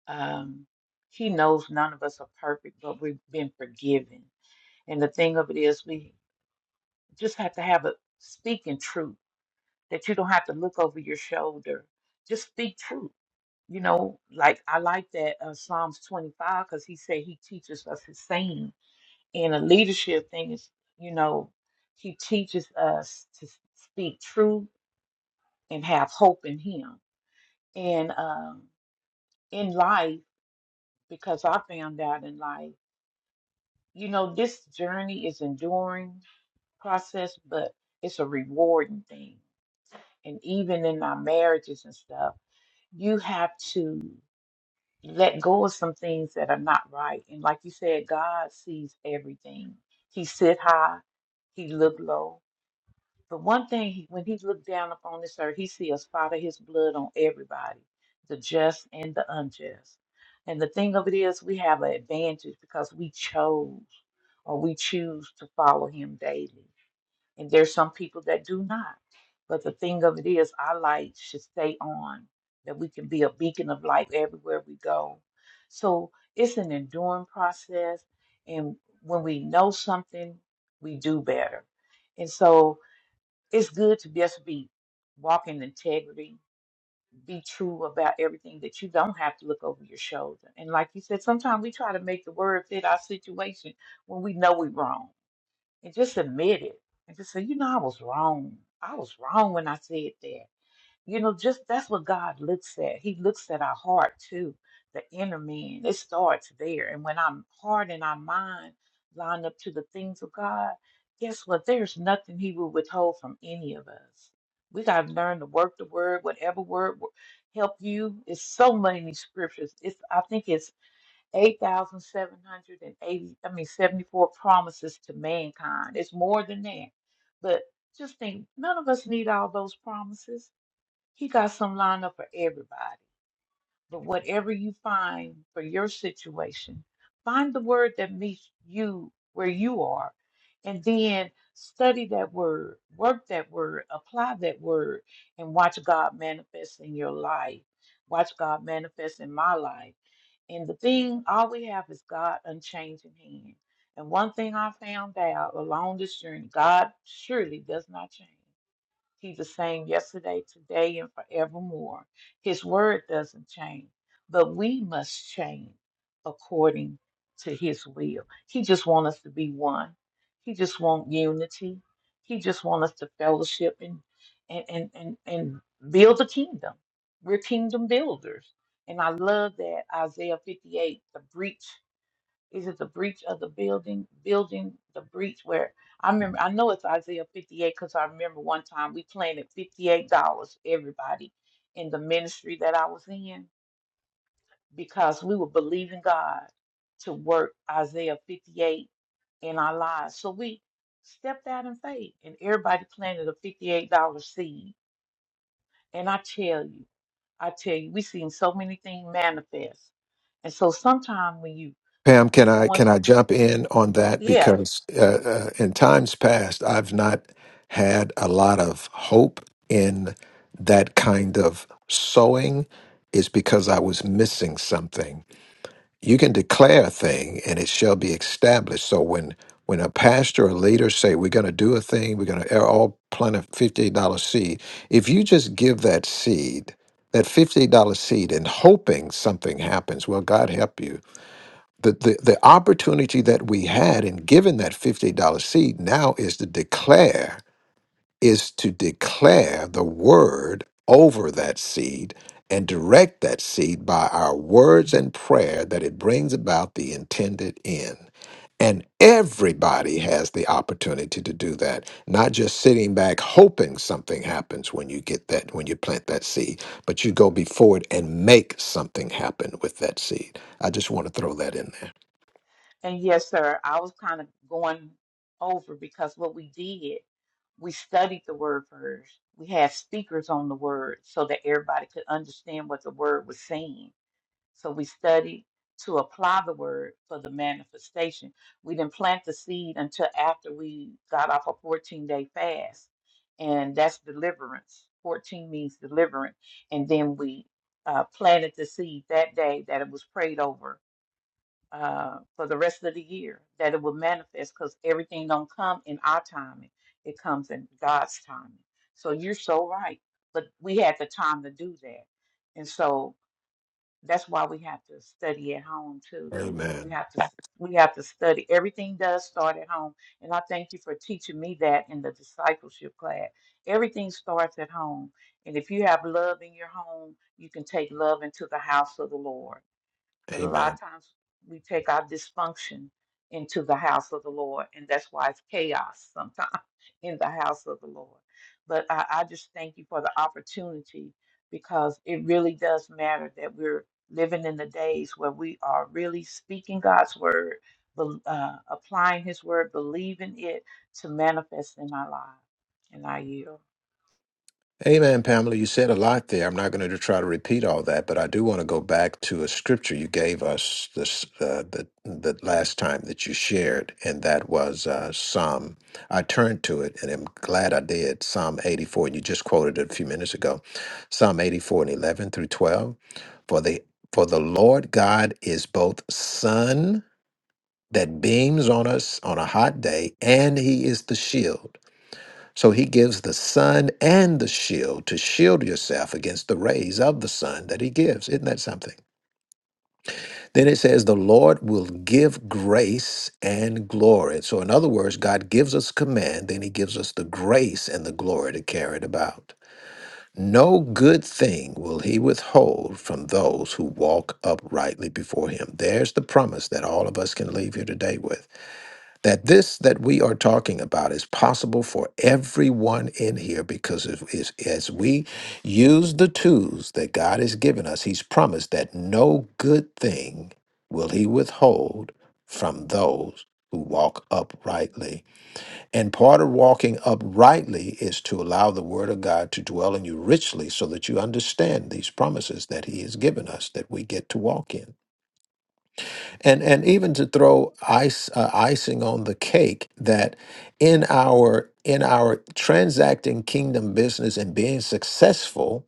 um, he knows none of us are perfect, but we've been forgiven. And the thing of it is, we just have to have a speaking truth that you don't have to look over your shoulder. Just speak truth. You know, like I like that uh, Psalms 25 because he said he teaches us his saying. And a leadership thing is, you know, he teaches us to s- speak truth and have hope in him. And um, in life, because I found out in life. you know, this journey is enduring process, but it's a rewarding thing. And even in my marriages and stuff, you have to let go of some things that are not right. And like you said, God sees everything. He sit high, he look low. But one thing, he- when he looked down upon this earth, he see a spot of his blood on everybody, the just and the unjust. And the thing of it is, we have an advantage because we chose or we choose to follow him daily. And there's some people that do not. But the thing of it is, our light should stay on, that we can be a beacon of light everywhere we go. So it's an enduring process. And when we know something, we do better. And so it's good to just be walk in integrity, be true about everything that you don't have to look over your shoulder. And like you said, sometimes we try to make the word fit our situation when we know we're wrong. And just admit it. And just say, you know, I was wrong. I was wrong when I said that. You know, just that's what God looks at. He looks at our heart too, the inner man. It starts there. And when our heart and our mind line up to the things of God, guess what? There's nothing He will withhold from any of us. We got to learn to work the word, whatever word will help you. It's so many scriptures. It's I think it's 8,780, I mean 74 promises to mankind. It's more than that. But just think, none of us need all those promises. He got some lineup for everybody. But whatever you find for your situation, find the word that meets you where you are, and then study that word, work that word, apply that word, and watch God manifest in your life. Watch God manifest in my life. And the thing, all we have is God unchanging hand. And one thing I found out along this journey, God surely does not change. He's the same yesterday, today, and forevermore. His word doesn't change, but we must change according to his will. He just wants us to be one. He just wants unity. He just wants us to fellowship and and and and, and build a kingdom. We're kingdom builders. And I love that Isaiah 58, the breach. Is it the breach of the building, building the breach where I remember, I know it's Isaiah 58 because I remember one time we planted $58, everybody, in the ministry that I was in because we were believing God to work Isaiah 58 in our lives. So we stepped out in faith and everybody planted a $58 seed. And I tell you, I tell you, we seen so many things manifest. And so sometimes when you,
Pam, can
we
I
going,
can I jump in on that
yeah.
because uh, uh, in times past I've not had a lot of hope in that kind of sowing is because I was missing something. you can declare a thing and it shall be established so when when a pastor or leader say we're going to do a thing we're going to all plant a fifty dollars seed if you just give that seed that fifty dollars seed and hoping something happens well god help you the, the, the opportunity that we had in giving that fifty dollars seed now is to declare is to declare the word over that seed and direct that seed by our words and prayer that it brings about the intended end. And everybody has the opportunity to do that, not just sitting back hoping something happens when you get that, when you plant that seed, but you go before it and make something happen with that seed. I just want to throw that in there.
And yes, sir, I was kind of going over because what we did, we studied the word first. We had speakers on the word so that everybody could understand what the word was saying. So we studied to apply the word for the manifestation. We didn't plant the seed until after we got off a 14 day fast. And that's deliverance. 14 means deliverance. And then we uh, planted the seed that day that it was prayed over uh, for the rest of the year that it will manifest because everything don't come in our timing. It comes in God's timing. So you're so right. But we had the time to do that. And so that's why we have to study at home too. We
Amen.
have to we have to study. Everything does start at home. And I thank you for teaching me that in the discipleship class. Everything starts at home. And if you have love in your home, you can take love into the house of the Lord. But a lot
Amen.
of times we take our dysfunction into the house of the Lord, and that's why it's chaos sometimes <laughs> in the house of the Lord. But I, I just thank you for the opportunity because it really does matter that we're living in the days where we are really speaking God's word, bel- uh, applying His word, believing it to manifest in our lives. And I yield.
Amen, Pamela. You said a lot there. I'm not going to try to repeat all that, but I do want to go back to a scripture you gave us this uh, the the last time that you shared, and that was uh, Psalm. I turned to it, and I'm glad I did. Psalm 84, and you just quoted it a few minutes ago. Psalm 84 and 11 through 12. For the for the Lord God is both sun that beams on us on a hot day, and He is the shield. So he gives the sun and the shield to shield yourself against the rays of the sun that he gives. Isn't that something? Then it says, The Lord will give grace and glory. So, in other words, God gives us command, then he gives us the grace and the glory to carry it about. No good thing will he withhold from those who walk uprightly before him. There's the promise that all of us can leave here today with that this that we are talking about is possible for everyone in here because if, is, as we use the tools that God has given us, He's promised that no good thing will He withhold from those who walk uprightly. And part of walking uprightly is to allow the Word of God to dwell in you richly so that you understand these promises that He has given us that we get to walk in and and even to throw ice uh, icing on the cake that in our in our transacting kingdom business and being successful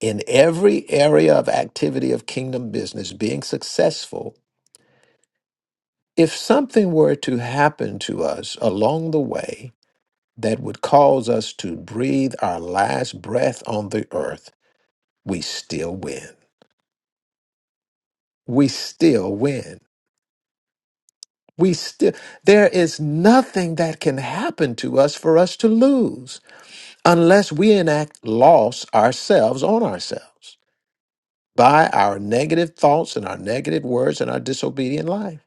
in every area of activity of kingdom business being successful if something were to happen to us along the way that would cause us to breathe our last breath on the earth we still win we still win We still, there is nothing that can happen to us for us to lose unless we enact loss ourselves on ourselves by our negative thoughts and our negative words and our disobedient life.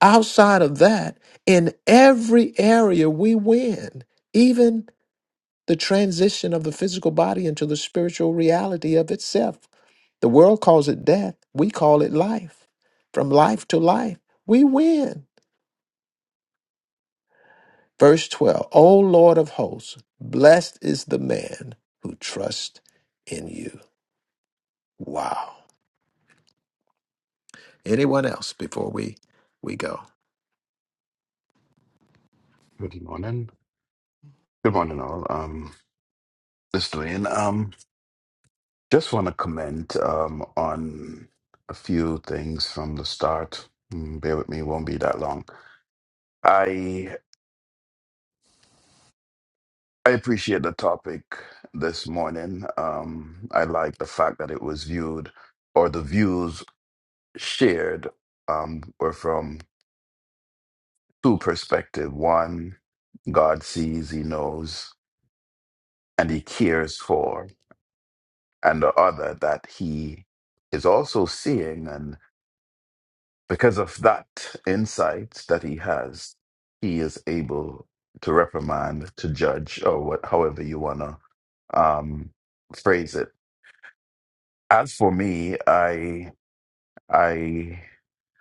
Outside of that, in every area we win, even the transition of the physical body into the spiritual reality of itself. The world calls it death, we call it life. From life to life, we win Verse 12 O Lord of hosts, blessed is the man who trusts in you. Wow. Anyone else before we, we go?
Good morning. Good morning, all. Um, this is Dwayne. Um, just want to comment um, on a few things from the start. Mm, bear with me; it won't be that long. I I appreciate the topic this morning. Um, I like the fact that it was viewed, or the views shared, um, were from two perspectives. One, God sees, He knows, and He cares for. and the other that he is also seeing. And because of that insight that he has, he is able to reprimand, to judge, or what, however you want to um, phrase it. As for me, I, I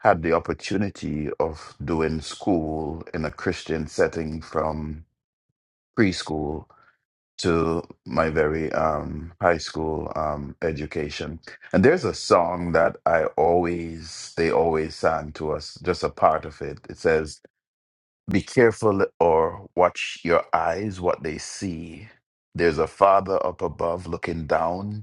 had the opportunity of doing school in a Christian setting from preschool to my very um, high school um, education. And there's a song that I always, they always sang to us, just a part of it. It says, Be careful or watch your eyes, what they see. There's a father up above looking down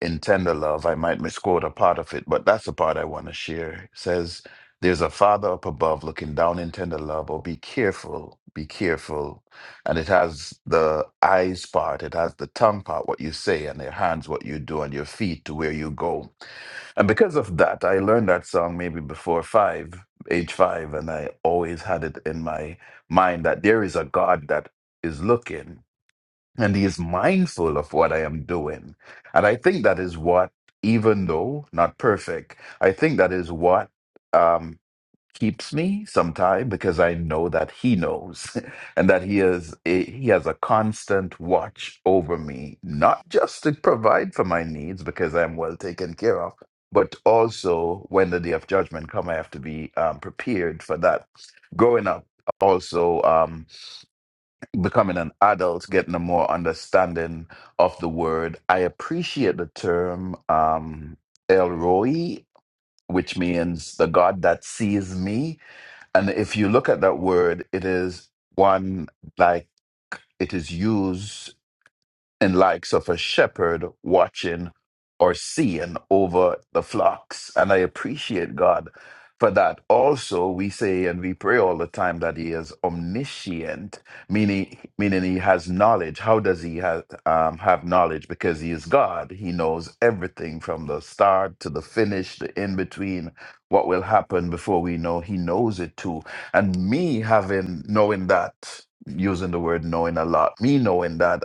in tender love, I might misquote a part of it, but that's the part I want to share. It says, There's a father up above looking down in tender love, or be careful, be careful. And it has the eyes part, it has the tongue part, what you say, and your hands, what you do, and your feet to where you go. And because of that, I learned that song maybe before five, age five, and I always had it in my mind that there is a God that is looking and he is mindful of what I am doing. And I think that is what, even though not perfect, I think that is what um, keeps me sometimes because I know that he knows <laughs> and that he is a, he has a constant watch over me, not just to provide for my needs because I'm well taken care of. But also, when the day of judgment come, I have to be um, prepared for that. Growing up, also. um, becoming an adult, getting a more understanding of the word. I appreciate the term um, El Roi, which means the God that sees me. And if you look at that word, it is one like it is used and likes of a shepherd watching or seeing over the flocks. And I appreciate God for that. Also, we say and we pray all the time that He is omniscient, meaning meaning He has knowledge. How does He have um, have knowledge? Because He is God. He knows everything from the start to the finish, the in between. What will happen before we know? He knows it too. And me having knowing that. Using the word knowing a lot, me knowing that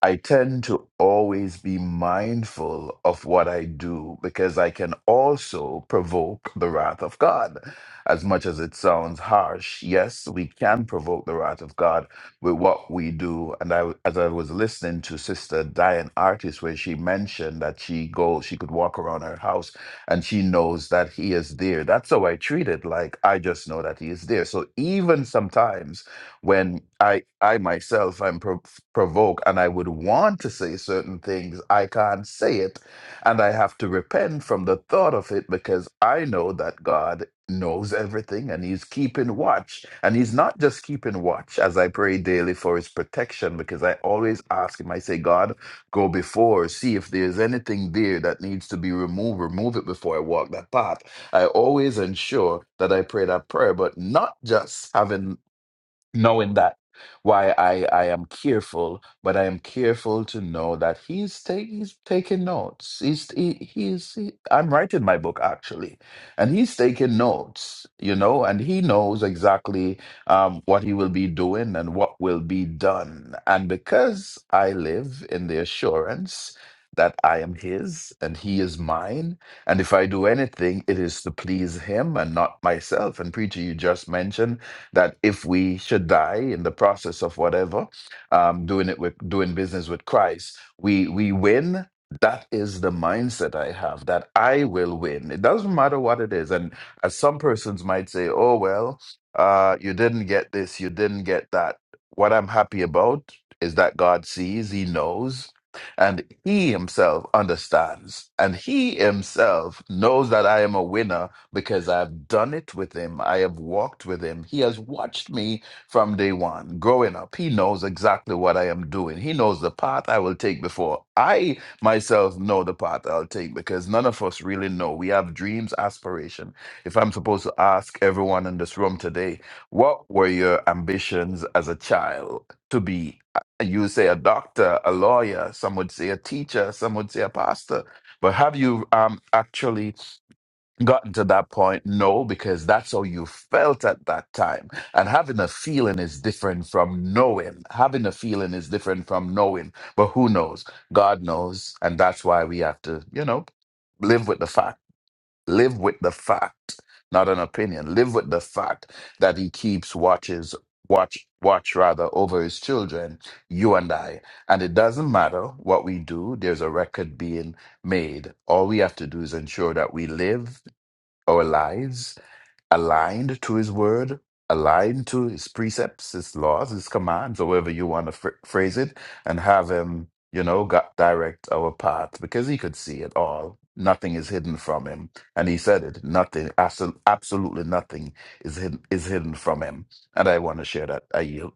I tend to always be mindful of what I do because I can also provoke the wrath of God. As much as it sounds harsh, yes, we can provoke the wrath of God with what we do. And I, as I was listening to Sister Diane Artis, where she mentioned that she go, she could walk around her house and she knows that He is there. That's how I treat it. Like I just know that He is there. So even sometimes when I I myself am pro- provoked and I would want to say certain things, I can't say it, and I have to repent from the thought of it because I know that God knows everything and He's keeping watch, and He's not just keeping watch as I pray daily for His protection because I always ask Him. I say, God, go before, see if there's anything there that needs to be removed, remove it before I walk that path. I always ensure that I pray that prayer, but not just having knowing that why I, I am careful, but I am careful to know that he's take, he's taking notes. He's he, he's he, I'm writing my book actually, and he's taking notes, you know, and he knows exactly um, what he will be doing and what will be done. And because I live in the assurance that I am his and he is mine, and if I do anything, it is to please him and not myself. And preacher, you just mentioned that if we should die in the process of whatever, um, doing it with doing business with Christ, we we win. That is the mindset I have that I will win. It doesn't matter what it is. And as some persons might say, oh, well, uh, you didn't get this, you didn't get that. What I'm happy about is that God sees, He knows, and He Himself understands. And He Himself knows that I am a winner because I've done it with him. I have walked with him. He has watched me from day one growing up. He knows exactly what I am doing. He knows the path I will take before I myself know the path I'll take because none of us really know. We have dreams, aspiration. If I'm supposed to ask everyone in this room today, what were your ambitions as a child to be? Uh, You say a doctor, a lawyer, some would say a teacher, some would say a pastor. But have you um, actually gotten to that point? No, because that's how you felt at that time. And having a feeling is different from knowing. Having a feeling is different from knowing. But who knows? God knows. And that's why we have to, you know, live with the fact. Live with the fact, not an opinion. Live with the fact that he keeps watches watch watch rather over his children, you and I. And it doesn't matter what we do, there's a record being made. All we have to do is ensure that we live our lives aligned to his word, aligned to his precepts, his laws, his commands, however you want to phr phrase it, and have him, you know, gu direct our path because he could see it all. Nothing is hidden from him. And he said it, nothing, absol absolutely nothing is hidden, is hidden from him. And I want to share that. I yield.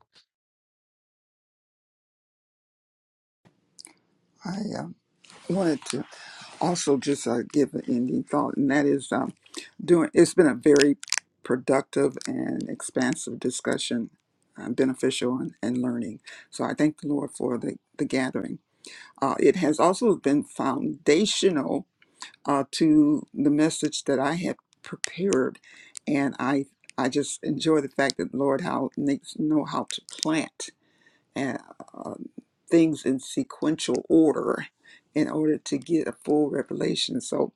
I am. wanted to also just uh, give an ending thought, and that is um, doing. It's been a very productive and expansive discussion, uh, beneficial and, and learning. So I thank the Lord for the the gathering. Uh, it has also been foundational uh, to the message that I had prepared, and I I just enjoy the fact that Lord how makes know how to plant and um, things in sequential order in order to get a full revelation. So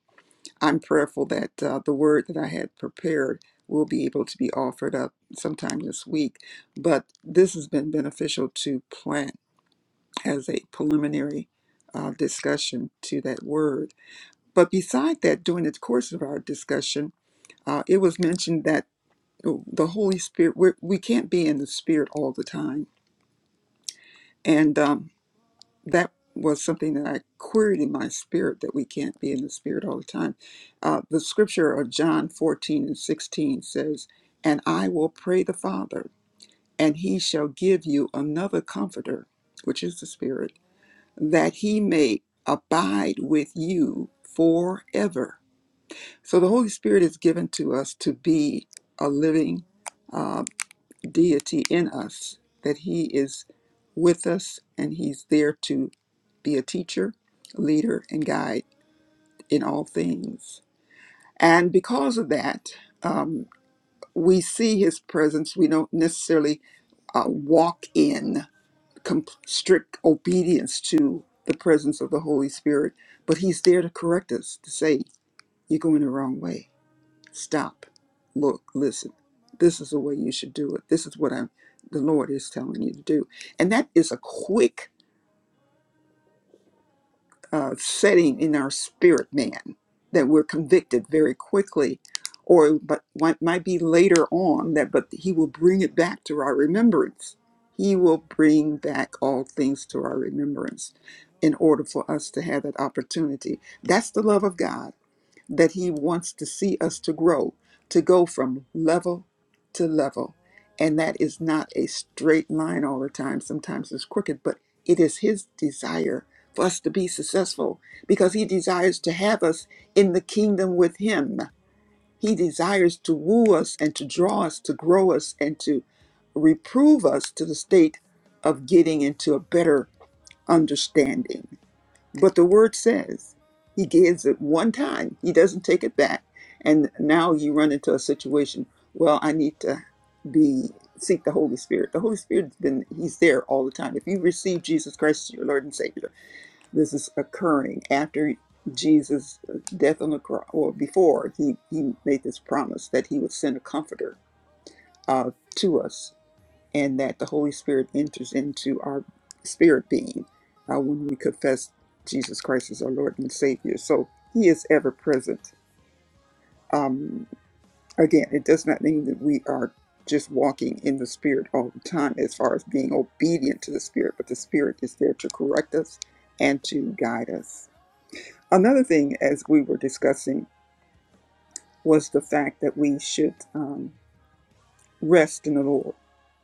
I'm prayerful that uh, the word that I had prepared will be able to be offered up sometime this week. But this has been beneficial to plant as a preliminary uh, discussion to that word. But beside that, during the course of our discussion, uh, it was mentioned that oh, the Holy Spirit, we're, we can't be in the Spirit all the time. And um, that was something that I queried in my spirit that we can't be in the spirit all the time. Uh, the scripture of John 14 and 16 says, And I will pray the Father, and he shall give you another comforter, which is the Spirit, that he may abide with you forever. So the Holy Spirit is given to us to be a living uh, deity in us, that he is with us and he's there to be a teacher, leader, and guide in all things. And because of that, um, we see his presence. We don't necessarily uh, walk in com- strict obedience to the presence of the Holy Spirit, but he's there to correct us, to say, You're going the wrong way. Stop, look, listen. This is the way you should do it. This is what I'm, the Lord is telling you to do. And that is a quick uh, setting in our spirit man that we're convicted very quickly or but might, might be later on that but he will bring it back to our remembrance he will bring back all things to our remembrance in order for us to have that opportunity that's the love of god that He wants to see us to grow, to go from level to level. And that is not a straight line all the time. Sometimes it's crooked, but it is His desire for us to be successful because He desires to have us in the kingdom with Him. He desires to woo us and to draw us, to grow us, and to reprove us to the state of getting into a better understanding but the word says he gives it one time. He doesn't take it back. And now you run into a situation, well, I need to be seek the Holy Spirit. The Holy Spirit's been he's there all the time. If you receive Jesus Christ as your Lord and Savior, this is occurring after Jesus' death on the cross or before he, he made this promise that he would send a comforter uh, to us and that the Holy Spirit enters into our spirit being uh, when we confess Jesus Christ as our Lord and Savior. So He is ever present. Um, again, it does not mean that we are just walking in the Spirit all the time as far as being obedient to the Spirit, but the Spirit is there to correct us and to guide us. Another thing, as we were discussing, was the fact that we should. um, rest in the Lord.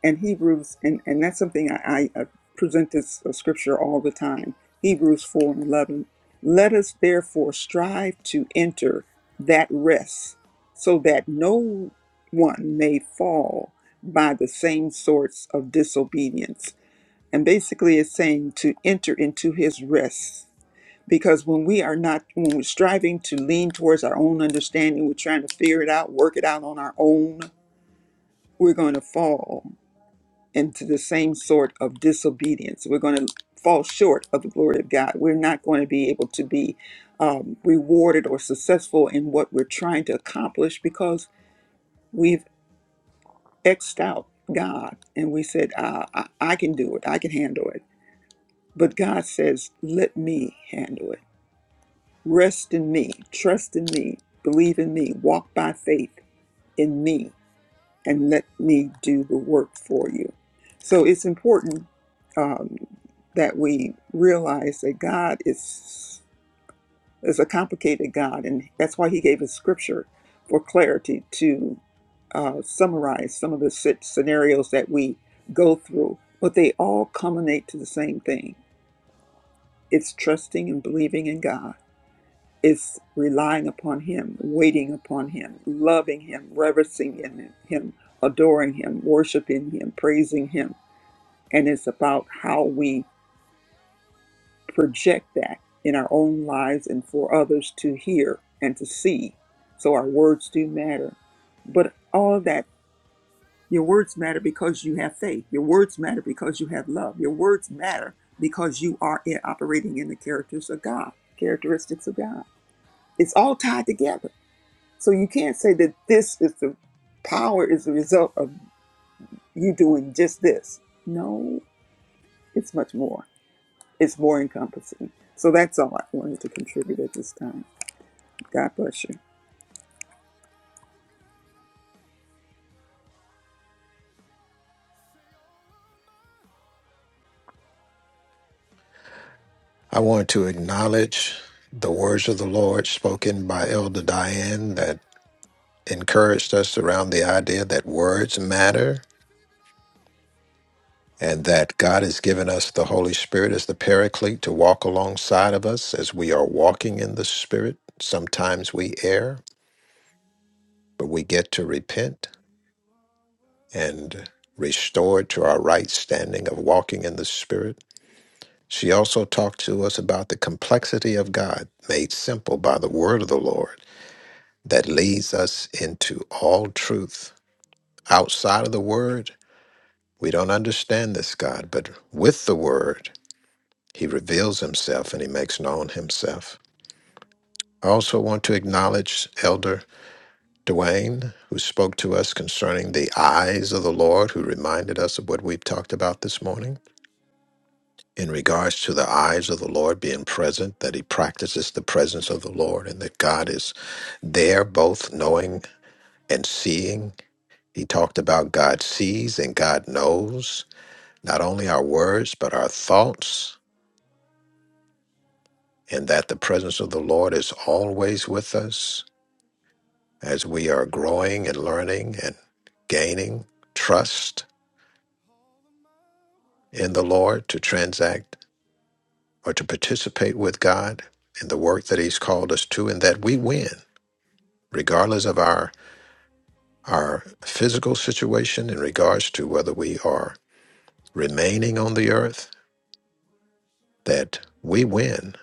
And Hebrews, and, and that's something I, I uh, present this uh, scripture all the time Hebrews 4 and 11. Let us therefore strive to enter that rest so that no one may fall by the same sorts of disobedience. And basically, it's saying to enter into his rest. Because when we are not, when we're striving to lean towards our own understanding, we're trying to figure it out, work it out on our own, we're going to fall into the same sort of disobedience. We're going to fall short of the glory of God. We're not going to be able to be um, rewarded or successful in what we're trying to accomplish because we've X'd out God and we said, uh, I, I can do it, I can handle it. But God says, let me handle it. Rest in me, trust in me, believe in me, walk by faith in me and let me do the work for you. So it's important um, that we realize that God is is a complicated God, and that's why He gave us Scripture for clarity to uh, summarize some of the sit- scenarios that we go through. But they all culminate to the same thing: it's trusting and believing in God is relying upon Him, waiting upon Him, loving Him, reverencing in Him, adoring Him, worshiping Him, praising Him. And it's about how we project that in our own lives and for others to hear and to see. So our words do matter. But all of that, your words matter because you have faith. Your words matter because you have love. Your words matter because you are in- operating in the characters of God, characteristics of God. It's all tied together So you can't say that this is the power is the result of you doing just this. No, it's much more. It's more encompassing. So that's all I wanted to contribute at this time. God bless you.
I want to acknowledge the words of the Lord spoken by Elder Diane that encouraged us around the idea that words matter and that God has given us the Holy Spirit as the paraclete to walk alongside of us as we are walking in the Spirit. Sometimes we err, but we get to repent. and restored to our right standing of walking in the Spirit. She also talked to us about the complexity of God made simple by the word of the Lord that leads us into all truth. Outside of the word, we don't understand this God, but with the word, he reveals himself and he makes known himself. I also want to acknowledge Elder Dwayne, who spoke to us concerning the eyes of the Lord, who reminded us of what we've talked about this morning. in regards to the eyes of the Lord being present, that he practices the presence of the Lord and that God is there, both knowing and seeing. He talked about God sees and God knows not only our words, but our thoughts, and that the presence of the Lord is always with us as we are growing and learning and gaining trust in the Lord to transact or to participate with God in the work that he's called us to, and that we win regardless of our our physical situation in regards to whether we are remaining on the earth that we win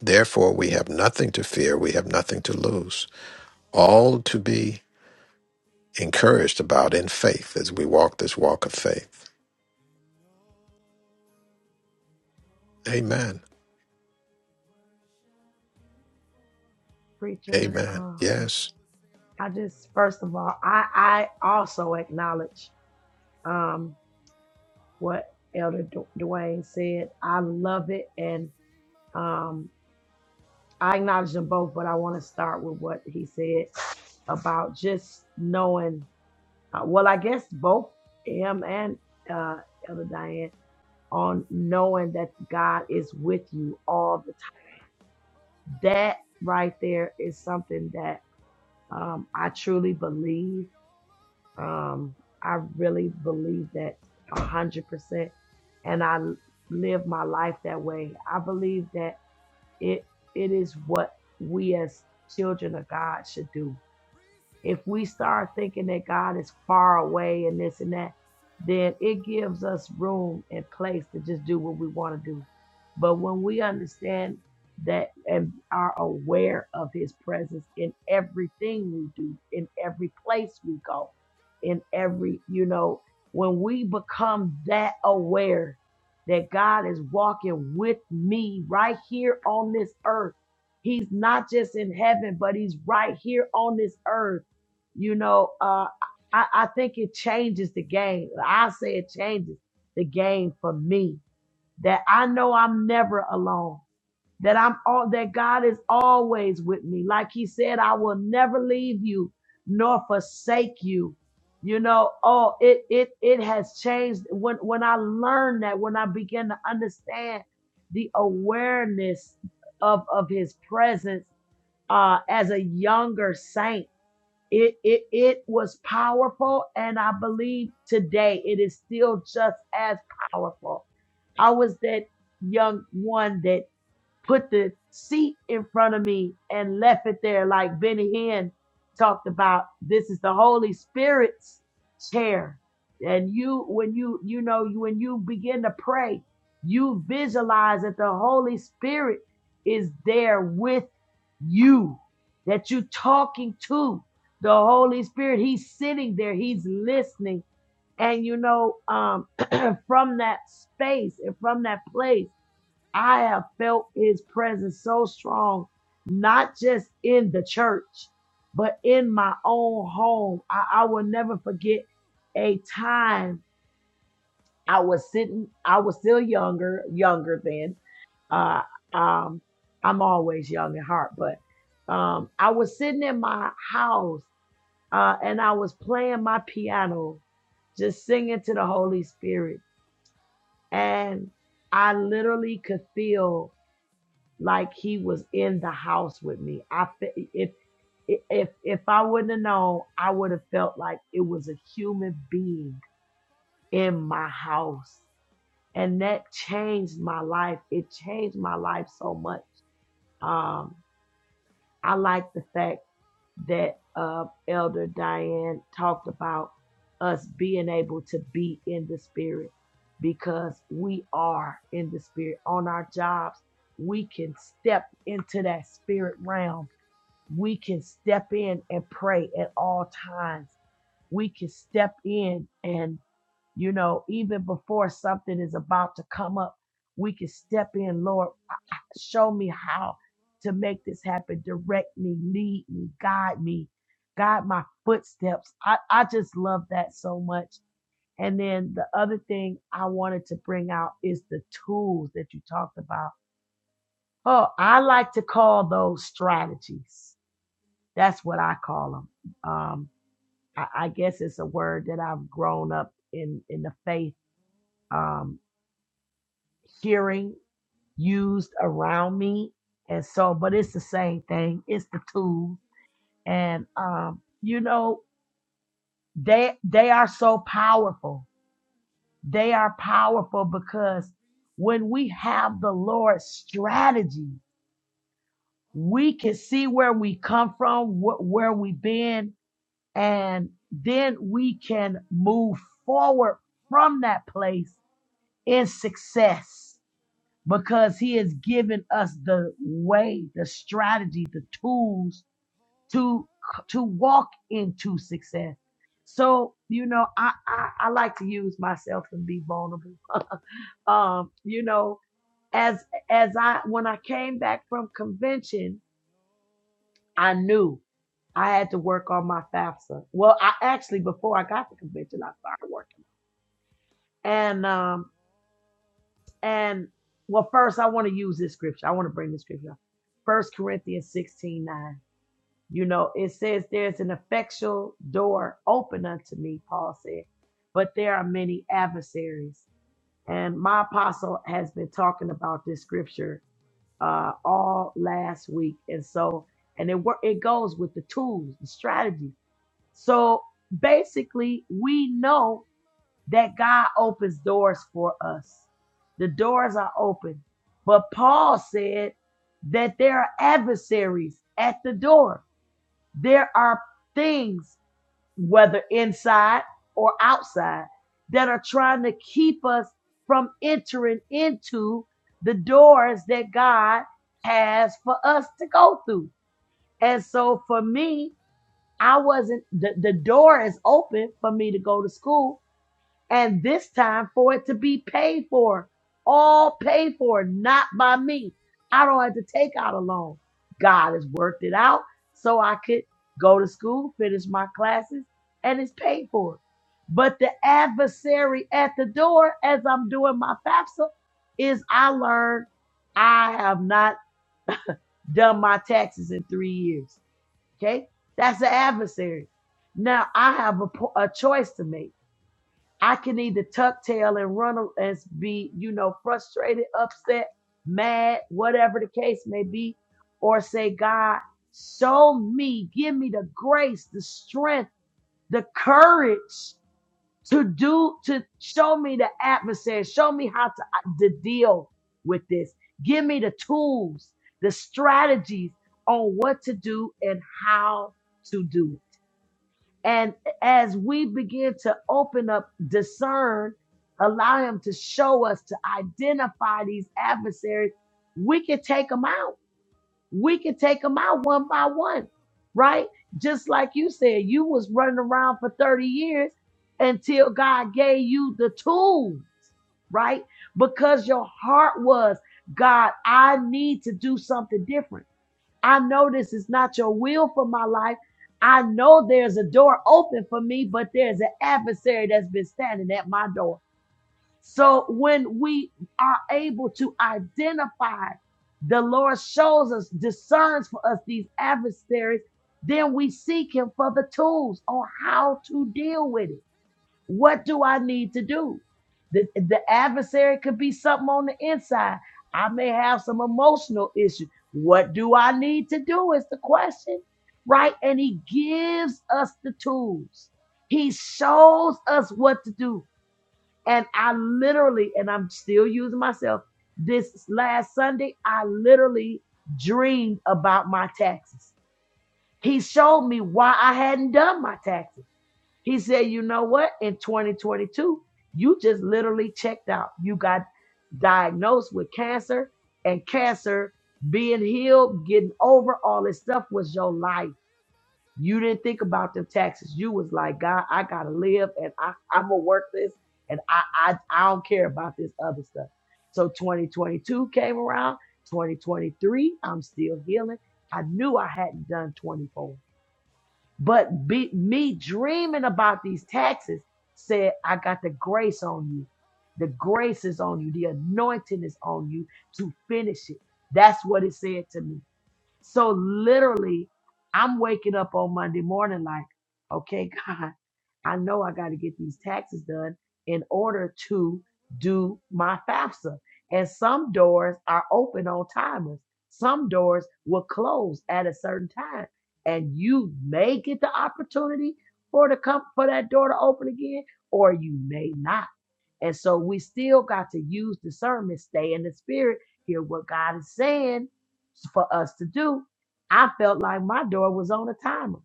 therefore we have nothing to fear we have nothing to lose all to be encouraged about in faith as we walk this walk of faith amen
Preacher,
amen
um,
yes
I just, first of all, I, I also acknowledge um, what Elder Du- Dwayne said. I love it. And
Receive my,
um, I acknowledge them both, but I want to start with what he said about just knowing. Uh, well, I guess both him and uh, Elder Diane on knowing that God is with you all the time. That right there is something that um, I truly believe. Um, I really believe that a hundred percent, and I l- live my life that way. I believe that it it is what we as children of God should do if we start thinking that God is far away and this and that,
say
then
all of
it gives us room and place to just do what we want to do. But when we understand that and are aware of his presence in everything we do, in every place we go, in every, you know, when we become that aware that God is walking with me right here on this earth, he's not just in heaven, but he's right here on this earth you know, uh, I, I think it changes the game. I say it changes the game for me that I know I'm never alone, that I'm all, that God is always with me. Like he said, I will never leave you nor forsake you. You know, oh, it, it, it has changed when, when I learned that, when I began to understand the awareness of, of his presence, uh, as a younger saint it, it, it was powerful. And I believe today it is still just as powerful. I was that young one that put the seat in front of me and left it there, like Benny Hinn talked about. This is the Holy Spirit's chair. And you, when you, you know, you- when you begin to pray, you visualize that the Holy Spirit is there with you, that you're talking to the Holy Spirit. He's sitting there, He's listening. And you know, um, <clears throat> from that space and from that place, I have felt his presence so strong, not just in the church, but in my own home. I, I will never forget a time I was sitting, I was still younger, younger then. Uh, um, I'm always young at heart, but um, I was sitting in my house uh, and I was playing my piano, just singing to the Holy Spirit. And I literally could feel like he was in the house with me. I fe- if if if I wouldn't have known, I would have felt like it was a human being in my house, and that changed my life. It changed my life so much. Um, I like the fact that uh, Elder Diane talked about us being able to be in the spirit because we are in the spirit on our jobs. We can step into that spirit realm we can step in and pray at all times. We can step in and, you know, even before something is about to come up, we can step in, Lord, show me how to make this happen. Direct me, lead me, guide me, guide my footsteps. I, I just love that so much. And then the other thing I wanted to bring out is the tools that you talked about. Oh, I like to call those strategies that's what I call them. Um, I, I guess it's a word that I've grown up in in the faith um, hearing used around me, and so. But it's the same thing. It's the tools, and um, you know they they are so powerful. They are powerful because when we have the Lord's strategy, we can see where we come from, wh- where we've been, and then we can move forward from that place in success because he has given us the way the strategy the tools to to walk into success so you know i i, I like to use myself and be vulnerable <laughs> um you know as as i when i came back from convention I knew I had to work on my FAFSA. Well, I actually before I got to convention, I started working. And um and well, first I want to use this scripture. I want to bring this scripture. up. First Corinthians 16 9. You know, it says there's an effectual door open unto me, Paul said, but there are many adversaries. And my apostle has been talking about this scripture uh all last week. And so and it work it goes with the tools, the strategies So basically, we know that God opens doors for us. The doors are open. But Paul said that there are adversaries at the door. There are things, whether inside or outside, that are trying to keep us from entering into the doors that God has for us to go through. And so for me, I wasn't the, the door is open for me to go to school and this time for it to be paid for. All paid for, not by me. I don't have to take out a loan. God has worked it out so I could go to school, finish my classes, and it's paid for. But the adversary at the door as I'm doing my FAFSA is I learned I have not done my taxes in three years. Okay. That's the adversary. Now I have a, a choice to make. I can either tuck tail and run and be, you know, frustrated, upset, mad, whatever the case may be, or say, God, show me, give me the grace, the strength, the courage to do to show me the adversary show me how to, uh, to deal with this give me the tools the strategies on what to do and how to do it and as we begin to open up discern allow him to show us to identify these adversaries we can take them out we can take them out one by one, right? Just like you said, you was running around for 30 years until God gave you the tool, right? Because your heart was, God, I need to do something different. I know this is not your will for my life. I know there's a door open for me, but there's an adversary that's been standing at my door. So when we are able to identify, the Lord shows us, discerns for us these adversaries, then we seek Him for the tools on how to deal with it. What do I need to do? The, the adversary could be something on the inside. I may have some emotional issue. What do I need to do is the question, right? And He gives us the tools. He shows us what to do. And I literally, and I'm still using myself, this last Sunday, I literally dreamed about my taxes. He showed me why I hadn't done my taxes. He said, you know what? In 2022, you just literally checked out. You got diagnosed with cancer and cancer being healed, getting over all this stuff was your life. You didn't think about them taxes. You was like, God, I gotta live and I, I'm gonna work this and I, I I don't care about this other stuff. So 2022 came around, 2023, I'm still healing. I knew I hadn't done 24. But be, me dreaming about these taxes said, I got the grace on you. The grace is on you. The anointing is on you to finish it. That's what it said to me. So literally, I'm waking up on Monday morning like, okay, <laughs> God, I know I got to get these taxes done in order to do my FAFSA. And some doors are open on timers. Some doors will close at a certain time, and you may get the opportunity for to come for that door to open again, or you may not. And so we still got to use discernment, stay in the spirit, hear what God is saying for us to do. I felt like my door was on a timer.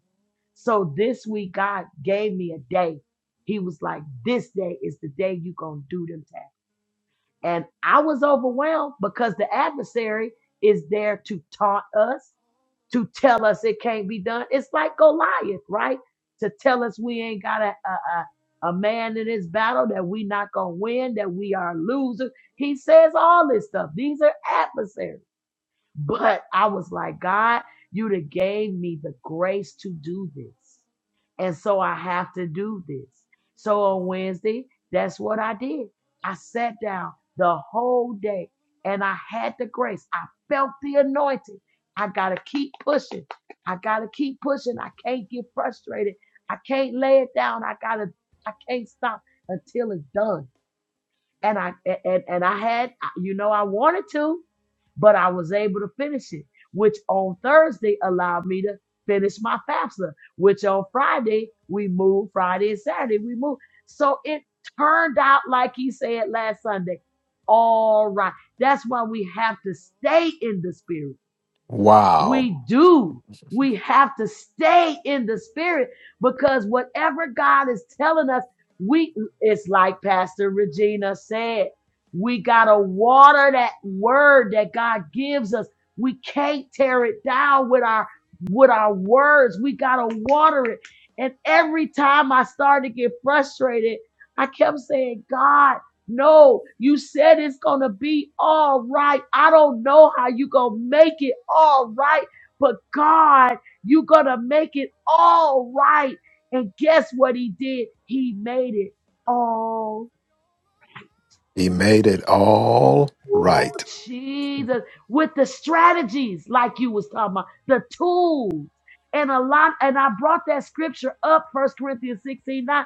So this week, God gave me a day. He was like, This day is the day you're going to do them tasks. And I was overwhelmed because the adversary is there to taunt us to tell us it can't be done. It's like Goliath, right? To tell us we ain't got a, a, a, a man in this battle, that we not going to win, that we are losers. He says all this stuff. These are adversaries. But I was like, God, you'd have gave me the grace to do this. And so I have to do this. So on Wednesday, that's what I did. I sat down the whole day and I had the grace. I felt the anointing. I got to keep pushing. I got to keep pushing. I can't get frustrated. I can't lay it down. I got to, I can't stop until it's done and I and and I had you know I wanted to, but I was able to finish it, which on Thursday allowed me to finish my FAFSA, which on Friday we moved Friday and Saturday we moved. So it turned out like he said last Sunday. All right. That's why we have to stay in the spirit.
wow
We do. We have to stay in the spirit because whatever God is telling us, we it's like Pastor Regina said. We gotta water that word that God gives us. We can't tear it down with our with our words. We gotta water it. And every time I started to get frustrated, I kept saying, God. No, you said it's going to be all right. I don't know how you going to make it all right, but God, you going to make it all right. And guess what he did? He made it all. right.
he made it all
Ooh,
right
Jesus, with the strategies like you was talking about, the tools. And a lot, and I brought that scripture up, First Corinthians 16 9,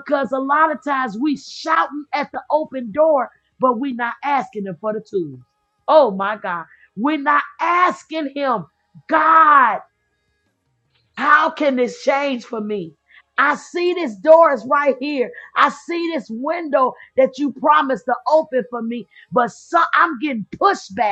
because a lot of times we shouting at the open door, but we not asking him for the tools. Oh my God. We're not asking him, God. How can this change for me? I see this door is right here. I see this window that you promised to open for me, but so, I'm getting pushback.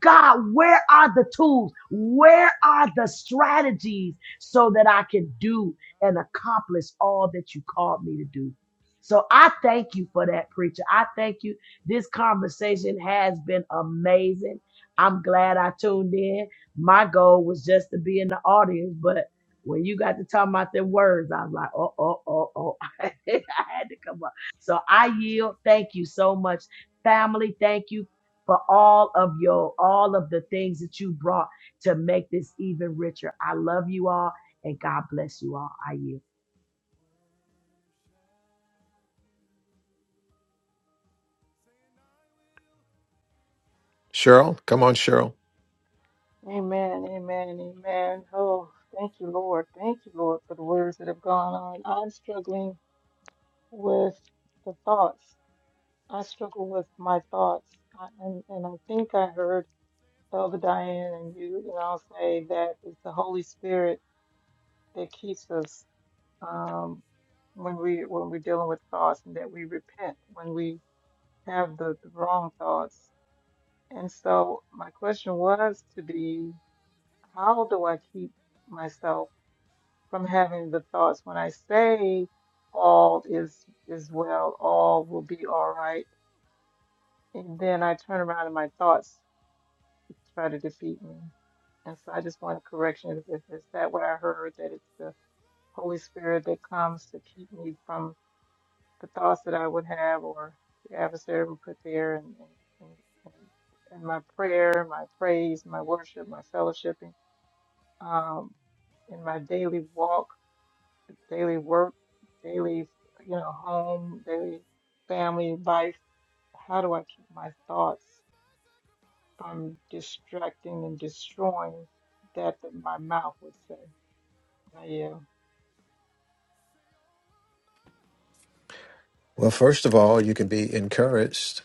God, where are the tools? Where are the strategies so that I can do and accomplish all that you called me to do? So I thank you for that, preacher. I thank you. This conversation has been amazing. I'm glad I tuned in. My goal was just to be in the audience, but when you got to talk about the words, I was like, oh, oh, oh, oh. <laughs> I had to come up. So I yield. Thank you so much, family. Thank you for all of your all of the things that you brought to make this even richer. I love you all and God bless you all. I yield.
cheryl come on cheryl
Amen, amen, amen. Oh, thank you, Lord. Thank you, Lord, for the words that have gone on. I'm struggling with the thoughts. I struggle with my thoughts. I, and, and I think I heard Elder Diane and you, and I'll say that it's the Holy Spirit that keeps us um, when we when we're dealing with thoughts, and that we repent when we have the, the wrong thoughts. And so my question was to be, how do I keep myself? from having the thoughts when I say all is is well, all will be all right, and then I turn around and my thoughts try to defeat me. And so I just want a correction. Is, is is that what I heard? That it's the Holy Spirit that comes to keep me from the thoughts that I would have, or the adversary would put there, and and, and, and my prayer, my praise, my worship, my fellowshipping, um, in my daily walk. daily work, daily, you know, home, daily family life. How do I keep my thoughts from distracting and destroying that that my mouth would say? Oh, yeah.
well first of all you can be encouraged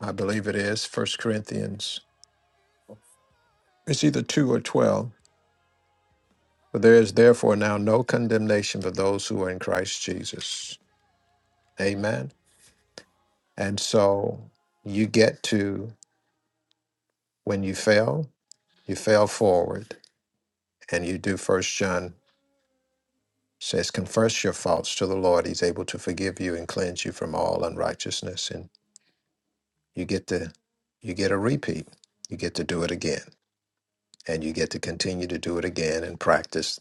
i believe it is first corinthians it's either 2 or 12 For there is therefore now no condemnation for those who are in Christ Jesus. Amen. And so you get to when you fail, you fail forward, and you do. First John says, confess your faults to the Lord. He's able to forgive you and cleanse you from all unrighteousness. And you get to you get a repeat. You get to do it again, and you get to continue to do it again and practice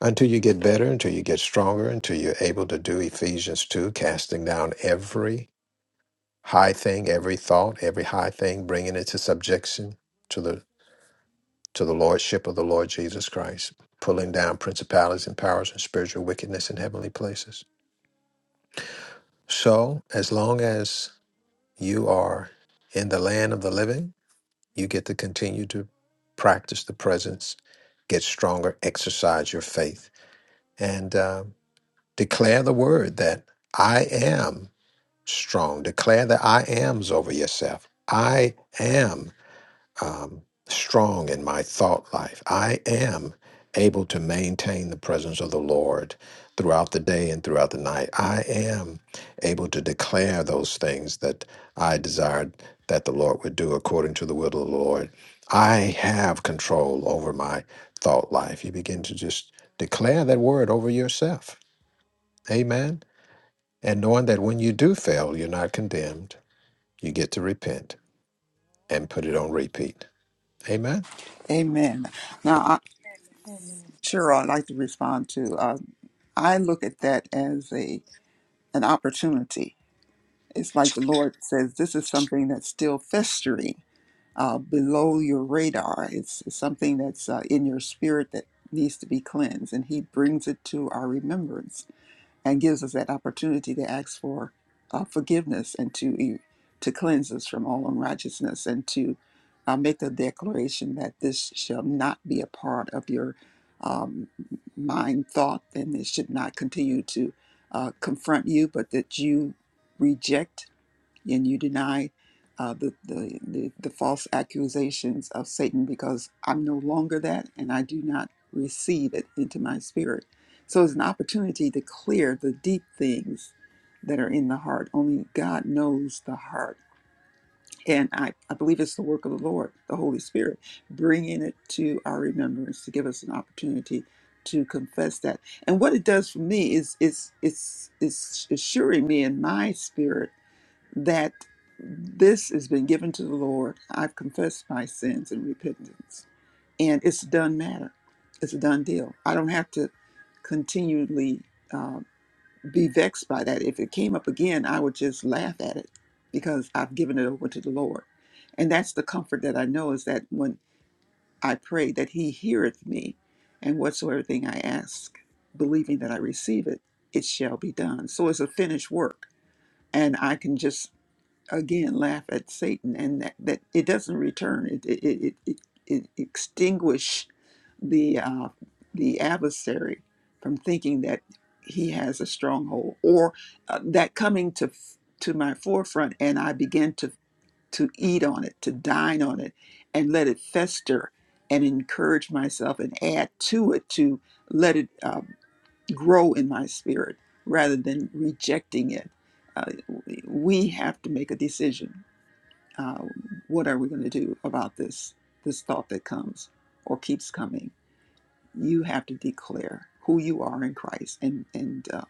until you get better, until you get stronger, until you're able to do Ephesians 2, casting down every High thing, every thought, every high thing, bringing it to subjection to the to the lordship of the Lord Jesus Christ, pulling down principalities and powers and spiritual wickedness in heavenly places. So, as long as you are in the land of the living, you get to continue to practice the presence, get stronger, exercise your faith, and uh, declare the word that I am strong. Declare the I ams over yourself. I am. um, strong in my thought life. I am able to maintain the presence of the Lord throughout the day and throughout the night. I am able to declare those things that I desired that the Lord would do according to the will of the Lord. I have control over my thought life. You begin to just declare that word over yourself. Amen. And knowing that when you do fail, you're not condemned, you get to repent and put it on repeat. Amen.
Amen. Now, I,
Amen.
Cheryl, I'd like to respond to. Uh, I look at that as a an opportunity. It's like the Lord says, this is something that's still festering. uh, below your radar. It's it's something that's uh, in your spirit that needs to be cleansed. And He brings it to our remembrance and gives us that opportunity to ask for uh, forgiveness and to, e- to cleanse us from all unrighteousness and to uh, make the declaration that this shall not be a part of your um, mind thought and it should not continue to uh, confront you, but that you reject and you deny uh, the, the, the, the false accusations of Satan because I'm no longer that and I do not receive it into my spirit. So it's an opportunity to clear the deep things that are in the heart. Only God knows the heart. And I, I believe it's the work of the Lord, the Holy Spirit, bringing it to our remembrance to give us an opportunity to confess that. And what it does for me is it's it's it's assuring me in my spirit that this has been given to the Lord. I've confessed my sins and repentance, and it's a done matter. It's a done deal. I don't have to continually uh, be vexed by that. If it came up again, I would just laugh at it because I've given it over to the Lord. And that's the comfort that I know is that when I pray, that He heareth me, and whatsoever thing I ask, believing that I receive it, it shall be done. So it's a finished work, and I can just again laugh at Satan and that, that it doesn't return. It it it it, it extinguish the uh, the adversary from thinking that he has a stronghold or uh, that coming to f- to my forefront and I begin to to eat on it, to dine on it, and let it fester and encourage myself and add to it to let it uh, grow in my spirit rather than rejecting it. Uh, we have to make a decision uh, what are we going to do about this this thought that comes or keeps coming you have to declare who you are in christ and and uh,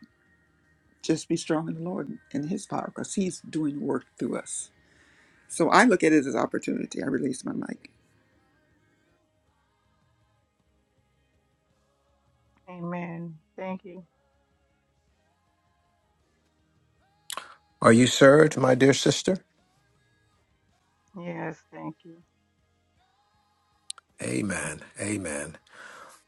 just be strong in the lord and his power because he's doing work through us so i look at it as opportunity i release my mic
Amen. Thank you.
Are you served, my dear sister?
Yes, thank you.
Amen. Amen.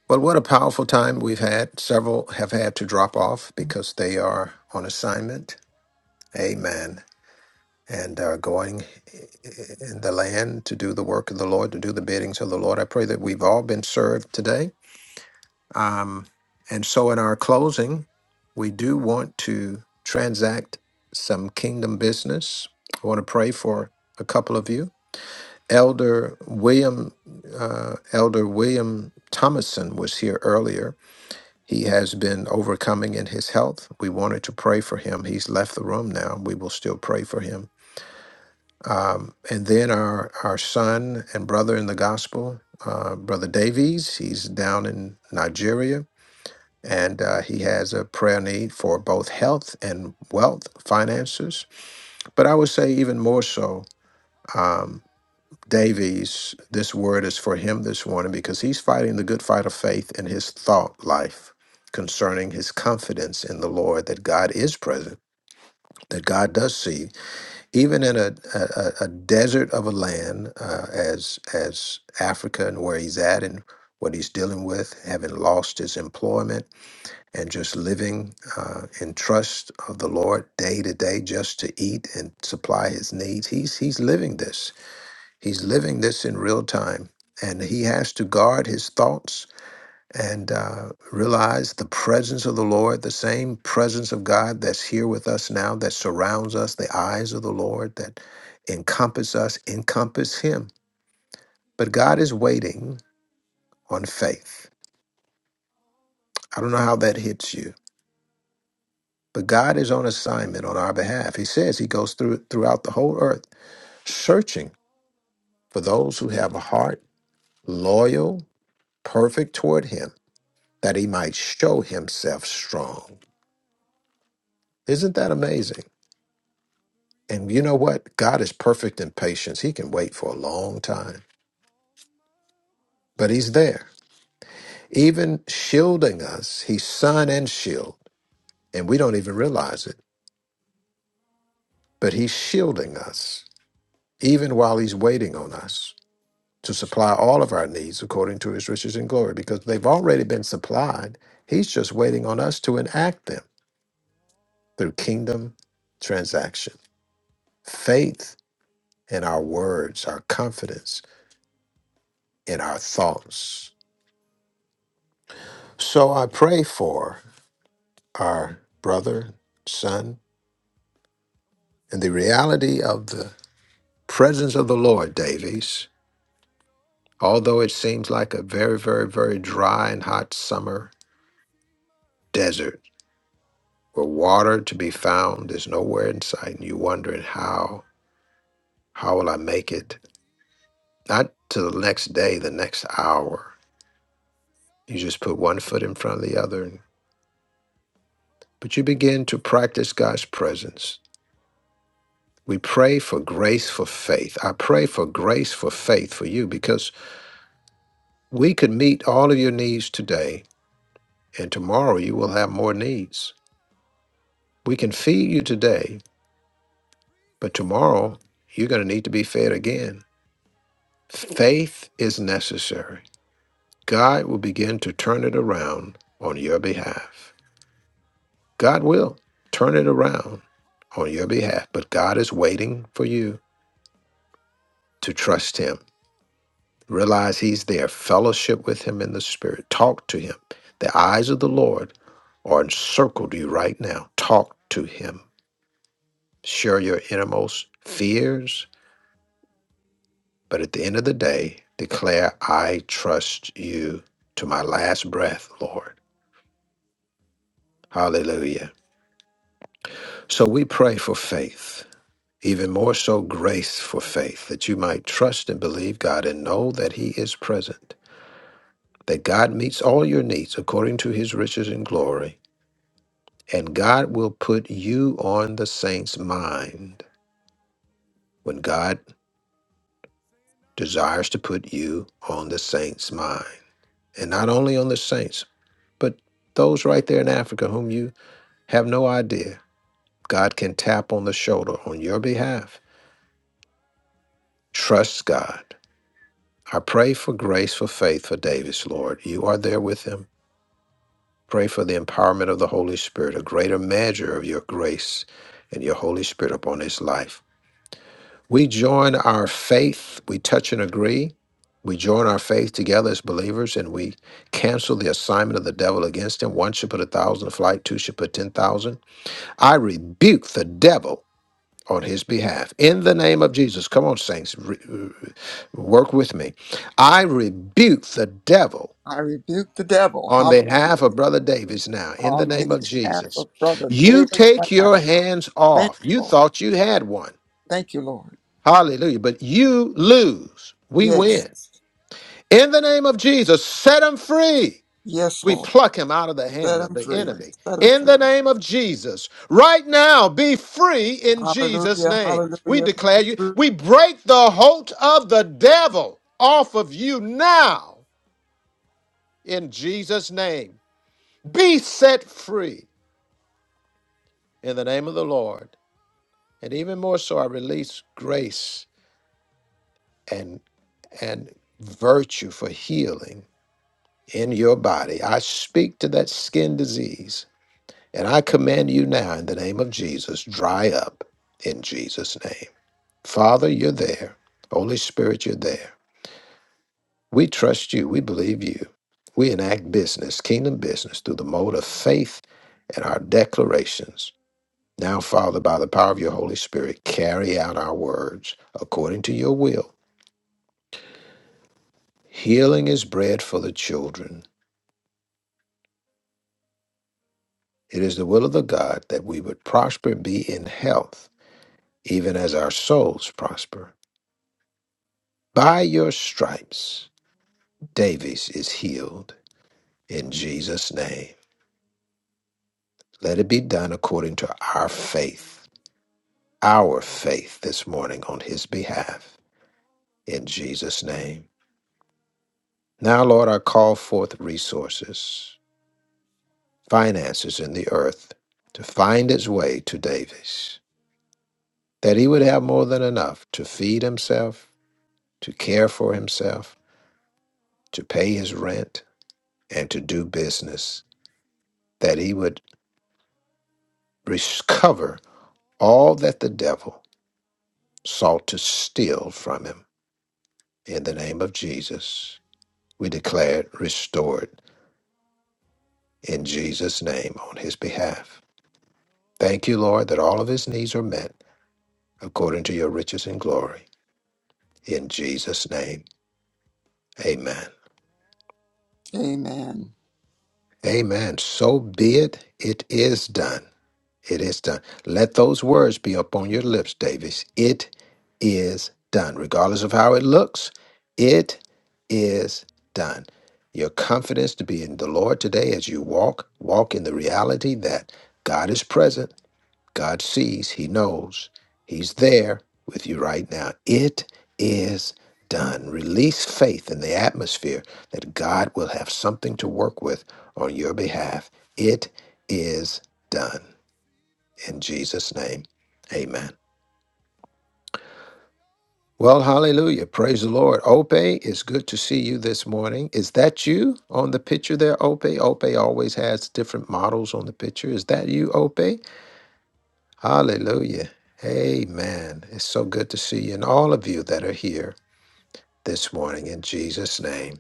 Well, what a powerful time we've had. Several have had to drop off because they are on assignment. Amen. And are going in the land to do the work of the Lord, to do the biddings of the Lord. I pray that we've all been served today. Um, and so, in our closing, we do want to transact some kingdom business. I want to pray for a couple of you. Elder William uh, Elder William Thomason was here earlier. He has been overcoming in his health. We wanted to pray for him. He's left the room now. We will still pray for him. Um, and then our our son and brother in the gospel, uh, brother Davies. He's down in Nigeria, and uh, he has a prayer need for both health and wealth finances. But I would say even more so. Um, Davies, this word is for him this morning because he's fighting the good fight of faith in his thought life concerning his confidence in the Lord that God is present, that God does see, even in a, a, a a desert of a land uh, as as Africa and where he's at and what he's dealing with, having lost his employment and just living uh, in trust of the Lord day to day, just to eat and supply his needs. He's he's living this He's living this in real time, and he has to guard his thoughts and uh, realize the presence of the Lord, the same presence of God that's here with us now, that surrounds us, the eyes of the Lord that encompass us, encompass him. But God is waiting on faith. I don't know how that hits you, but God is on assignment on our behalf. He says he goes through throughout the whole earth searching for those who have a heart loyal, perfect toward him that he might show himself strong. Isn't that amazing? And you know what? God is perfect in patience. He can wait for a long time, but he's there. Even shielding us, he's sun and shield, and we don't even realize it, but he's shielding us even while he's waiting on us to supply all of our needs according to his riches and glory because they've already been supplied. He's just waiting on us to enact them through kingdom transaction. Faith in our words, our confidence in our thoughts. So I pray for our brother, son, and the reality of the presence of the Lord, Davies. Although it seems like a very, very, very dry and hot summer desert where water to be found is nowhere in sight, and you're wondering how, how will I make it? Not to the next day, the next hour. You just put one foot in front of the other, and- but you begin to practice God's presence We pray for grace for faith. I pray for grace for faith for you because we could meet all of your needs today, and tomorrow you will have more needs. We can feed you today, but tomorrow you're going to need to be fed again. Faith is necessary. God will begin to turn it around on your behalf. God will turn it around on your behalf, but God is waiting for you to trust Him. Realize he's there. Fellowship with him in the spirit. Talk to him. The eyes of the Lord are encircled you right now. Talk to him. Share your innermost fears. But at the end of the day, declare, I trust you to my last breath, Lord. Hallelujah. So we pray for faith, even more so grace for faith, that you might trust and believe God and know that he is present, that God meets all your needs according to his riches and glory And God will put you on the saint's mind when God desires to put you on the saint's mind. And not only on the saints, but those right there in Africa whom you have no idea. God can tap on the shoulder on your behalf. Trust God. I pray for grace for faith for Davis, Lord. You are there with him. Pray for the empowerment of the Holy Spirit, a greater measure of your grace and your Holy Spirit upon his life. We join our faith, we touch and agree. We join our faith together as believers and we cancel the assignment of the devil against him. One should put a thousand to flight, two should put 10,000. I rebuke the devil on his behalf in the name of Jesus. Come on, saints, re- re- work with me. I rebuke the devil
I rebuke the devil,
on
hallelujah,
behalf of Brother
Thank you,
Davis now in the
on
Fidel.
name of
behalf
Jesus.
of Brother
You
David right
take your
now.
hands
Thank
off. You
you, Lord.
thought you had one.
Thank you, Lord.
Hallelujah. But you lose. We
Yes,
win. In the name of Jesus, set him free.
yes,
We
Lord.
pluck him out of the
Set
hand of
him
the
free.
enemy.
Set him
In
free.
the name of Jesus. Right now, be free in Jesus'
Hallelujah,
name. We
hallelujah.
declare you, we break the hold of the devil off of you now in Jesus' name. Be set free in the name of the Lord. And even more so, I release grace and and virtue for healing in your body. I speak to that skin disease and I command you now in the name of Jesus, dry up in Jesus' name. Father, you're there. Holy Spirit, you're there. We trust you. We believe you. We enact business, kingdom business, through the mode of faith and our declarations. Now, Father, by the power of your Holy Spirit, carry out our words according to your will. Healing is bread for the children. It is the will of the God that we would prosper and be in health even as our souls prosper. By your stripes, Davies is healed in Jesus' name. Let it be done according to our faith, our faith this morning on his behalf, in Jesus' name. Now, Lord, I call forth resources, finances in the earth to find its way to Davies, that he would have more than enough to feed himself, to care for himself, to pay his rent, and to do business that he would Recover all that the devil sought to steal from him. In the name of Jesus, we declare it restored in Jesus' name on his behalf. Thank you, Lord, that all of his needs are met according to your riches and glory. In Jesus' name, amen.
Amen.
Amen. So be it. It is done. It is done. Let those words be upon your lips, Davis. It is done. Regardless of how it looks, it is done. Your confidence to be in the Lord today as you walk, walk in the reality that God is present, God sees, He knows, He's there with you right now. It is done. Release faith in the atmosphere that God will have something to work with on your behalf. It is done. In Jesus' name, amen. Well, hallelujah. Praise the Lord. Ope, it's good to see you this morning. Is that you on the picture there, Ope? Ope always has different models on the picture. Is that you, Ope? Hallelujah. Amen. It's so good to see you and all of you that are here this morning in Jesus' name.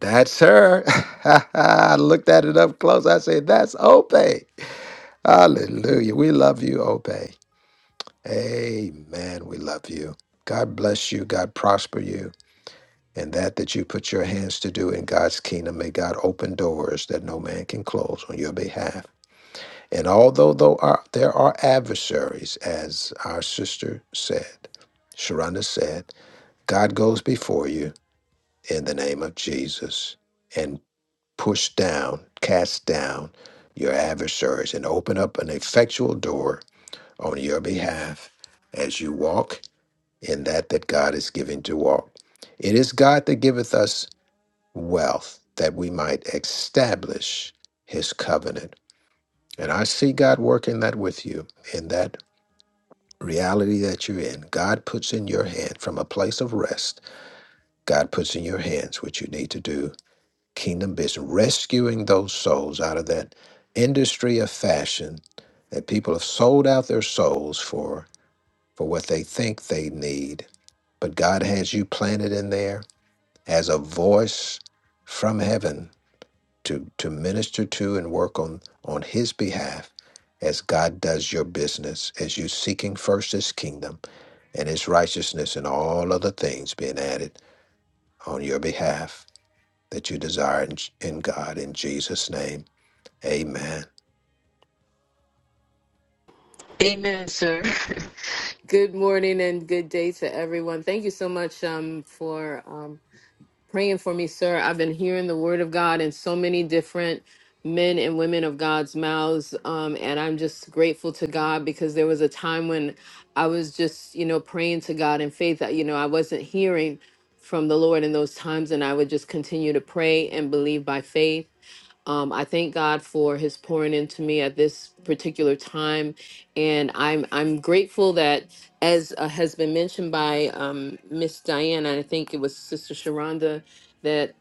That's her. <laughs> I looked at it up close. I said, That's Ope. Hallelujah. We love you, Ope. Amen. We love you. God bless you. God prosper you. And that that you put your hands to do in God's kingdom, may God open doors that no man can close on your behalf. And although though are, there are adversaries, as our sister said, Sharonda said, God goes before you in the name of Jesus and push down, cast down your adversaries and open up an effectual door on your behalf as you walk in that that God is giving to walk. It is God that giveth us wealth that we might establish his covenant. And I see God working that with you in that reality that you're in. God puts in your hand from a place of rest, God puts in your hands what you need to do. Kingdom business, rescuing those souls out of that industry of fashion that people have sold out their souls for for what they think they need. But God has you planted in there as a voice from heaven to, to minister to and work on on his behalf as God does your business, as you seeking first his kingdom and his righteousness and all other things being added on your behalf that you desire in, in God in Jesus' name. Amen.
Amen, sir. <laughs> good morning and good day to everyone. Thank you so much um, for um, praying for me, sir. I've been hearing the word of God in so many different men and women of God's mouths. Um, and I'm just grateful to God because there was a time when I was just, you know, praying to God in faith. that, You know, I wasn't hearing from the Lord in those times, and I would just continue to pray and believe by faith. Um, I thank God for His pouring into me at this particular time, and I'm I'm grateful that, as uh, has been mentioned by um, Miss Diana, I think it was Sister Sharonda, that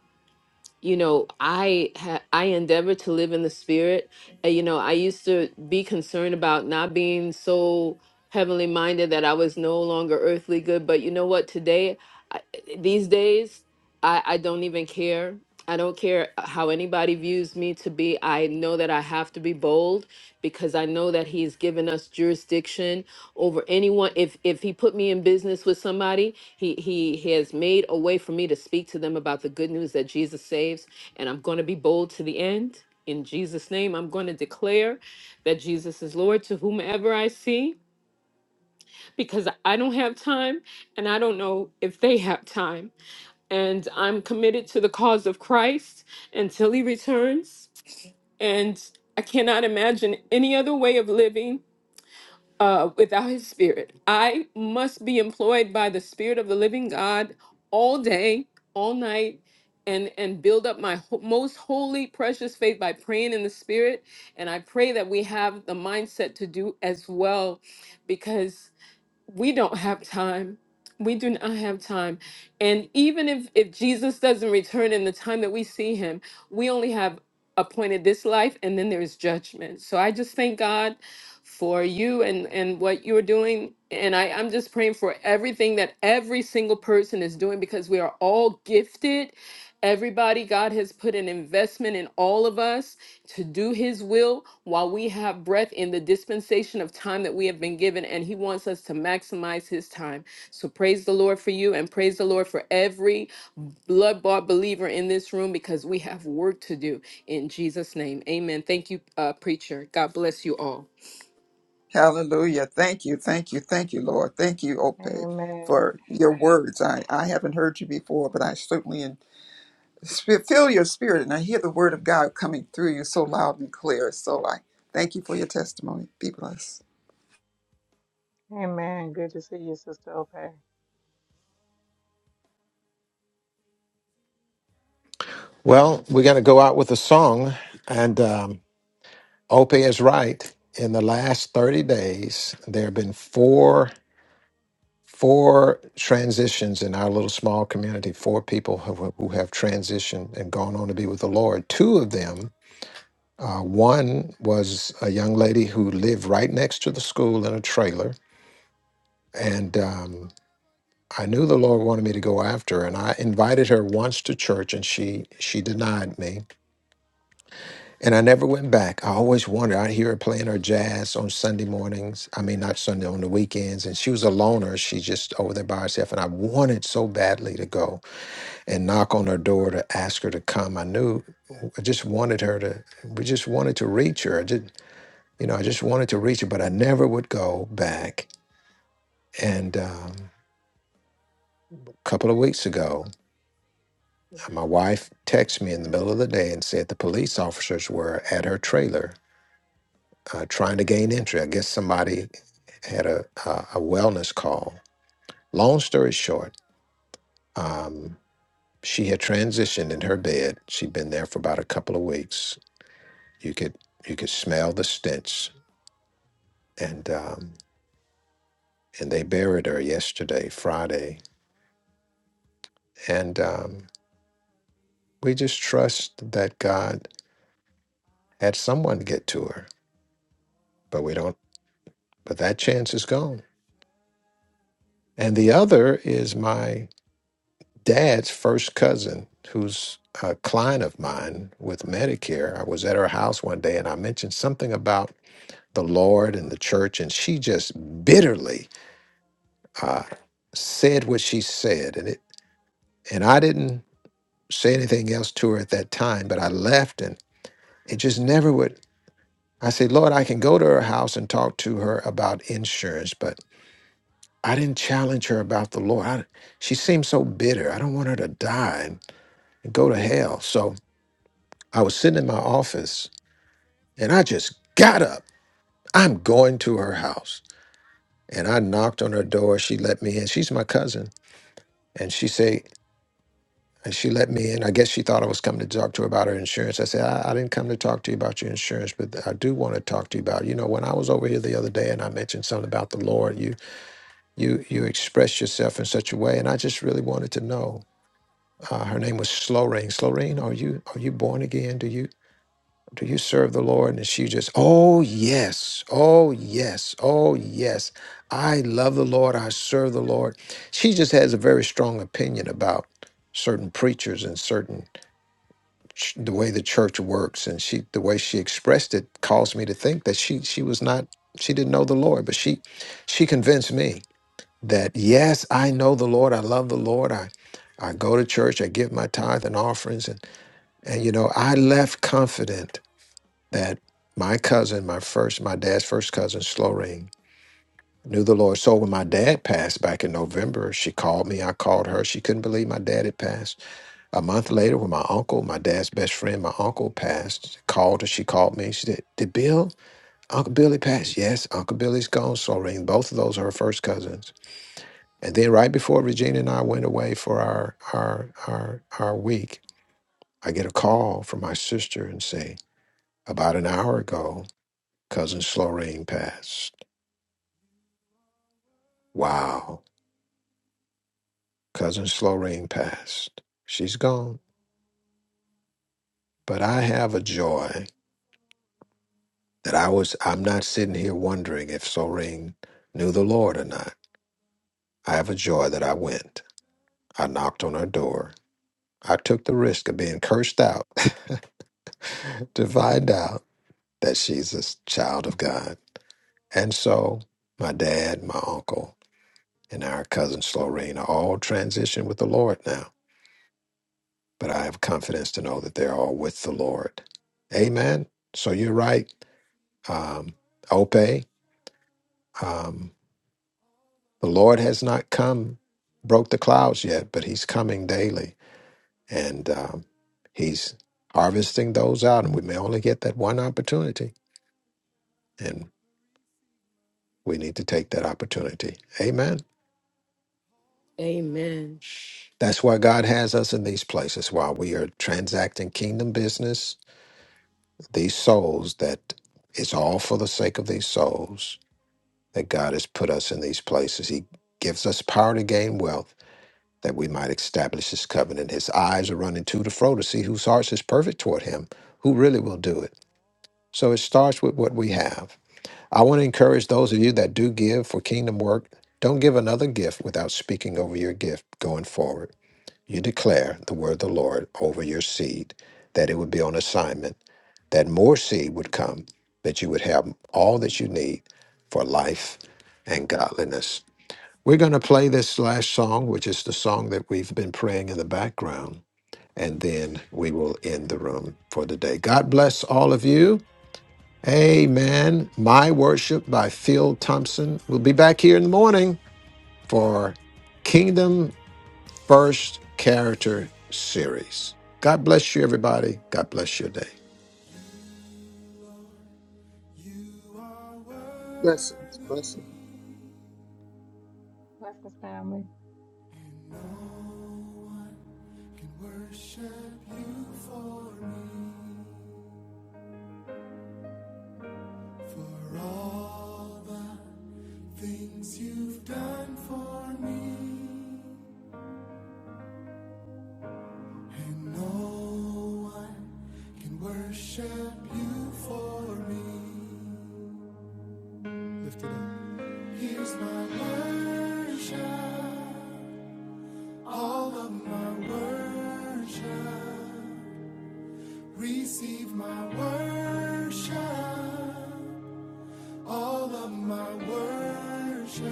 you know i ha- i endeavor to live in the spirit Uh, you know i used to be concerned about not being so heavenly minded that i was no longer earthly good but you know what today I, these days i i don't even care i don't care how anybody views me to be i know that i have to be bold because i know that he's given us jurisdiction over anyone if if he put me in business with somebody he he has made a way for me to speak to them about the good news that jesus saves and i'm going to be bold to the end in jesus name i'm going to declare that jesus is lord to whomever i see because i don't have time and i don't know if they have time and i'm committed to the cause of christ until he returns and i cannot imagine any other way of living uh, without his spirit. I must be employed by the spirit of the living God all day, all night, and and build up my ho- most holy, precious faith by praying in the spirit. And I pray that we have the mindset to do as well, because we don't have time we do not have time and even if if jesus doesn't return in the time that we see him we only have appointed this life and then there's judgment so i just thank god for you and and what you're doing and i i'm just praying for everything that every single person is doing because we are all gifted Everybody, God has put an investment in all of us to do His will while we have breath in the dispensation of time that we have been given, and He wants us to maximize His time. So, praise the Lord for you, and praise the Lord for every blood bought believer in this room because we have work to do in Jesus' name. Amen. Thank you, uh, preacher. God bless you all.
Hallelujah. Thank you. Thank you. Thank you, Lord. Thank you, Ope,
Amen.
for your words. I, I haven't heard you before, but I certainly in, sp- feel your spirit and I hear the word of God coming through you so loud and clear. So I thank you for your testimony. Be blessed.
Amen. Good to see you, Sister Opay.
Well, we're going to go out with a song, and um, Opie is right. In the last 30 days, there have been four four transitions in our little small community, four people who, who have transitioned and gone on to be with the Lord. Two of them, uh, one was a young lady who lived right next to the school in a trailer. And um, I knew the Lord wanted me to go after her. And I invited her once to church and she, she denied me. And I never went back. I always wondered. I'd hear her playing her jazz on Sunday mornings. I mean, not Sunday, on the weekends. And she was a loner. She just over there by herself. And I wanted so badly to go and knock on her door to ask her to come. I knew I just wanted her to. We just wanted to reach her. I did, you know, I just wanted to reach her, but I never would go back. And um, a couple of weeks ago, my wife texted me in the middle of the day and said the police officers were at her trailer uh, trying to gain entry. I guess somebody had a a, a wellness call. Long story short. Um, she had transitioned in her bed. She'd been there for about a couple of weeks You could you could smell the stench, and um, and they buried her yesterday, Friday, and um, we just trust that God had someone get to her, but we don't. But that chance is gone. And the other is my dad's first cousin, who's a client of mine with Medicare. I was at her house one day, and I mentioned something about the Lord and the church, and she just bitterly uh, said what she said, and it and I didn't say anything else to her at that time, but I left and it just never would. I said, Lord, I can go to her house and talk to her about insurance, but I didn't challenge her about the Lord. I, she seemed so bitter. I don't want her to die and, and go to hell. So I was sitting in my office and I just got up. I'm going to her house. And I knocked on her door. She let me in. She's my cousin. And she said, And she let me in. I guess she thought I was coming to talk to her about her insurance. I said, I, I didn't come to talk to you about your insurance, but I do want to talk to you about, you know, when I was over here the other day and I mentioned something about the Lord, you you you expressed yourself in such a way, and I just really wanted to know. Uh, her name was Sloreen. Sloreen, are you are you born again? Do you do you serve the Lord? And she just, oh yes, oh yes, oh yes. I love the Lord. I serve the Lord. She just has a very strong opinion about certain preachers and certain ch- the way the church works and she the way she expressed it caused me to think that she she was not she didn't know the lord but she she convinced me that yes i know the lord i love the lord i i go to church i give my tithe and offerings and and you know i left confident that my cousin my first my dad's first cousin Sloreen, knew the lord so when my dad passed back in november she called me i called her she couldn't believe my dad had passed a month later, when my uncle, my dad's best friend, my uncle passed, called her. She called me. She said, "Did Bill, Uncle Billy pass?" Yes, Uncle Billy's gone. Soreen, both of those are her first cousins. And then, right before Regina and I went away for our our our our week, I get a call from my sister and say, "About an hour ago, cousin Soreen passed." Wow, cousin Soreen passed. She's gone, but I have a joy. that I was I'm not sitting here wondering if Soreen knew the Lord or not. I have a joy that I went. I knocked on her door. I took the risk of being cursed out <laughs> to find out that she's a s- child of God. And so my dad, my uncle, and our cousin Soreen are all transitioned with the Lord now. But I have confidence to know that they're all with the Lord. Amen. So you're right. Um, Ope. Um, The Lord has not come, broke the clouds yet, but He's coming daily, and um, He's harvesting those out. And we may only get that one opportunity, and we need to take that opportunity. Amen.
Amen.
That's why God has us in these places while we are transacting kingdom business. These souls that it's all for the sake of these souls that God has put us in these places. He gives us power to gain wealth that we might establish his covenant. His eyes are running to and fro to see whose hearts is perfect toward him, who really will do it. So it starts with what we have. I want to encourage those of you that do give for kingdom work, don't give another gift without speaking over your gift going forward. You declare the word of the Lord over your seed, that it would be on assignment, that more seed would come, that you would have all that you need for life and godliness. We're going to play this last song, which is the song that we've been praying in the background, and then we will end the room for the day. God bless all of you. Amen. My Worship by Phil Thompson. We'll be back here in the morning for Kingdom First Character Series. God bless you, everybody. God bless your day.
You are
Blessings,
worthy,
blessings.
Blessings, family.
and no one can worship you for me. For all the things you've done for me, and no one can worship you for me. Lift it up. Here's my worship, all of my worship. Receive my worship, all of my worship.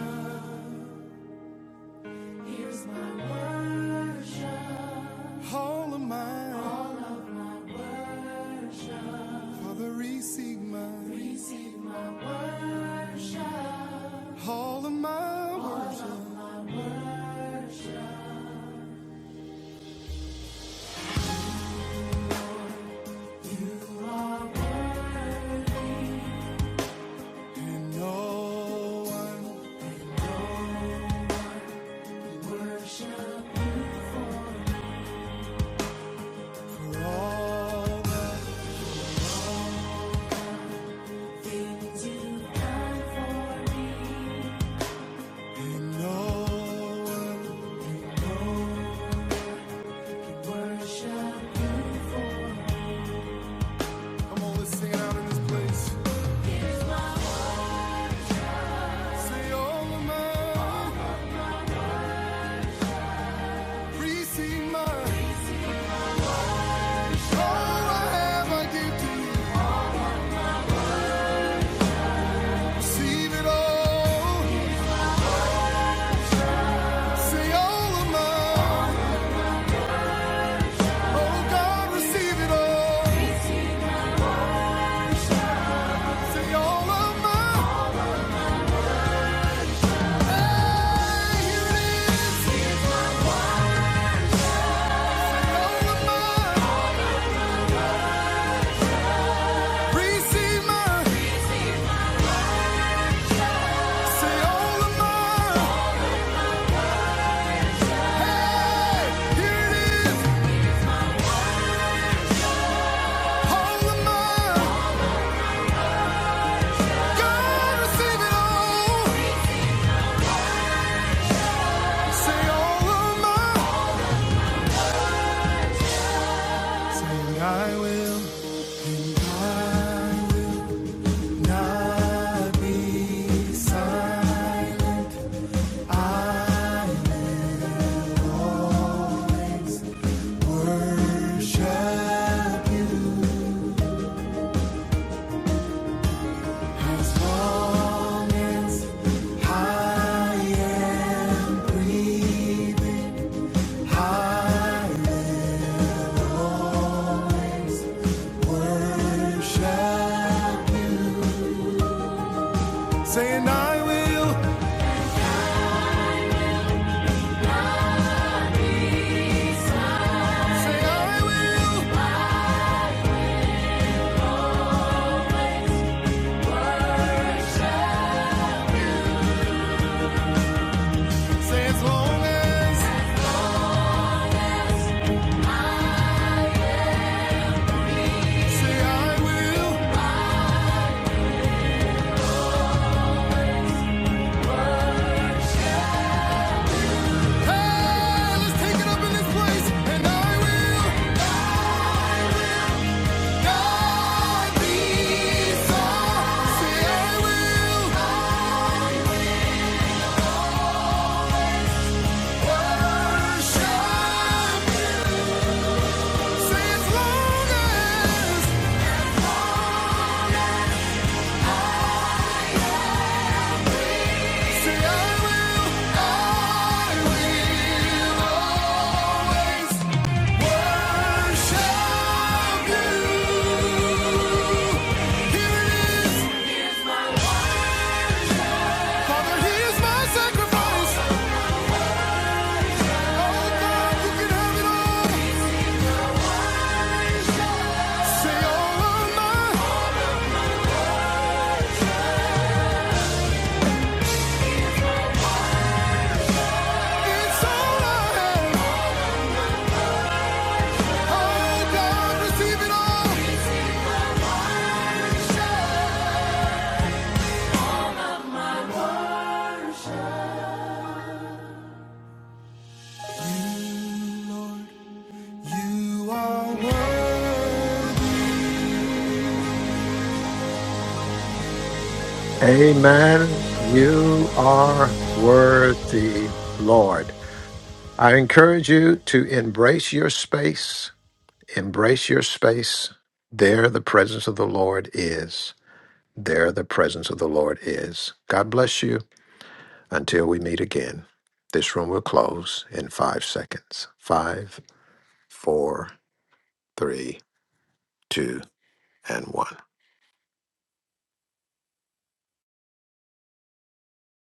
Here's my worship, all of mine. All of Father, receive my receive all of my all worship. Of and no one no worship you for for all the things you've done for me. And no one, and no Come on, let's sing it out in this place. Say all of mine, receive mine. All I have, I give to you. Receive it all. Say all of mine. Oh God, receive it all. Say all of mine. Hey, here it is. All of mine. Receive mine. Say all of mine. Hey, here it is. All of mine, God receive it all. Say all of mine. Say I will not, be silent. I worship you. Long high and high worship. Saying I will, say I will, say as long as, say I will. Hell is taken up in this place, and I will not be silent. Say, I will worship. Say, as long as. Say, I will, I will worship you. Here it is. Father, here's my sacrifice. Oh, God, you can have it all. Say all of mine, it's all I have. Oh God, receive it all. You, Lord, you are worthy.
Amen. You are worthy, Lord. I encourage you to embrace your space Embrace your space. There, the presence of the Lord is. There, the presence of the Lord is. God bless you. Until we meet again, this room will close in five seconds. Five, four, three, two, and one.